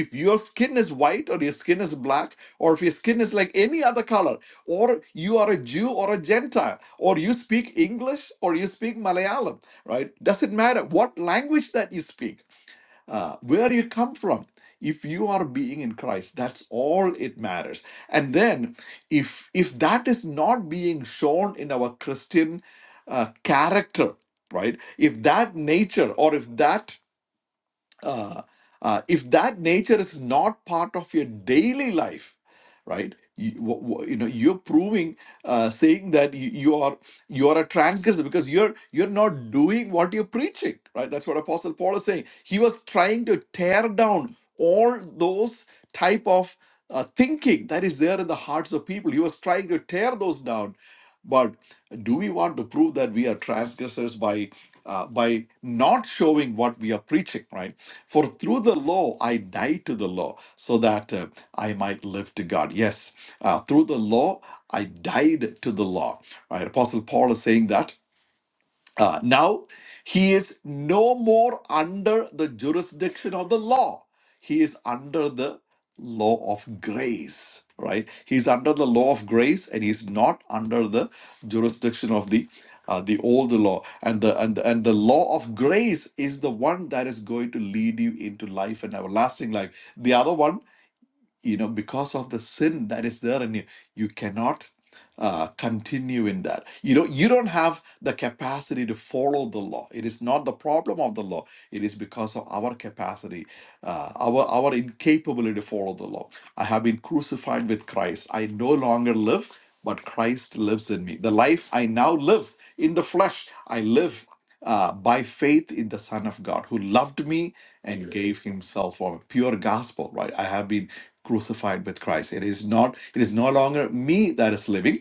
if your skin is white or your skin is black, or if your skin is like any other color, or you are a Jew or a Gentile, or you speak English or you speak Malayalam, right? Doesn't matter what language that you speak uh, where you come from. If you are being in Christ, that's all it matters. And then, if if that is not being shown in our Christian uh, character, right? If that nature or if that uh, uh, if that nature is not part of your daily life right you, wha- wha- you know you're proving uh, saying that you, you are you are a transgressor because you're you're not doing what you're preaching right that's what apostle paul is saying he was trying to tear down all those type of uh, thinking that is there in the hearts of people he was trying to tear those down do we want to prove that we are transgressors by uh, by not showing what we are preaching right for through the law i died to the law so that uh, i might live to god yes uh, through the law i died to the law right apostle paul is saying that uh, now, he is no more under the jurisdiction of the law. He is under the law of grace, right? He's under the law of grace and he's not under the jurisdiction of the uh, the old law and the and the, and the law of grace is the one that is going to lead you into life and everlasting life the other one you know because of the sin that is there in you you cannot uh, continue in that you know you don't have the capacity to follow the law it is not the problem of the law it is because of our capacity uh, our our incapability to follow the law i have been crucified with christ i no longer live but christ lives in me the life i now live in the flesh i live uh, by faith in the Son of God who loved me and gave himself for me. Pure gospel, right? I have been crucified with Christ. It is not, it is no longer me that is living.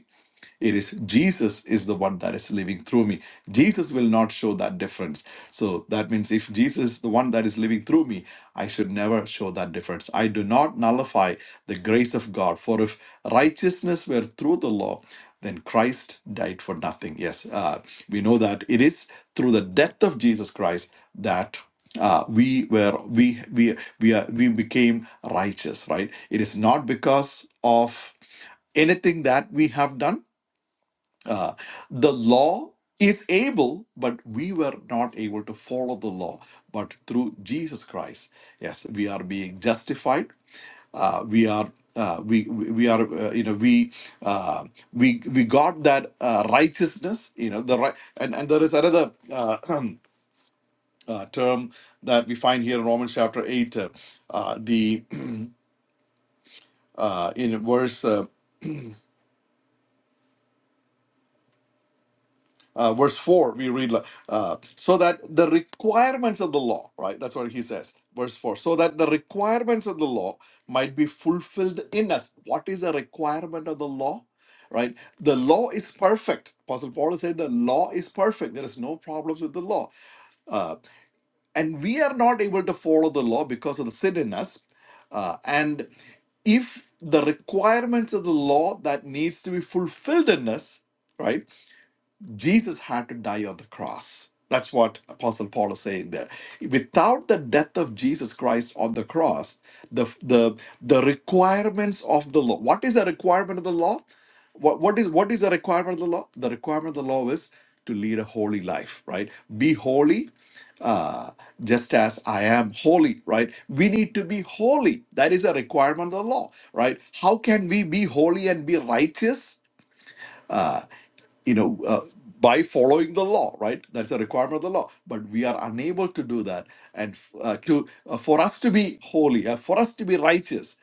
It is Jesus is the one that is living through me. Jesus will not show that difference. So that means if Jesus is the one that is living through me, I should never show that difference. I do not nullify the grace of God. For if righteousness were through the law, then Christ died for nothing. Yes, uh, we know that it is through the death of Jesus Christ that uh, we were we we we are, we became righteous. Right? It is not because of anything that we have done uh, the law is able, but we were not able to follow the law. But through Jesus Christ, yes, we are being justified. Uh, we are uh, we we we are uh, you know we uh, we we got that uh, righteousness you know the right and and there is another uh, uh, term that we find here in Romans chapter eight uh, uh, the uh, in verse Uh, Uh, verse 4, we read, like, uh, so that the requirements of the law, right? That's what he says. Verse 4, so that the requirements of the law might be fulfilled in us. What is a requirement of the law? Right? The law is perfect. Apostle Paul said the law is perfect. There is no problems with the law. Uh, and we are not able to follow the law because of the sin in us. Uh, and if the requirements of the law that needs to be fulfilled in us, right? Jesus had to die on the cross. That's what Apostle Paul is saying there. Without the death of Jesus Christ on the cross, the the the requirements of the law. What is the requirement of the law? What what is what is the requirement of the law? The requirement of the law is to lead a holy life, right? Be holy, uh, just as I am holy, right? We need to be holy. That is a requirement of the law, right? How can we be holy and be righteous? you know, uh, by following the law, right? That's a requirement of the law. But we are unable to do that. And uh, to uh, for us to be holy, uh, for us to be righteous,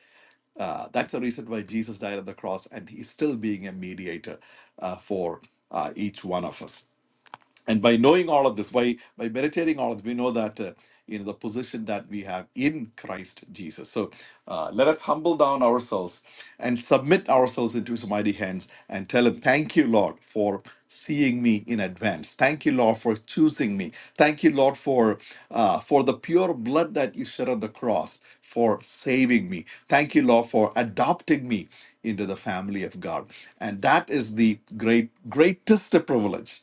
uh, that's the reason why Jesus died on the cross, and He's still being a mediator uh, for uh, each one of us and by knowing all of this by by meditating all of this we know that uh, you know the position that we have in christ jesus so uh, let us humble down ourselves and submit ourselves into his mighty hands and tell him thank you lord for seeing me in advance thank you lord for choosing me thank you lord for uh, for the pure blood that you shed on the cross for saving me thank you lord for adopting me into the family of god and that is the great greatest privilege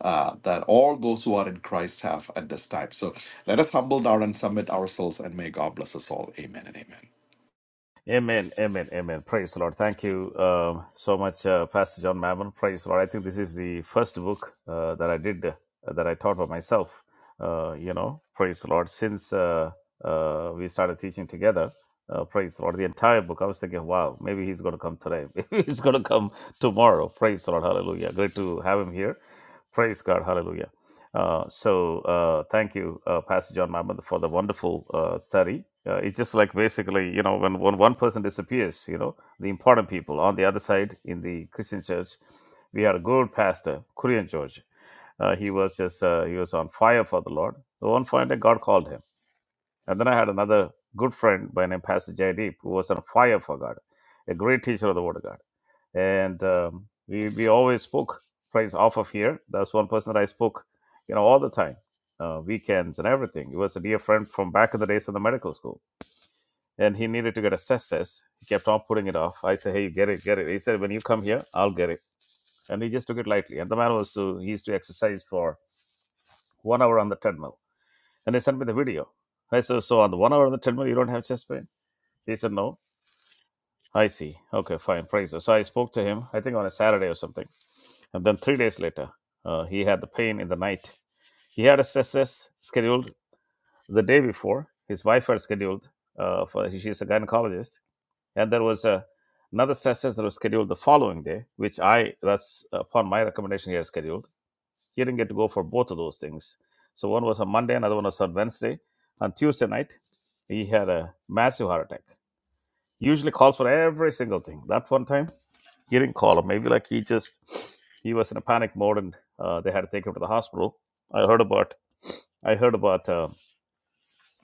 uh, that all those who are in Christ have at this time. So let us humble down and submit ourselves, and may God bless us all. Amen and amen. Amen, amen, amen. Praise the Lord. Thank you um, so much, uh, Pastor John Mammon. Praise the Lord. I think this is the first book uh, that I did, uh, that I taught by myself, uh, you know, praise the Lord, since uh, uh, we started teaching together. Uh, praise the Lord. The entire book, I was thinking, wow, maybe he's going to come today. Maybe he's going to come tomorrow. Praise the Lord. Hallelujah. Great to have him here. Praise God. Hallelujah. Uh, so uh, thank you, uh, Pastor John Mammoth, for the wonderful uh, study. Uh, it's just like basically, you know, when, when one person disappears, you know, the important people on the other side in the Christian church, we had a good pastor, Korean George. Uh, he was just uh, he was on fire for the Lord. The one point, day, God called him, and then I had another good friend by name Pastor Jaydeep, who was on fire for God, a great teacher of the Word of God and um, we we always spoke praise off of here. That's one person that I spoke, you know, all the time, uh, weekends and everything. He was a dear friend from back in the days of the medical school, and he needed to get a stress test. He kept on putting it off. I said, "Hey, you get it, get it." He said, "When you come here, I'll get it," and he just took it lightly. And the man was to, he used to exercise for one hour on the treadmill, and he sent me the video. I said, "So on the one hour on the treadmill, you don't have chest pain?" He said, "No." I see. Okay, fine. Praise. So I spoke to him. I think on a Saturday or something And then three days later, uh, he had the pain in the night. He had a stress test scheduled the day before. His wife had scheduled uh, for she's a gynecologist, and there was a, another stress test that was scheduled the following day, which I that's uh, upon my recommendation he had scheduled. He didn't get to go for both of those things. So one was on Monday, another one was on Wednesday. On Tuesday night, he had a massive heart attack. Usually calls for every single thing. That one time he didn't call him. Maybe like he just he was in a panic mode and uh, they had to take him to the hospital. I heard about I heard about um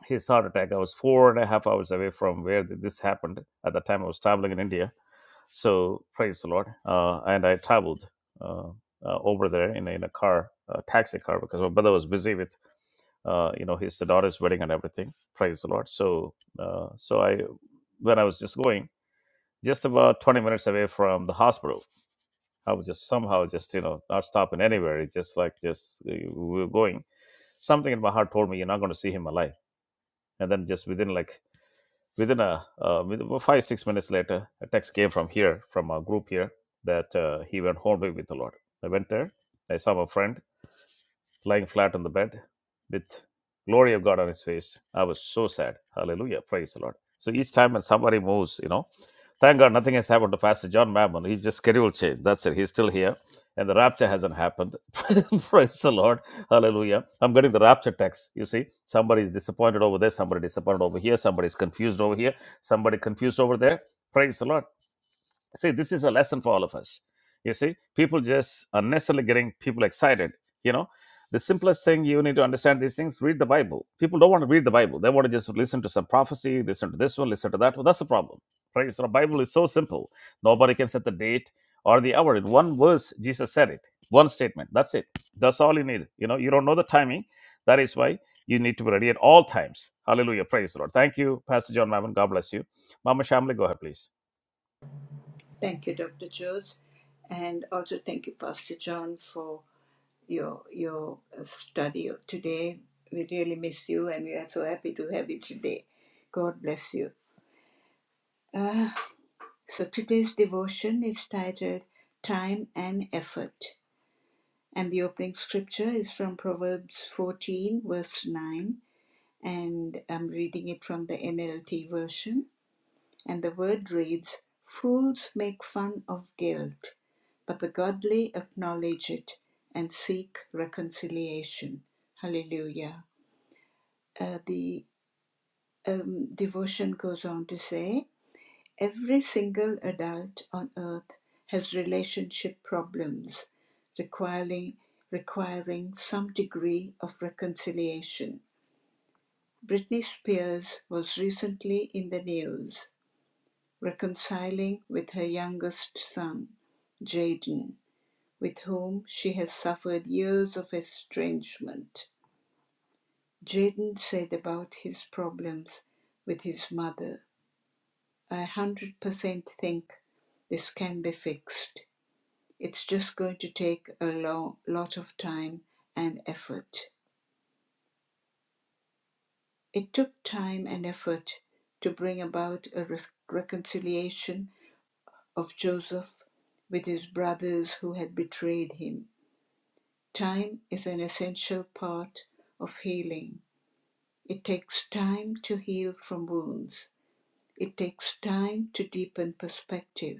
his heart attack. I was four and a half hours away from where this happened. At that time, I was traveling in India. So praise the Lord. Uh, and I traveled uh, uh, over there in, in a car, a taxi car, because my brother was busy with uh, you know his daughter's wedding and everything. Praise the Lord. So uh, so I when I was just going just about 20 minutes away from the hospital I was just somehow just you know not stopping anywhere. It's just like just uh, we were going. Something in my heart told me you're not going to see him alive. And then just within like within a uh, with- well, five six minutes later, a text came from here from a group here that uh, he went home with the Lord. I went there. I saw my friend lying flat on the bed with glory of God on his face. I was so sad. Hallelujah. Praise the Lord. So each time when somebody moves, you know, thank God nothing has happened to Pastor John Mammon. He's just schedule change. That's it. He's still here. And the rapture hasn't happened. Praise the Lord. Hallelujah. I'm getting the rapture text. You see, somebody is disappointed over there, somebody disappointed over here, somebody is confused over here, somebody confused over there. Praise the Lord. See, this is a lesson for all of us. You see, people just unnecessarily getting people excited. You know, the simplest thing you need to understand these things: read the Bible. People don't want to read the Bible; they want to just listen to some prophecy, listen to this one, listen to that one. That's the problem, right? So the Bible is so simple; nobody can set the date or the hour. In one verse, Jesus said it. One statement. That's it. That's all you need. You know, you don't know the timing. That is why you need to be ready at all times. Hallelujah. Praise the Lord. Thank you, Pastor John Mammon. God bless you. Mama Shamley, go ahead, please. Thank you, Doctor Jones, and also thank you, Pastor John, for your your uh, study today. We really miss you, and we are so happy to have you today. God bless you. Uh, So today's devotion is titled Time and Effort, and the opening scripture is from Proverbs 14, verse 9, and I'm reading it from the NLT version. And the word reads Fools make fun of guilt, but the godly acknowledge it and seek reconciliation. Hallelujah. Uh, the um, devotion goes on to say, Every single adult on Earth has relationship problems requiring, requiring some degree of reconciliation. Britney Spears was recently in the news reconciling with her youngest son, Jaden, with whom she has suffered years of estrangement. Jaden said about his problems with his mother, I 100% think this can be fixed. It's just going to take a long, lot of time and effort. It took time and effort to bring about a re- reconciliation of Joseph with his brothers who had betrayed him. Time is an essential part of healing. It takes time to heal from wounds. It takes time to deepen perspective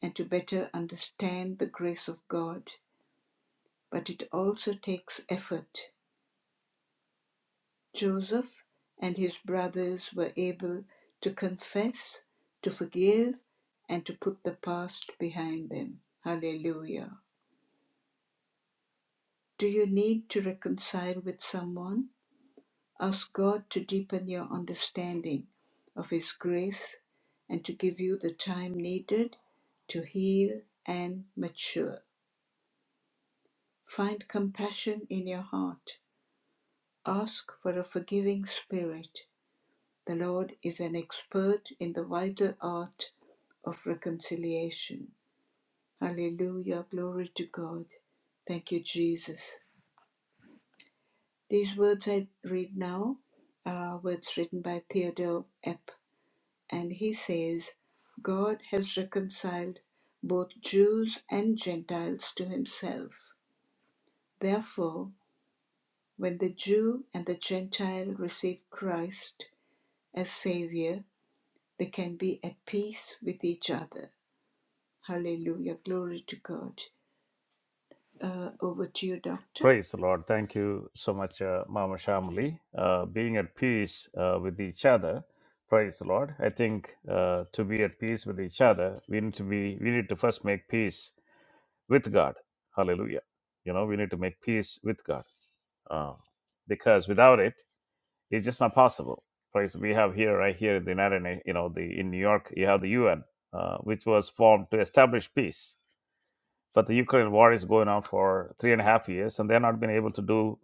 and to better understand the grace of God. But it also takes effort Joseph and his brothers were able to confess, to forgive, and to put the past behind them. Hallelujah. Do you need to reconcile with someone? Ask God to deepen your understanding of His grace and to give you the time needed to heal and mature. Find compassion in your heart. Ask for a forgiving spirit The Lord is an expert in the vital art of reconciliation. Hallelujah. Glory to God. Thank you, Jesus. These words I read now are words written by Theodore Epp, and he says, God has reconciled both Jews and Gentiles to himself. Therefore, when the Jew and the Gentile receive Christ as Savior, they can be at peace with each other. Hallelujah. Glory to God. Uh, over to you, Doctor. Praise the Lord. Thank you so much, uh, Mama Shamli. Uh, being at peace uh, with each other. Praise the Lord. I think uh, to be at peace with each other, we need to be. We need to first make peace with God. Hallelujah. You know, we need to make peace with God uh, because without it, it's just not possible. Praise. We have here, right here in the United, Na- you know, the in New York, you have the UN, uh, which was formed to establish peace but the Ukraine war is going on for three and a half years, and they're not been able to do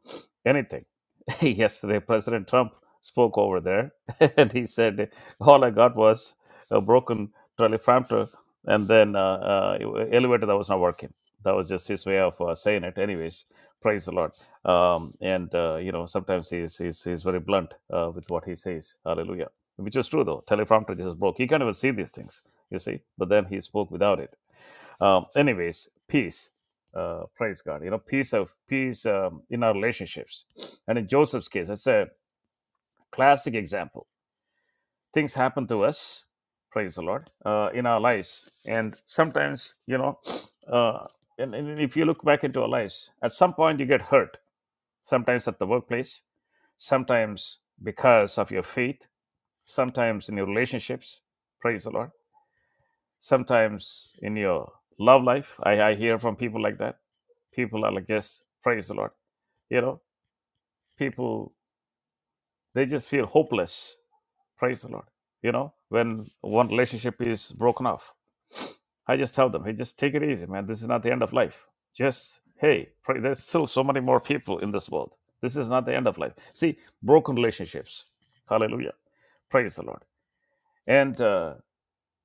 anything. Yesterday, President Trump spoke over there, and he said, "All I got was a broken teleprompter, and then uh, uh, elevator that was not working." That was just his way of uh, saying it. Anyways, praise the Lord. Um, and uh, you know, sometimes he's he's, he's very blunt uh, with what he says. Hallelujah. Which is true though. Teleprompter just broke. You can't even see these things. You see, but then he spoke without it um, anyways, peace. Uh, praise God. You know, peace of peace um, in our relationships, and in Joseph's case, that's a classic example. Things happen to us. Praise the Lord uh, in our lives, and sometimes you know, uh, and, and if you look back into our lives, at some point you get hurt. Sometimes at the workplace, sometimes because of your faith, sometimes in your relationships. Praise the Lord sometimes in your love life I, I hear from people like that people are like just praise the lord you know people they just feel hopeless praise the lord you know when one relationship is broken off i just tell them hey just take it easy man this is not the end of life just hey pray. there's still so many more people in this world this is not the end of life see broken relationships hallelujah praise the lord and uh,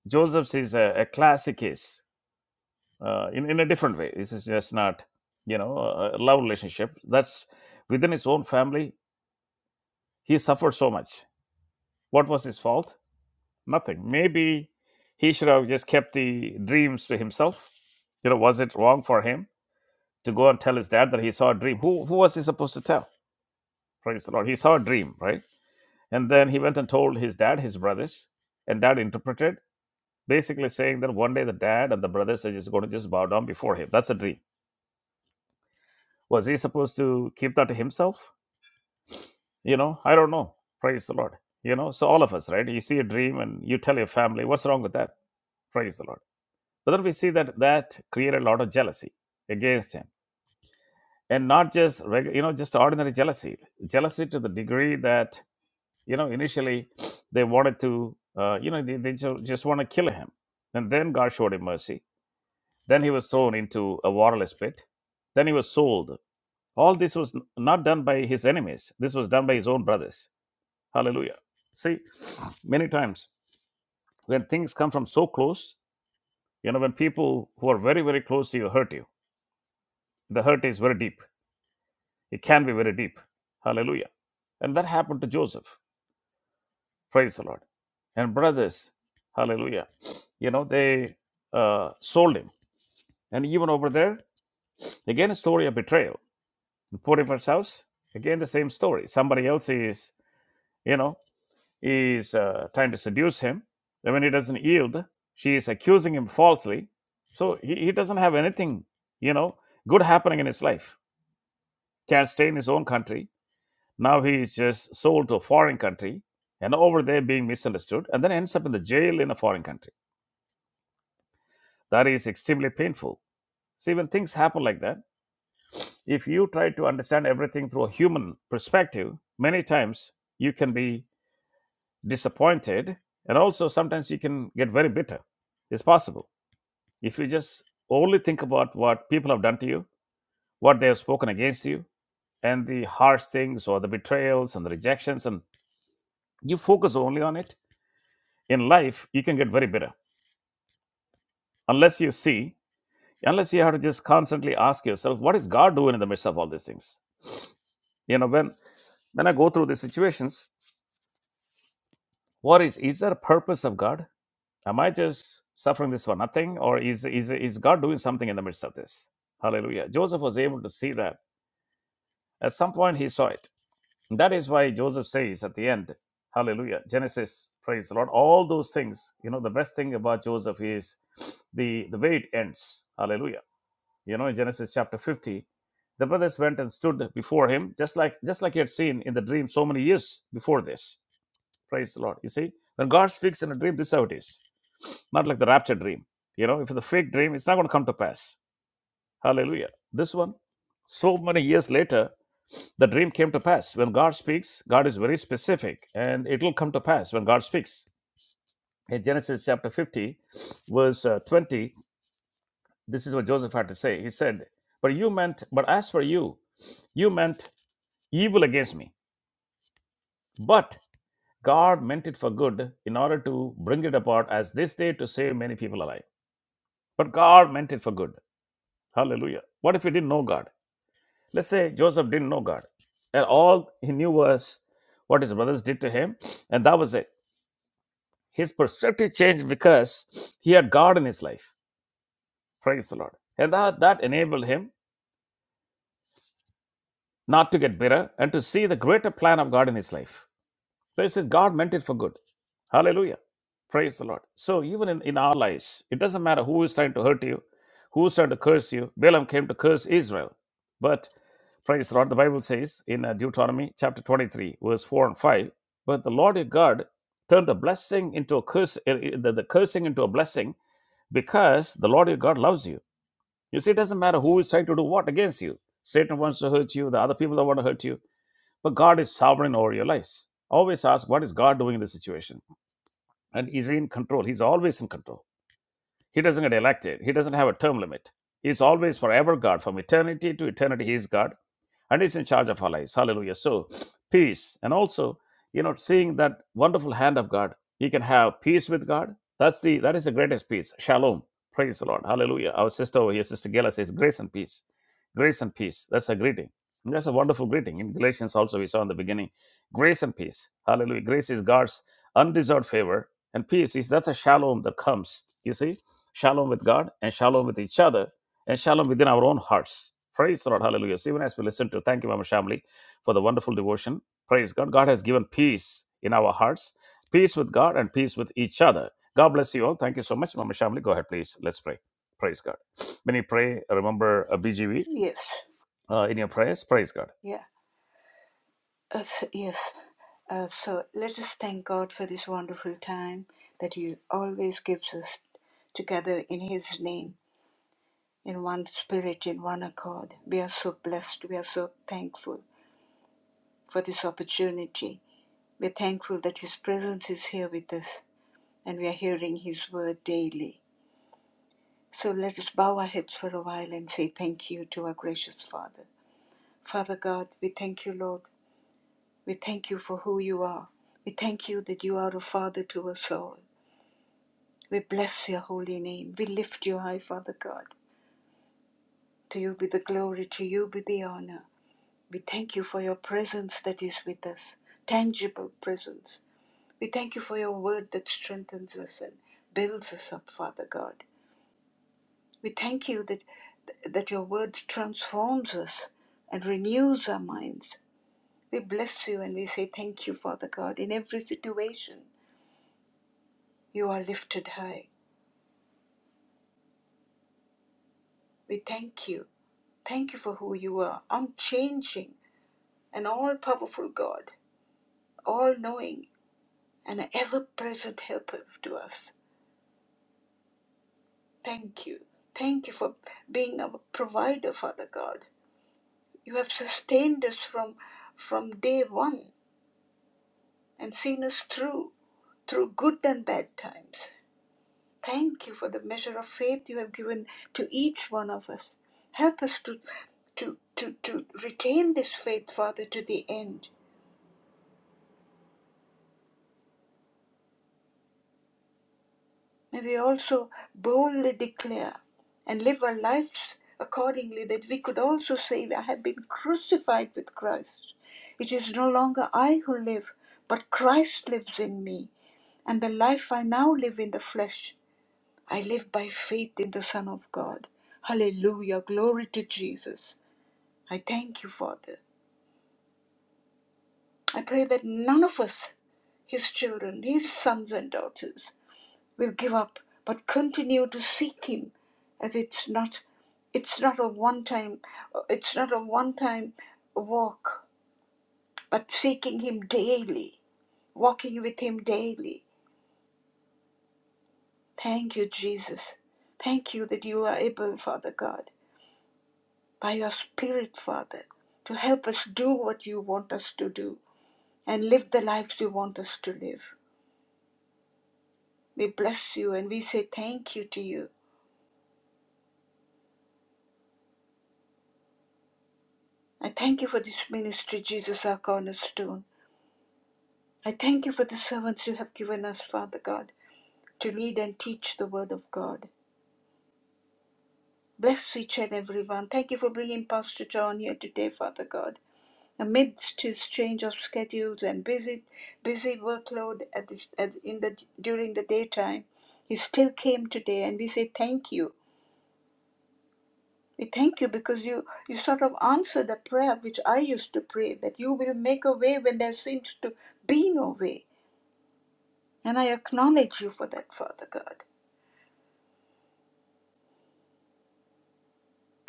joseph's is a, a classic case uh, in, in a different way. This is just not, you know, a a love relationship. That's within his own family. He suffered so much. What was his fault? Nothing. Maybe he should have just kept the dreams to himself. You know, was it wrong for him to go and tell his dad that he saw a dream? Who, who was he supposed to tell? Praise the Lord. He saw a dream, right? And then he went and told his dad, his brothers, and dad interpreted, basically saying that one day the dad and the brothers are just going to just bow down before him. That's a dream. Was he supposed to keep that to himself? you know i don't know praise the lord you know so all of us right you see a dream and you tell your family what's wrong with that praise the lord but then we see that that created a lot of jealousy against him and not just reg- you know just ordinary jealousy jealousy to the degree that you know initially they wanted to uh, you know they, they just, just want to kill him and then god showed him mercy then he was thrown into a waterless pit then he was sold all this was n- not done by his enemies this was done by his own brothers Hallelujah. See, many times when things come from so close, you know, when people who are very, very close to you hurt you, the hurt is very deep. It can be very deep. Hallelujah. And that happened to Joseph. Praise the Lord. And brothers, hallelujah. You know, they uh, sold him. And even over there, again, a story of betrayal. In Potiphar's house, again, the same story. Somebody else is, you know, is uh, trying to seduce him. Then when he doesn't yield, she is accusing him falsely. So he, he doesn't have anything, you know, good happening in his life. Can't stay in his own country. Now he is just sold to a foreign country and over there being misunderstood and then ends up in the jail in a foreign country. That is extremely painful. See, when things happen like that, if you try to understand everything through a human perspective, many times you can be disappointed and also sometimes you can get very bitter. It's possible. If you just only think about what people have done to you, what they have spoken against you, and the harsh things or the betrayals and the rejections, and you focus only on it, in life, you can get very bitter. Unless you see, unless you have to just constantly ask yourself, what is God doing in the midst of all these things? You know, when, when I go through these situations, what is, is there a purpose of God? Am I just suffering this for nothing? Or is, is, is God doing something in the midst of this? Hallelujah. Joseph was able to see that. At some point, he saw it And That is why Joseph says at the end, Hallelujah, Genesis, praise the Lord. All those things, you know, the best thing about Joseph is the, the way it ends. Hallelujah. You know, in Genesis chapter 50, the brothers went and stood before him, just like just like he had seen in the dream so many years before this. Praise the Lord. You see, when God speaks in a dream, this is how it is. Not like the rapture dream. You know, if it's a fake dream, it's not going to come to pass. Hallelujah. This one, so many years later, the dream came to pass. When God speaks, God is very specific, and it will come to pass when God speaks. In Genesis chapter 50, verse uh, 20, this is what Joseph had to say. He said, But you meant, but as for you, you meant evil against me. But God meant it for good in order to bring it about as this day to save many people alive. But God meant it for good. Hallelujah. What if he didn't know God? Let's say Joseph didn't know God. And all he knew was what his brothers did to him, and that was it His perspective changed because he had God in his life. Praise the Lord. And that, that enabled him not to get bitter and to see the greater plan of God in his life. This is God meant it for good. Hallelujah. Praise the Lord. So even in, in our lives, it doesn't matter who is trying to hurt you, who's trying to curse you. Balaam came to curse Israel. But praise the Lord, the Bible says in uh, Deuteronomy chapter 23, verse 4 and 5, but the Lord your God turned the blessing into a curse, uh, uh, the, the cursing into a blessing because the Lord your God loves you. You see, it doesn't matter who is trying to do what against you. Satan wants to hurt you, the other people that want to hurt you, but God is sovereign over your lives. Always ask, what is God doing in this situation? And He's in control. He's always in control. He doesn't get elected. He doesn't have a term limit. He's always forever God. From eternity to eternity, He is God. And He's in charge of our lives. Hallelujah. So, peace. And also, you know, seeing that wonderful hand of God, you can have peace with God. That's the that is the greatest peace. Shalom. Praise the Lord. Hallelujah. Our sister over here, Sister Gela says, grace and peace. Grace and peace. That's a greeting. And that's a wonderful greeting. In Galatians also we saw in the beginning. Grace and peace. Hallelujah. Grace is God's undeserved favor and peace is that's a shalom that comes you see shalom with God, and shalom with each other, and shalom within our own hearts. Praise the Lord. Hallelujah. So even as we listen to, thank you, Mama Shamli, for the wonderful devotion. Praise God. God has given peace in our hearts, peace with God, and peace with each other. God bless you all. Thank you so much, Mama Shamli. Go ahead, please. Let's pray. Praise God. When you pray, remember uh, BGV Yes, uh, in your prayers. Praise God. yeah, uh, so- yes. Uh, so let us thank God for this wonderful time that He always gives us together in His name, in one spirit, in one accord. We are so blessed. We are so thankful for this opportunity. We're thankful that His presence is here with us and we are hearing His word daily. So let us bow our heads for a while and say thank you to our gracious Father. Father God, we thank you, Lord. We thank you for who you are. We thank you that you are a father to us all. We bless your holy name. We lift you high, Father God. To you be the glory, to you be the honor. We thank you for your presence that is with us, tangible presence. We thank you for your word that strengthens us and builds us up, Father God. We thank you that, that your word transforms us and renews our minds. We bless you and we say thank you, Father God. In every situation, you are lifted high. We thank you. Thank you for who you are, unchanging and all powerful God, all knowing and an ever present helper to us. Thank you. Thank you for being our provider, Father God. You have sustained us from, from day one and seen us through, through good and bad times. Thank you for the measure of faith you have given to each one of us. Help us to, to, to, to retain this faith, Father, to the end. May we also boldly declare and live our lives accordingly that we could also say, I have been crucified with Christ. It is no longer I who live, but Christ lives in me. And the life I now live in the flesh, I live by faith in the Son of God. Hallelujah. Glory to Jesus. I thank you, Father. I pray that none of us, his children, his sons and daughters, will give up, but continue to seek him as it's not it's not a one time it's not a one time walk, but seeking him daily, walking with him daily. Thank you, Jesus. Thank you that you are able, Father God, by your Spirit, Father, to help us do what you want us to do and live the lives you want us to live. We bless you and we say thank you to you. I thank you for this ministry, Jesus, our cornerstone. I thank you for the servants you have given us, Father God, to lead and teach the word of God. Bless each and every one. Thank you for bringing Pastor John here today, Father God. Amidst his change of schedules and busy, busy workload at this, at, in the during the daytime, he still came today, and we say thank you We thank you because you, you sort of answered a prayer which I used to pray that you will make a way when there seems to be no way. And I acknowledge you for that, Father God.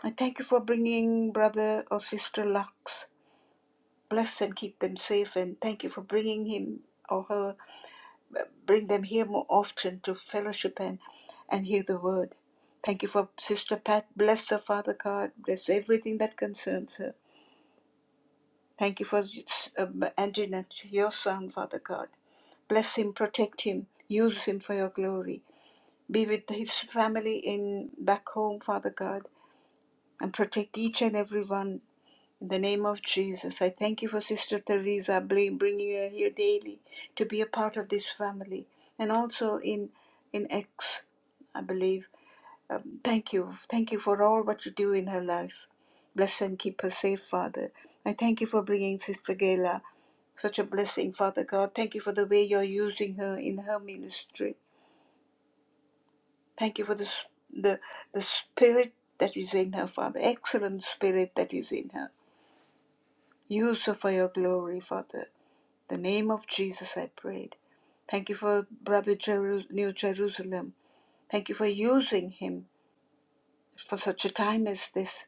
I thank you for bringing brother or sister Lux. Bless and keep them safe, and thank you for bringing him or her, bring them here more often to fellowship and, and hear the word. Thank you for Sister Pat. Bless her, Father God. Bless everything that concerns her. Thank you for um, Antoinette, your son, Father God. Bless him, protect him, use him for your glory. Be with his family in back home, Father God, and protect each and every one. In the name of Jesus, I thank you for Sister Teresa bringing her here daily to be a part of this family, and also in in X, I believe. Um, thank you, thank you for all what you do in her life. Bless and keep her safe, Father. I thank you for bringing Sister Gayla. Such a blessing, Father God. Thank you for the way you're using her in her ministry. Thank you for the, s- the, the spirit that is in her, Father. Excellent spirit that is in her. Use her for your glory, Father. The name of Jesus, I prayed. Thank you for Brother Jeru- New Jerusalem. Thank you for using him for such a time as this.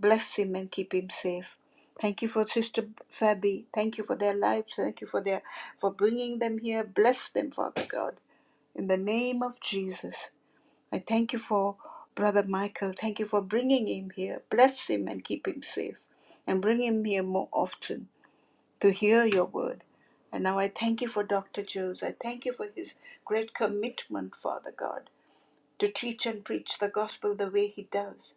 Bless him and keep him safe. Thank you for Sister Fabi. Thank you for their lives. Thank you for their for bringing them here. Bless them, Father God. In the name of Jesus, I thank you for Brother Michael. Thank you for bringing him here. Bless him and keep him safe. And bring him here more often to hear your word. And now I thank you for Dr. Jones. I thank you for his great commitment, Father God, to teach and preach the gospel the way he does.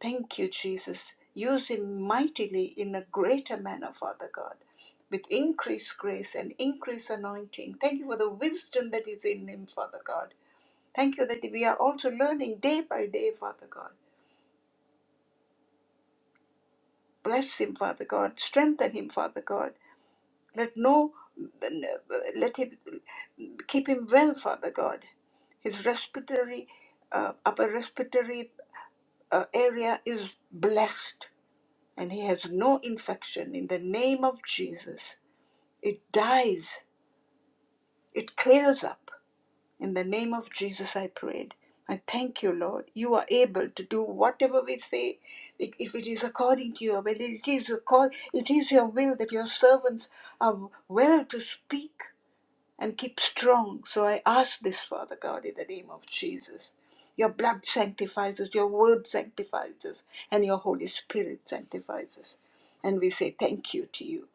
Thank you, Jesus. Use him mightily in a greater manner, Father God, with increased grace and increased anointing. Thank you for the wisdom that is in him, Father God. Thank you that we are also learning day by day, Father God. Bless him, Father God. Strengthen him, Father God. Let no let him keep him well, Father God. His respiratory uh, upper respiratory uh, area is blessed and he has no infection in the name of Jesus. It dies, it clears up. In the name of Jesus, I prayed. I thank you, Lord. You are able to do whatever we say, if it is according to your will. It is your call. It is your will that your servants are well to speak and keep strong. So I ask this, Father God, in the name of Jesus. Your blood sanctifies us, your word sanctifies us, and your Holy Spirit sanctifies us. And we say thank you to you.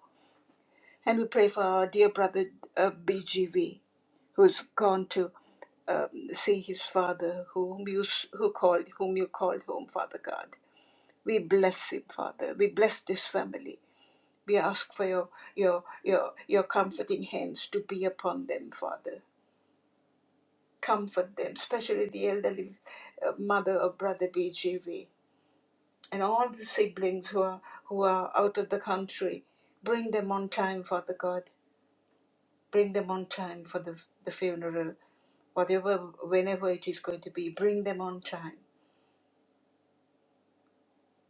And we pray for our dear brother uh, BGV, who's gone to um, see his father, whom you s- who called, whom you called home, Father God. We bless him, Father. We bless this family. We ask for your your your your comforting hands to be upon them, Father comfort them, especially the elderly uh, mother of Brother BGV and all the siblings who are, who are out of the country. Bring them on time, Father God. Bring them on time for the, the funeral, whatever, whenever it is going to be. Bring them on time.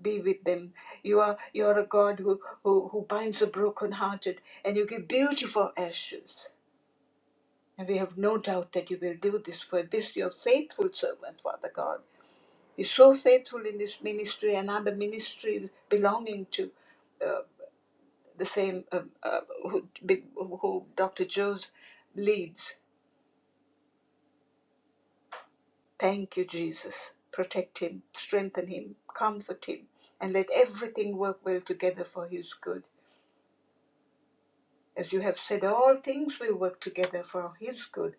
Be with them. You are you are a God who, who, who binds the brokenhearted and you give beautiful ashes. And we have no doubt that you will do this for this your faithful servant, Father God. He's so faithful in this ministry and other ministries belonging to uh, the same uh, uh, who, who Dr. Jones leads. Thank you, Jesus. Protect him, strengthen him, comfort him, and let everything work well together for his good. As you have said, all things will work together for his good,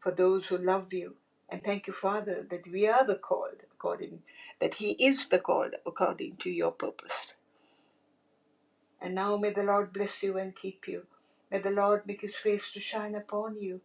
for those who love you. And thank you, Father, that we are the called according, that he is the called according to your purpose. And now may the Lord bless you and keep you. May the Lord make his face to shine upon you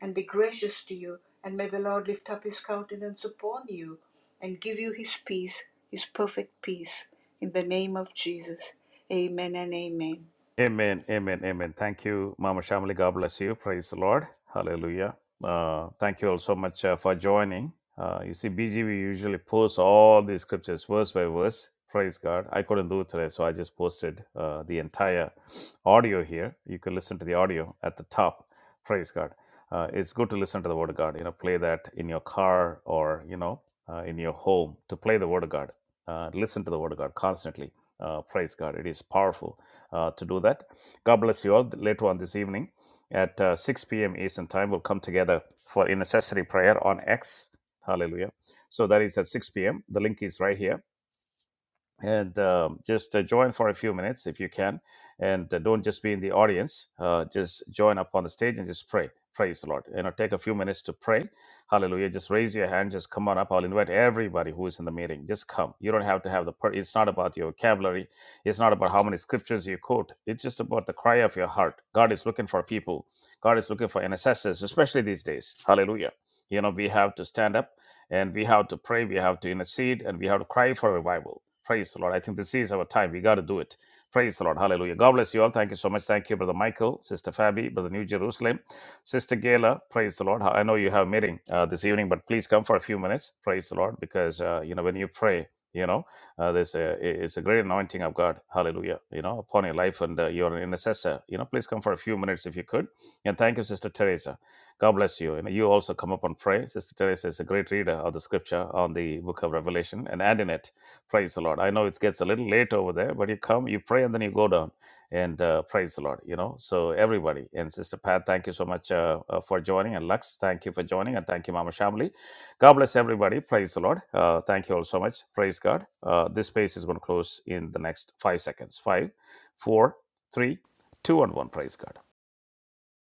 and be gracious to you. And may the Lord lift up his countenance upon you and give you his peace, his perfect peace. In the name of Jesus. Amen and amen. Amen, amen, amen. Thank you, Mama Shamli. God bless you. Praise the Lord. Hallelujah. Uh, thank you all so much uh, for joining. Uh, you see, BG we usually post all the scriptures verse by verse. Praise God. I couldn't do it today, so I just posted uh, the entire audio here. You can listen to the audio at the top. Praise God. Uh, it's good to listen to the Word of God. You know, play that in your car or, you know, uh, in your home to play the Word of God. Uh, listen to the Word of God constantly. Uh, praise God. It is powerful uh, to do that. God bless you all. Later on this evening at uh, 6 p.m. Eastern Time, we'll come together for intercessory prayer on X. Hallelujah. So that is at 6 p.m. The link is right here and um, just uh, join for a few minutes if you can and uh, don't just be in the audience uh, just join up on the stage and just pray praise the lord you know take a few minutes to pray hallelujah just raise your hand just come on up i'll invite everybody who is in the meeting just come you don't have to have the per- it's not about your vocabulary it's not about how many scriptures you quote it's just about the cry of your heart god is looking for people god is looking for intercessors especially these days hallelujah you know we have to stand up and we have to pray we have to intercede and we have to cry for revival Praise the Lord. I think this is our time. We got to do it. Praise the Lord. Hallelujah. God bless you all. Thank you so much. Thank you, Brother Michael, Sister Fabi, Brother New Jerusalem, Sister Gayla. Praise the Lord. I know you have a meeting uh, this evening, but please come for a few minutes. Praise the Lord. Because, uh, you know, when you pray, you know, uh, there's a, it's a great anointing of God. Hallelujah. You know, upon your life and uh, you're an intercessor. You know, please come for a few minutes if you could. And thank you, Sister Teresa. God bless you. And you also come up and pray. Sister Teresa is a great reader of the scripture on the book of Revelation and add in it. Praise the Lord. I know it gets a little late over there, but you come, you pray, and then you go down. And uh, praise the Lord, you know. So, everybody, and Sister Pat, thank you so much uh, uh, for joining. And Lux, thank you for joining. And thank you, Mama Shamli. God bless everybody. Praise the Lord. Uh, thank you all so much. Praise God. Uh, this space is going to close in the next five seconds. Five, four, three, two, and one. Praise God.